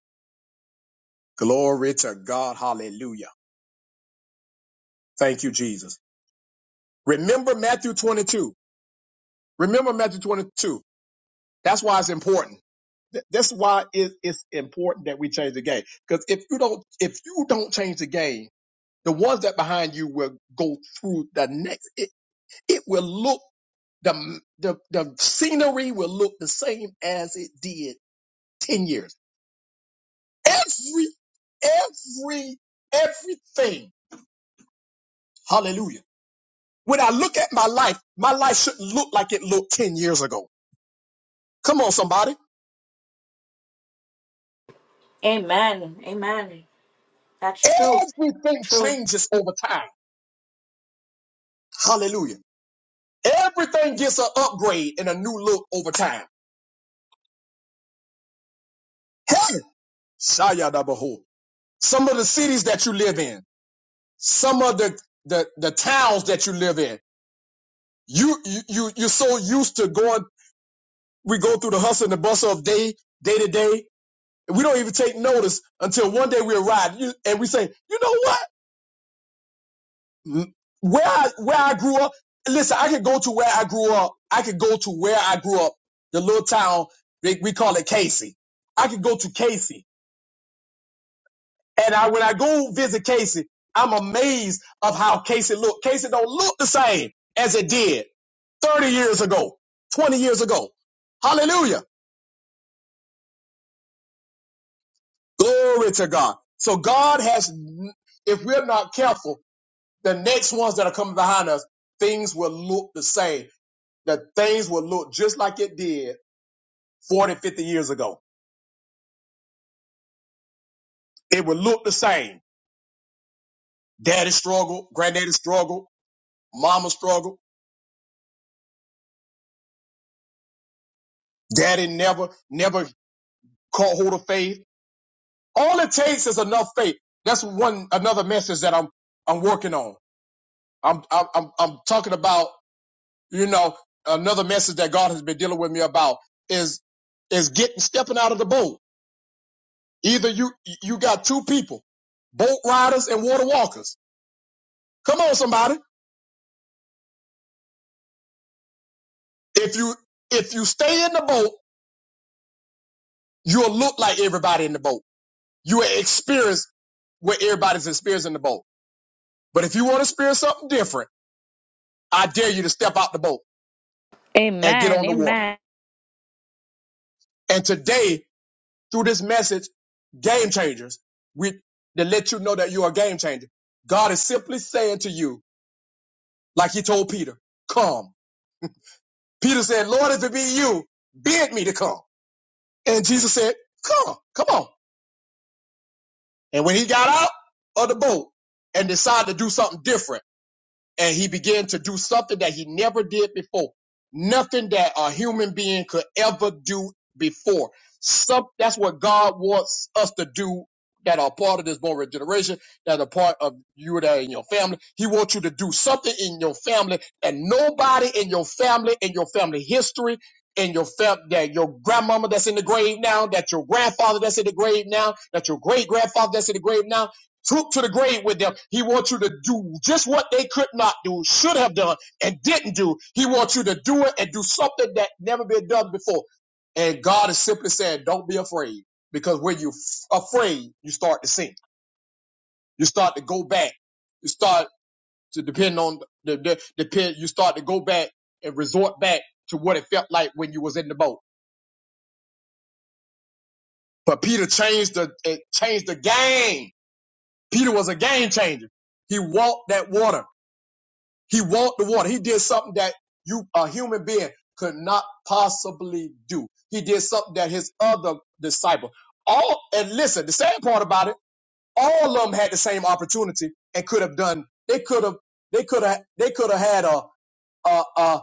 Glory to God. Hallelujah. Thank you, Jesus. Remember Matthew 22. Remember Matthew 22. That's why it's important. Th- That's why it, it's important that we change the game. Because if you don't, if you don't change the game, the ones that behind you will go through the next. It, it will look the the the scenery will look the same as it did ten years. Every every everything. Hallelujah. When I look at my life, my life shouldn't look like it looked ten years ago. Come on, somebody. Amen. Amen. That's true. Everything True. changes over time. Hallelujah. Everything gets an upgrade and a new look over time. Hey, Shayadabahu. Some of the cities that you live in, some of the, the, the towns that you live in, you, you, you, you're so used to going, we go through the hustle and the bustle of day, day to day. and We don't even take notice until one day we arrive you, and we say, you know what? M- Where I, where I grew up, listen, I could go to where I grew up. I could go to where I grew up, the little town they, we call it Casey. I could go to Casey, and I when I go visit Casey, I'm amazed of how Casey look. Casey don't look the same as it did 30 years ago, 20 years ago. Hallelujah. Glory to God. So God has, if we're not careful, the next ones that are coming behind us, things will look the same. that things will look just like it did 40, 50 years ago. It will look the same. Daddy struggled, granddaddy struggled, mama struggled, daddy never, never caught hold of faith. All it takes is enough faith. That's one another message that I'm I'm working on. I'm I'm I'm talking about, you know, another message that God has been dealing with me about is is getting stepping out of the boat. Either you you got two people, boat riders and water walkers. Come on, somebody. If you if you stay in the boat, you'll look like everybody in the boat. You will experience what everybody's experiencing in the boat. But if you want to experience something different, I dare you to step out the boat and get Amen. on the water. Amen. And today, through this message, game changers, we to let you know that you're a game changer. God is simply saying to you, like he told Peter, come. Peter said, Lord, if it be you, bid me to come. And Jesus said, come, come on. And when he got out of the boat and decided to do something different, and he began to do something that he never did before. Nothing that a human being could ever do before. Some, that's what God wants us to do that are part of this born regeneration, that are part of you that are in your family. He wants you to do something in your family that nobody in your family, in your family history, in your fam- that your grandmama that's in the grave now, that your grandfather that's in the grave now, that your great grandfather that's in the grave now, Took to the grave with them. He wants you to do just what they could not do, should have done, and didn't do. He wants you to do it and do something that never been done before. And God is simply saying, don't be afraid. Because when you're f- afraid, you start to sink. You start to go back. You start to depend on the, the depend. You start to go back and resort back to what it felt like when you was in the boat. But Peter changed the, it changed the game. Peter was a game changer. He walked that water. He walked the water. He did something that you, a human being, could not possibly do. He did something that his other disciple, all, and listen, the sad part about it, all of them had the same opportunity and could have done, they could have, they could have, they could have had a, a, a,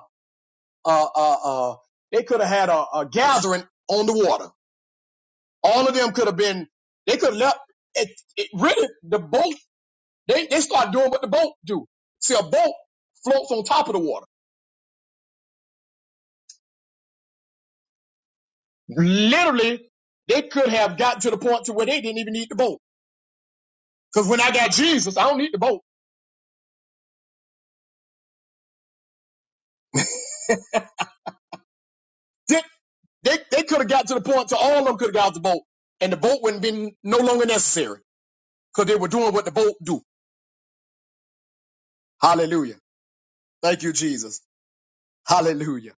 a, a, a they could have had a, a gathering on the water. All of them could have been, they could have left, it, it really, the boat, they, they start doing what the boat do. See, a boat floats on top of the water. Literally, they could have gotten to the point to where they didn't even need the boat. Because when I got Jesus, I don't need the boat. They, they, they could have got to the point to all of them could have got the boat. And the boat wouldn't have been no longer necessary because they were doing what the boat do. Hallelujah. Thank you, Jesus. Hallelujah.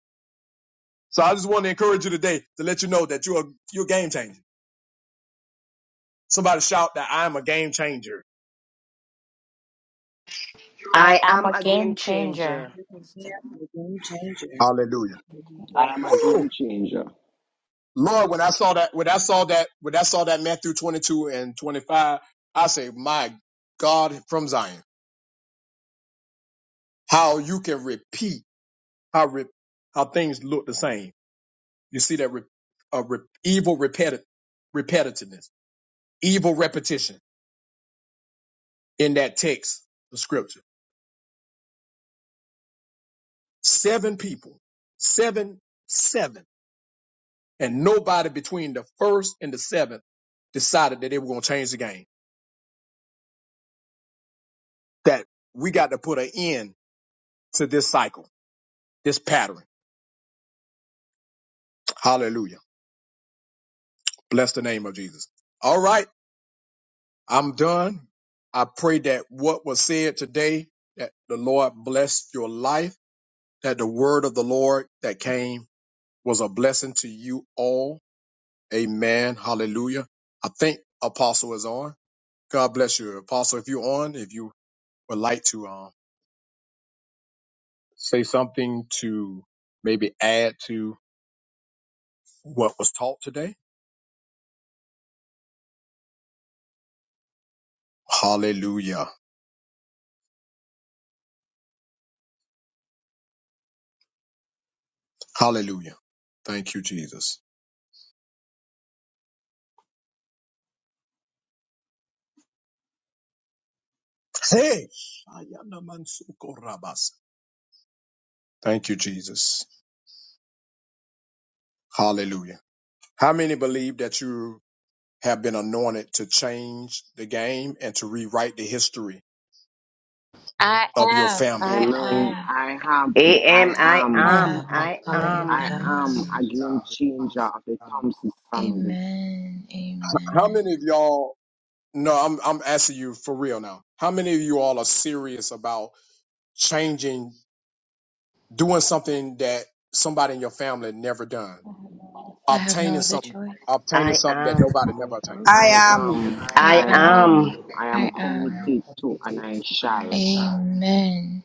So I just want to encourage you today to let you know that you're a, you're a game changer. Somebody shout that I'm a game changer. I I am am a a game game changer. changer. Yeah, a game changer. Hallelujah. Hallelujah. I am a Woo! game changer. Lord, when I saw that, when I saw that, when I saw that Matthew 22 and 25, I say, my God from Zion, how you can repeat how, re- how things look the same. You see that re- uh, re- evil repeti- repetitiveness, evil repetition in that text, the scripture. Seven people, seven, seven, and nobody between the first and the seventh decided that they were going to change the game, that we got to put an end to this cycle, this pattern Hallelujah. Bless the name of Jesus. All right, I'm done. I pray that what was said today, that the Lord blessed your life, that the word of the Lord that came was a blessing to you all. Amen. Hallelujah. I think Apostle is on. God bless you. Apostle, if you're on, if you would like to um, say something to maybe add to what was taught today. Hallelujah. Hallelujah. Thank you, Jesus. Hey, Ayana Mansuko Rabas. Thank you, Jesus. Hallelujah. How many believe that you have been anointed to change the game and to rewrite the history I of your am. family? I Amen. am. I have, I I Am I I am, am. am. Amen. I I am. I Hallelujah. am. am a game changer of the Thompson family. Amen. How Amen. many of y'all? No, I'm I'm asking you for real now. How many of you all are serious about changing, doing something that somebody in your family never done, I have no obtaining other something, choice. obtaining I something that am. nobody never obtained? I I am. am, I I I am. am. am, I am I am. committed to and I shall. Amen.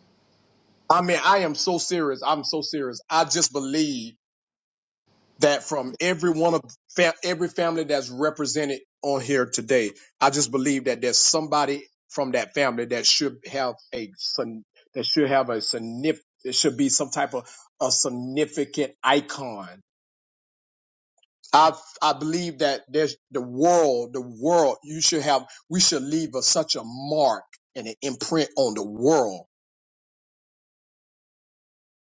I mean, I am so serious. I'm so serious. I just believe that from every one of fa- every family that's represented on here today, I just believe that there's somebody from that family that should have a sign- that should have a significant it should be some type of a significant icon. I I believe that there's the world, the world you should have we should leave a, such a mark and an imprint on the world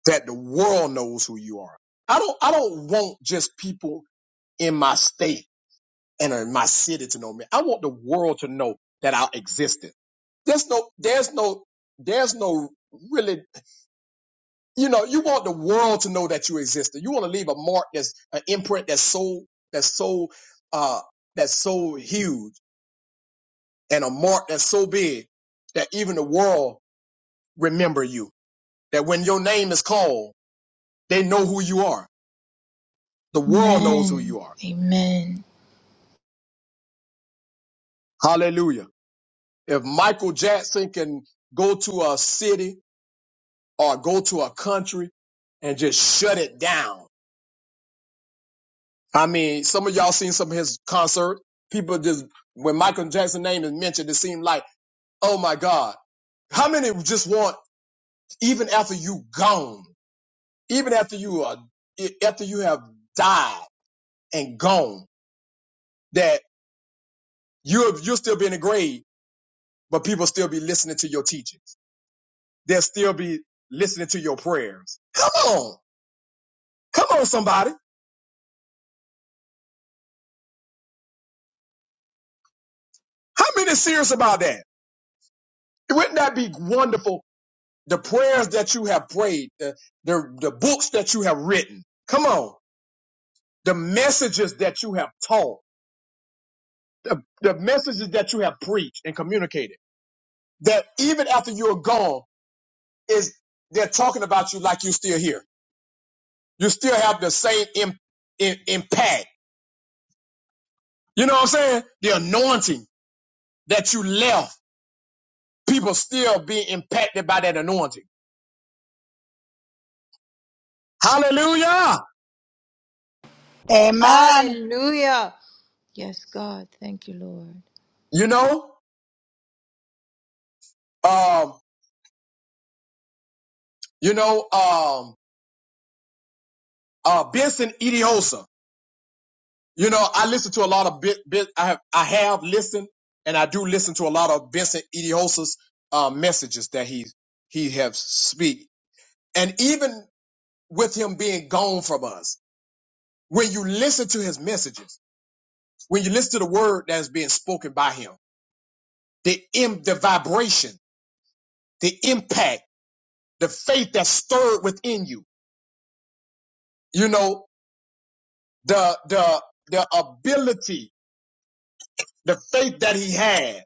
that the world knows who you are. I don't I don't want just people in my state. and in my city to know me. I want the world to know that I existed. There's no, there's no, there's no really, you know, you want the world to know that you existed. You want to leave a mark that's an imprint that's so, that's so, uh, that's so huge and a mark that's so big that even the world remember you. That when your name is called, they know who you are. The world knows who Amen. you are. Amen. Hallelujah. If Michael Jackson can go to a city or go to a country and just shut it down. I mean, some of y'all seen some of his concert. People just when Michael Jackson name is mentioned, it seemed like, oh my God, how many just want even after you gone, even after you are after you have died and gone, that you you'll still be in the grave, but people still be listening to your teachings. They'll still be listening to your prayers. Come on, come on, somebody. How many serious about that? Wouldn't that be wonderful the prayers that you have prayed, the, the, the books that you have written. Come on. The messages that you have taught, the, the messages that you have preached and communicated that even after you're gone is they're talking about you like you're still here. You still have the same im- im- impact. You know what I'm saying? The anointing that you left, people still being impacted by that anointing. Hallelujah. Amen. Hallelujah. Yes, God. Thank you, Lord. You know, um, you know, um, uh, Benson Idiosa. You know, I listen to a lot of bit, bit I have I have listened and I do listen to a lot of Vincent Idiosa's uh messages that he he has speak. And even with him being gone from us, when you listen to his messages, when you listen to the word that is being spoken by him, the im the vibration, the impact, the faith that's stirred within you, you know, the the the ability, the faith that he had,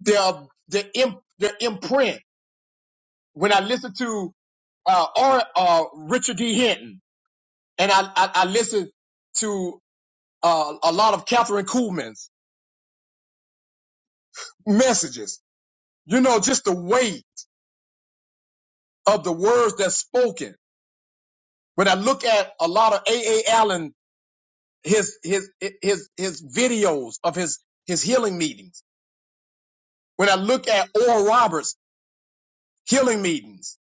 the the imp, the imprint when I listen to uh, or uh, Richard D. Hinton, and I I, I listen to uh, a lot of Catherine Kuhlman's messages. You know, just the weight of the words that's spoken. When I look at a lot of A. A. Allen, his his his his videos of his his healing meetings. When I look at Oral Roberts healing meetings.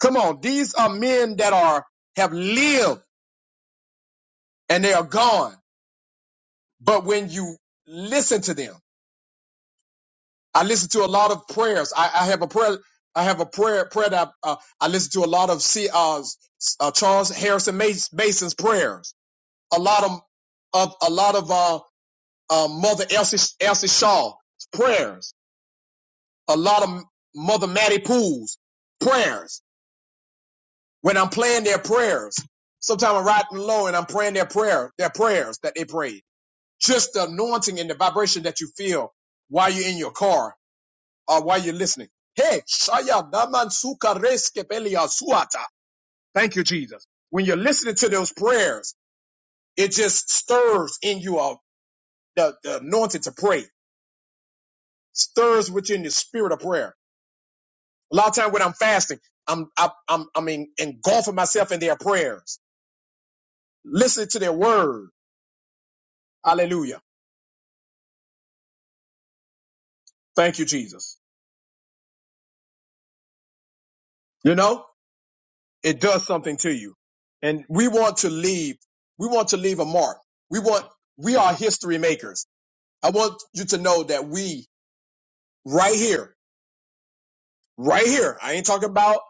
Come on, these are men that are have lived and they are gone. But when you listen to them I listen to a lot of prayers. I, I have a prayer. I have a prayer prayer that uh, I listen to a lot of C, uh, s- uh, Charles Harrison Mas- Mason's prayers. A lot of, of a lot of uh, uh, Mother Elsie Elsie Shaw's prayers. A lot of Mother Mattie Poole's prayers. When I'm playing their prayers, sometimes I'm riding low and I'm praying their prayer their prayers that they prayed. Just the anointing and the vibration that you feel while you're in your car Or while you're listening. Hey, Shaya Daman Suka Reske Belia Suata. Thank you, Jesus. When you're listening to those prayers, it just stirs in you all the, the anointing to pray, stirs within the spirit of prayer. A lot of time when I'm fasting, I'm I, I'm I'm en- engulfing myself in their prayers, listening to their word. Hallelujah. Thank you, Jesus. You know, it does something to you. And we want to leave, we want to leave a mark. We want, we are history makers I want you to know that we, right here, right here, I ain't talking about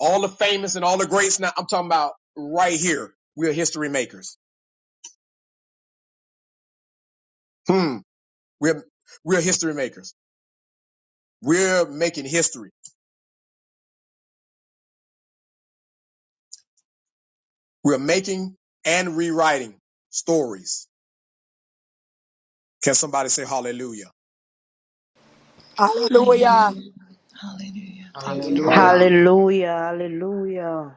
all the famous and all the greats now. I'm talking about right here. We're history makers. Hmm. We're, we're history makers. We're making history. We're making and rewriting stories. Can somebody say hallelujah? Hallelujah. Hallelujah. Hallelujah. Thank you, Lord. Hallelujah. Hallelujah. Hallelujah. Hallelujah.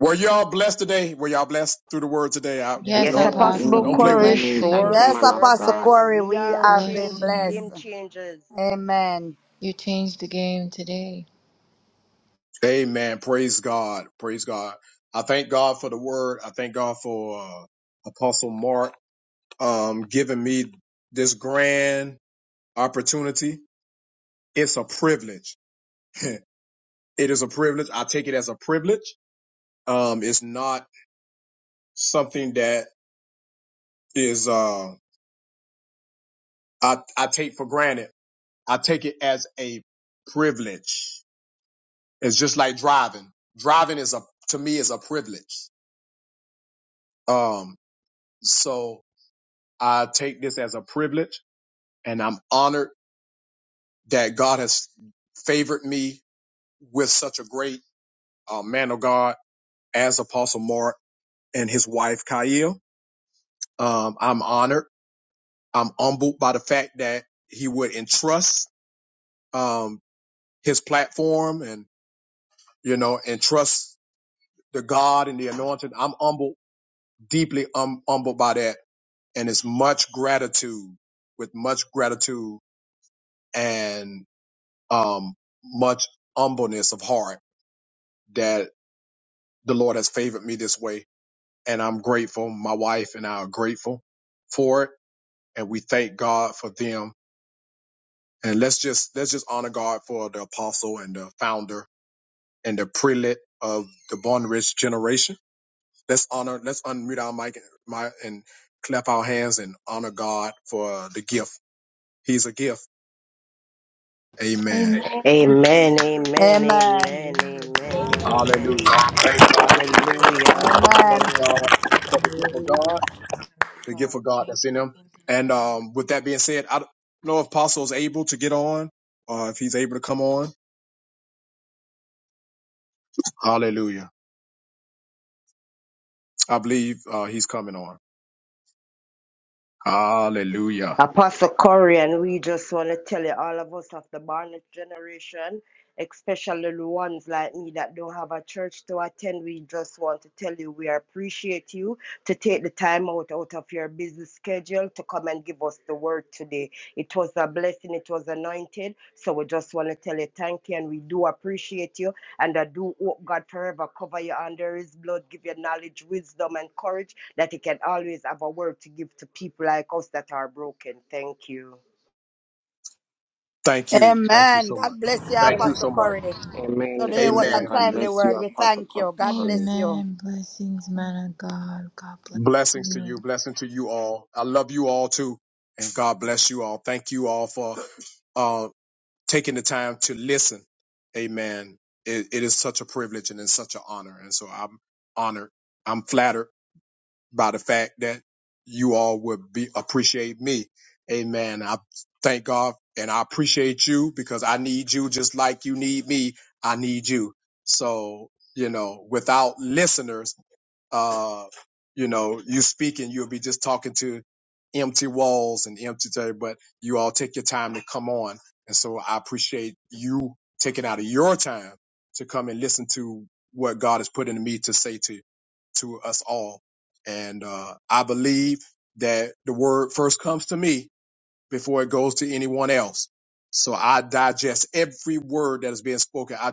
Were y'all blessed today? Were y'all blessed through the word today? I, Yes, Yes, a don't, Amen. possible Apostle. don't play Indeed. with Corey. me. Bless Amen. Thank Sure, you. you, Yes, man of sure, Apostle bless. God. Corey, We we are have been change, Bless you. game blessed. changers. Amen. You changed the game today. Amen. Praise God. Praise God. I thank God for the word. I thank God for uh, Apostle Mark um, giving me this grand opportunity. It's a privilege. It is a privilege. I take it as a privilege. Um, it's not something that is uh, I, I take for granted. I take it as a privilege. It's just like driving. Driving is a to me is a privilege. Um, so I take this as a privilege and I'm honored that God has favored me with such a great uh, man of God as Apostle Mark and his wife Kyle. Um, I'm honored. I'm humbled by the fact that he would entrust um, his platform and you know entrust the God and the anointed. I'm humbled, deeply um, humbled by that, and it's much gratitude, with much gratitude and um, much humbleness of heart that. the Lord has favored me this way, and I'm grateful. My wife and I are grateful for it, and we thank God for them. And let's just let's just honor God for the apostle and the founder and the prelate of the born rich generation. Let's honor. Let's unmute our mic and, my, and clap our hands and honor God for the gift. He's a gift. Amen. Amen. Yes, Amen, Lord. amen, amen, Amen. Hallelujah. amen, Hallelujah. Hallelujah. amen. Thank God. Hallelujah. Hallelujah, Thank Amen. God hallelujah. for the gift of God. Hallelujah. the gift God, of God thank that's in you him. for the And life. um, with that being said, I don't know if Apostle is able to get on or if he's able to come on. Hallelujah. I believe uh, he's coming on. Hallelujah. Apostle Corey, and we just want to tell you, all of us of the Barnett generation, especially the ones like me that don't have a church to attend, we just want to tell you we appreciate you to take the time out, out of your busy schedule to come and give us the word today. It was a blessing, it was anointed. So we just want to tell you thank you and we do appreciate you. And I do hope God forever cover you under his blood, give you knowledge, wisdom, and courage that He can always have a word to give to people like us that are broken. Thank you. Thank you. Thank you Amen. so much. God bless you, Thank you Apostle so much. Corey. Amen. Today was a Amen. Amen. God timely bless word. you, We Apostle thank you. God Corey. bless you. Amen. Blessings, man of God. God bless Blessings to you. you. Blessing to you all. I love you all too. And God bless you all. Thank you all for uh, taking the time to listen. Amen. It, it is such a privilege and it's such an honor. And so I'm honored. I'm flattered by the fact that you all would be appreciate me. Amen. I thank God and I appreciate you because I need you just like you need me. I need you. So, you know, without listeners, uh, you know, you speak and you'll be just talking to empty walls and empty day, but you all take your time to come on. And so I appreciate you taking out of your time to come and listen to what God has put into me to say to to us all. And uh, I believe that the word first comes to me before it goes to anyone else. So I digest every word that is being spoken. I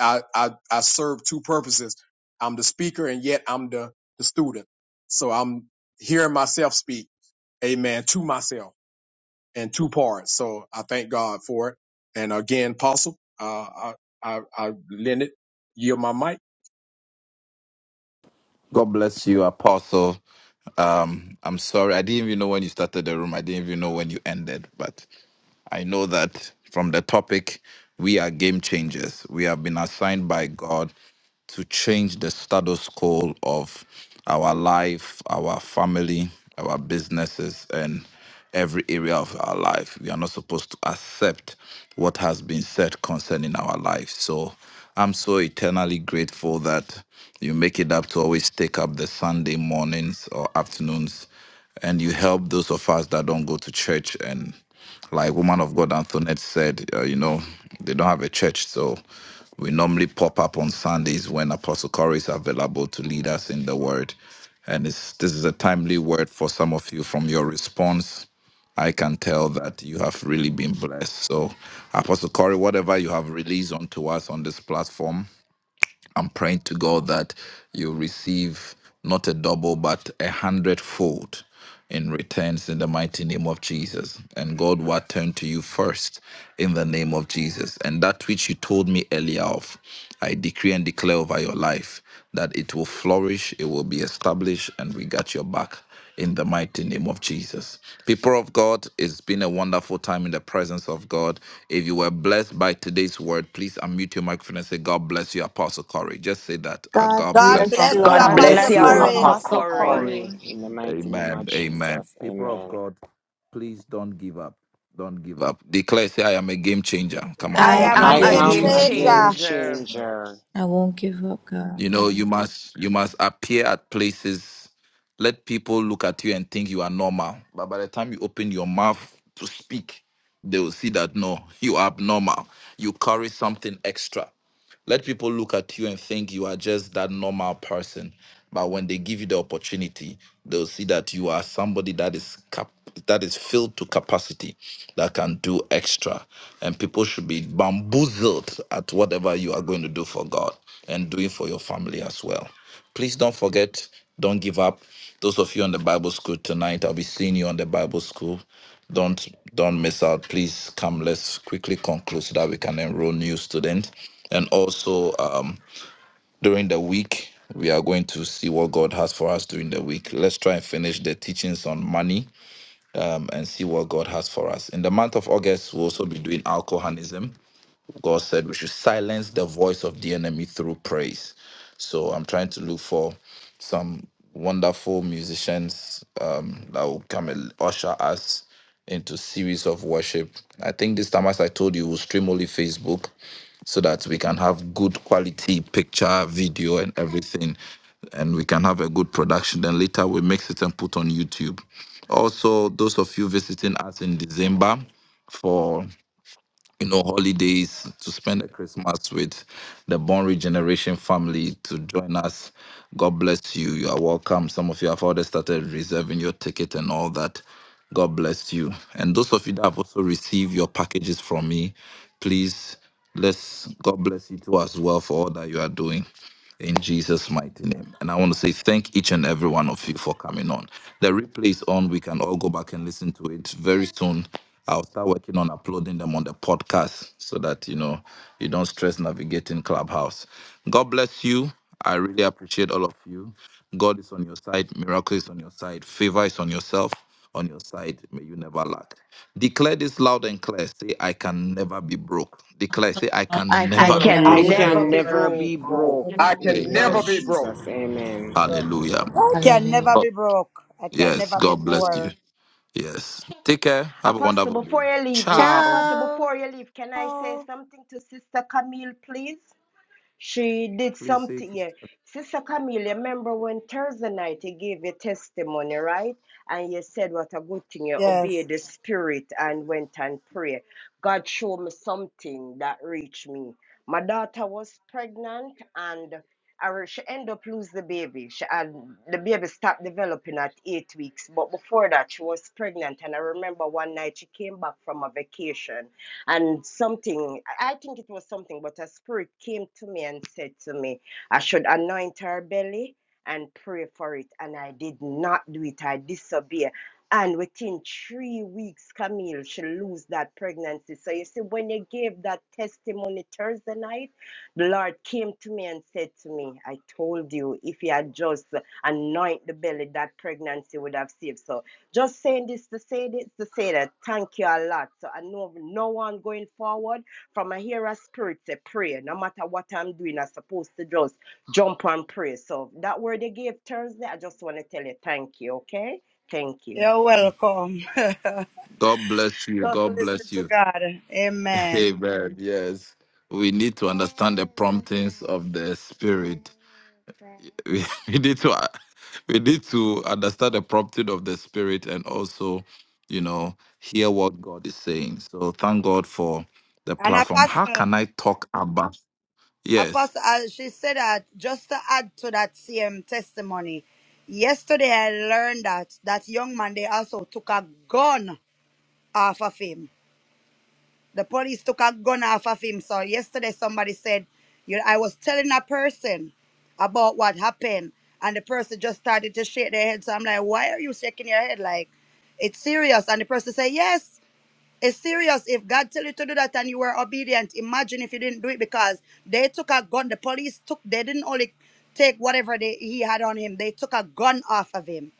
I, I, I serve two purposes. I'm the speaker and yet I'm the, the student. So I'm hearing myself speak, amen, to myself in two parts. So I thank God for it. And again, Apostle, uh, I, I, I lend it, yield my mic. God bless you, Apostle. Um, I'm sorry. I didn't even know when you started the room. I didn't even know when you ended. But I know that from the topic, we are game changers. We have been assigned by God to change the status quo of our life, our family, our businesses. And every area of our life. We are not supposed to accept what has been said concerning our life. So I'm so eternally grateful that you make it up to always take up the Sunday mornings or afternoons and you help those of us that don't go to church and like woman of God Antoinette said, uh, you know, they don't have a church, so we normally pop up on Sundays when Apostle Corey is available to lead us in the Word. And it's, this is a timely word for some of you. From your response, I can tell that you have really been blessed. So, Apostle Corey, whatever you have released onto us on this platform. I'm praying to God that you receive not a double, but a hundredfold in returns in the mighty name of Jesus. And God will turn to you first in the name of Jesus. And that which you told me earlier of, I decree and declare over your life that it will flourish, it will be established, and we got your back in the mighty name of Jesus. People of God, it's been a wonderful time in the presence of God. If you were blessed by today's word, please unmute your microphone and say, God bless you, Apostle Corey. Just say that. "Ah, God God God bless bless you, you. bless Apostle you, God God God Apostle Harry. bless Apostle bless you, bless you, you, Corey. Corey. Apostle Apostle Apostle Corey. Corey. Corey, in the mighty name of Amen. Amen. Jesus. People of Amen. God, please don't give up. Don't give up. Declare, say, I am a game changer. Come on, I now. I I am I am a am a am I a Thank game game a am game a changer. game changer. game changer. changer. changer. I won't give up, God. You know, you must you must appear at places, let people look at you and think you are normal. But by the time you open your mouth to speak, they will see that no, you are abnormal. You carry something extra. Let people look at you and think you are just that normal person. But when they give you the opportunity, they'll see that you are somebody that is cap- that is filled to capacity, that can do extra. And people should be bamboozled at whatever you are going to do for God and doing for your family as well. Please don't forget, don't give up. Those of you on the Bible school tonight, I'll be seeing you on the Bible school. Don't don't miss out. Please come. Let's quickly conclude so that we can enroll new students. And also um, during the week, we are going to see what God has for us during the week. Let's try and finish the teachings on money and see what God has for us. In the month of August, we'll also be doing alcoholism. God said we should silence the voice of the enemy through praise. So I'm trying to look for some wonderful musicians um, that will come and usher us into series of worship. I think this time, as I told you, we'll stream only Facebook so that we can have good quality picture, video, and everything. And we can have a good production. Then later we mix it and put on YouTube. Also, those of you visiting us in December, for you know, holidays to spend the Christmas with the Born Regeneration family to join us. God bless you. You are welcome. Some of you have already started reserving your ticket and all that. God bless you. And those of you that have also received your packages from me, please. Let's God bless you too as well for all that you are doing in Jesus' mighty name. And I want to say thank each and every one of you for coming on. The replay is on. We can all go back and listen to it very soon. I'll start working on uploading them on the podcast so that you know you don't stress navigating Clubhouse. God bless you. I really appreciate all of you. God is on your side. Miracle is on your side. Favor is on yourself, on your side. May you never lack. Declare this loud and clear. Say, I can never be broke. Declare, say, I I can I never can you. be never I can be broke. never can broke. be never never be broke. broke I Mhm. in the can name of never Amen. be broke. Jesus. Amen. Hallelujah. I can Hallelujah. never Oh, be broke. I can yes, never be God bless you. poor. Yes. Take care. Have a Apostle, wonderful day. before you leave, wait, Ciao. Apostle, Ciao. before you leave, can I say something to Sister Camille, please? She did Please say it something. to Yeah. sister. Sister Camille, remember when Thursday night you gave your testimony, right? And you said what a good thing you Yes. obeyed the spirit and went and prayed. God showed me something that reached me. My daughter was pregnant and I re- she ended up losing the baby. She had, the baby stopped developing at eight weeks. But before that, she was pregnant. And I remember one night she came back from a vacation and something, I think it was something, but a spirit came to me and said to me, I should anoint her belly and pray for it. And I did not do it, I disobeyed. And within three weeks, Camille, she lose that pregnancy. So you see, when you gave that testimony Thursday night, the Lord came to me and said to me, I told you, if you had just anoint the belly, that pregnancy would have saved. So just saying this to say this to say that. Thank you a lot. So I know no one going forward from a hear a spirit say pray. No matter what I'm doing, I'm supposed to just jump and pray. So that word they gave Thursday, I just want to tell you thank you, okay? Thank you. You're welcome. [LAUGHS] God bless you. Just God listen bless to you. God. [LAUGHS] Amen. Amen. Yes. We need to understand the promptings of the spirit. we, [LAUGHS] we need to uh, we need to understand the prompting of the spirit and also you know hear what god is saying so thank god for the And platform how Apostle, can i talk about yes Apostle, uh, she said that just to add to that same testimony. Yesterday, I learned that that young man they also took a gun off of him. The police took a gun off of him. So yesterday, somebody said, "You, know, I was telling a person about what happened, and the person just started to shake their head." So I'm like, "Why are you shaking your head? Like, it's serious?" And the person said, "Yes." It's serious. If God tell you to do that and you were obedient, imagine if you didn't do it because they took a gun. The police took. They didn't only take whatever they, he had on him. They took a gun off of him.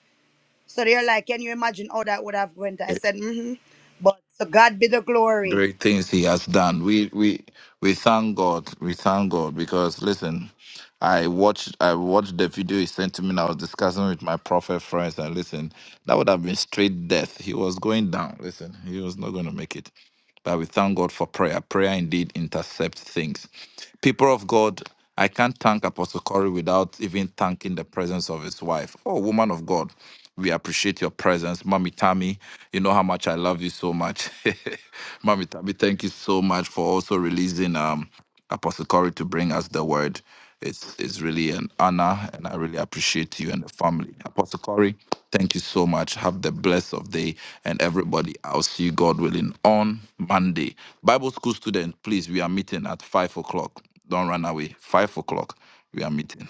So they're like, can you imagine how that would have went? I eh, said, mm-hmm. But to God be the glory. great things he has done we we we thank god we thank god because listen i watched i watched the video he sent to me and i was discussing with my prophet friends and listen that would have been straight death he was going down listen he was not going to make it But we thank God for prayer. Prayer indeed intercepts things. People of God, I can't thank Apostle Corey without even thanking the presence of his wife. Oh, woman of God, we appreciate your presence. Mommy Tammy, you know how much I love you so much. [LAUGHS] Mommy Tammy, thank you so much for also releasing. Um, Apostle Corey to bring us the word. It's, it's really an honor, and I really appreciate you and the family. Apostle Corey, thank you so much. Have the blessed of day, and everybody, I'll see you, God willing, on Monday. Bible school student, please, we are meeting at 5 o'clock. Don't run away. 5 o'clock, we are meeting.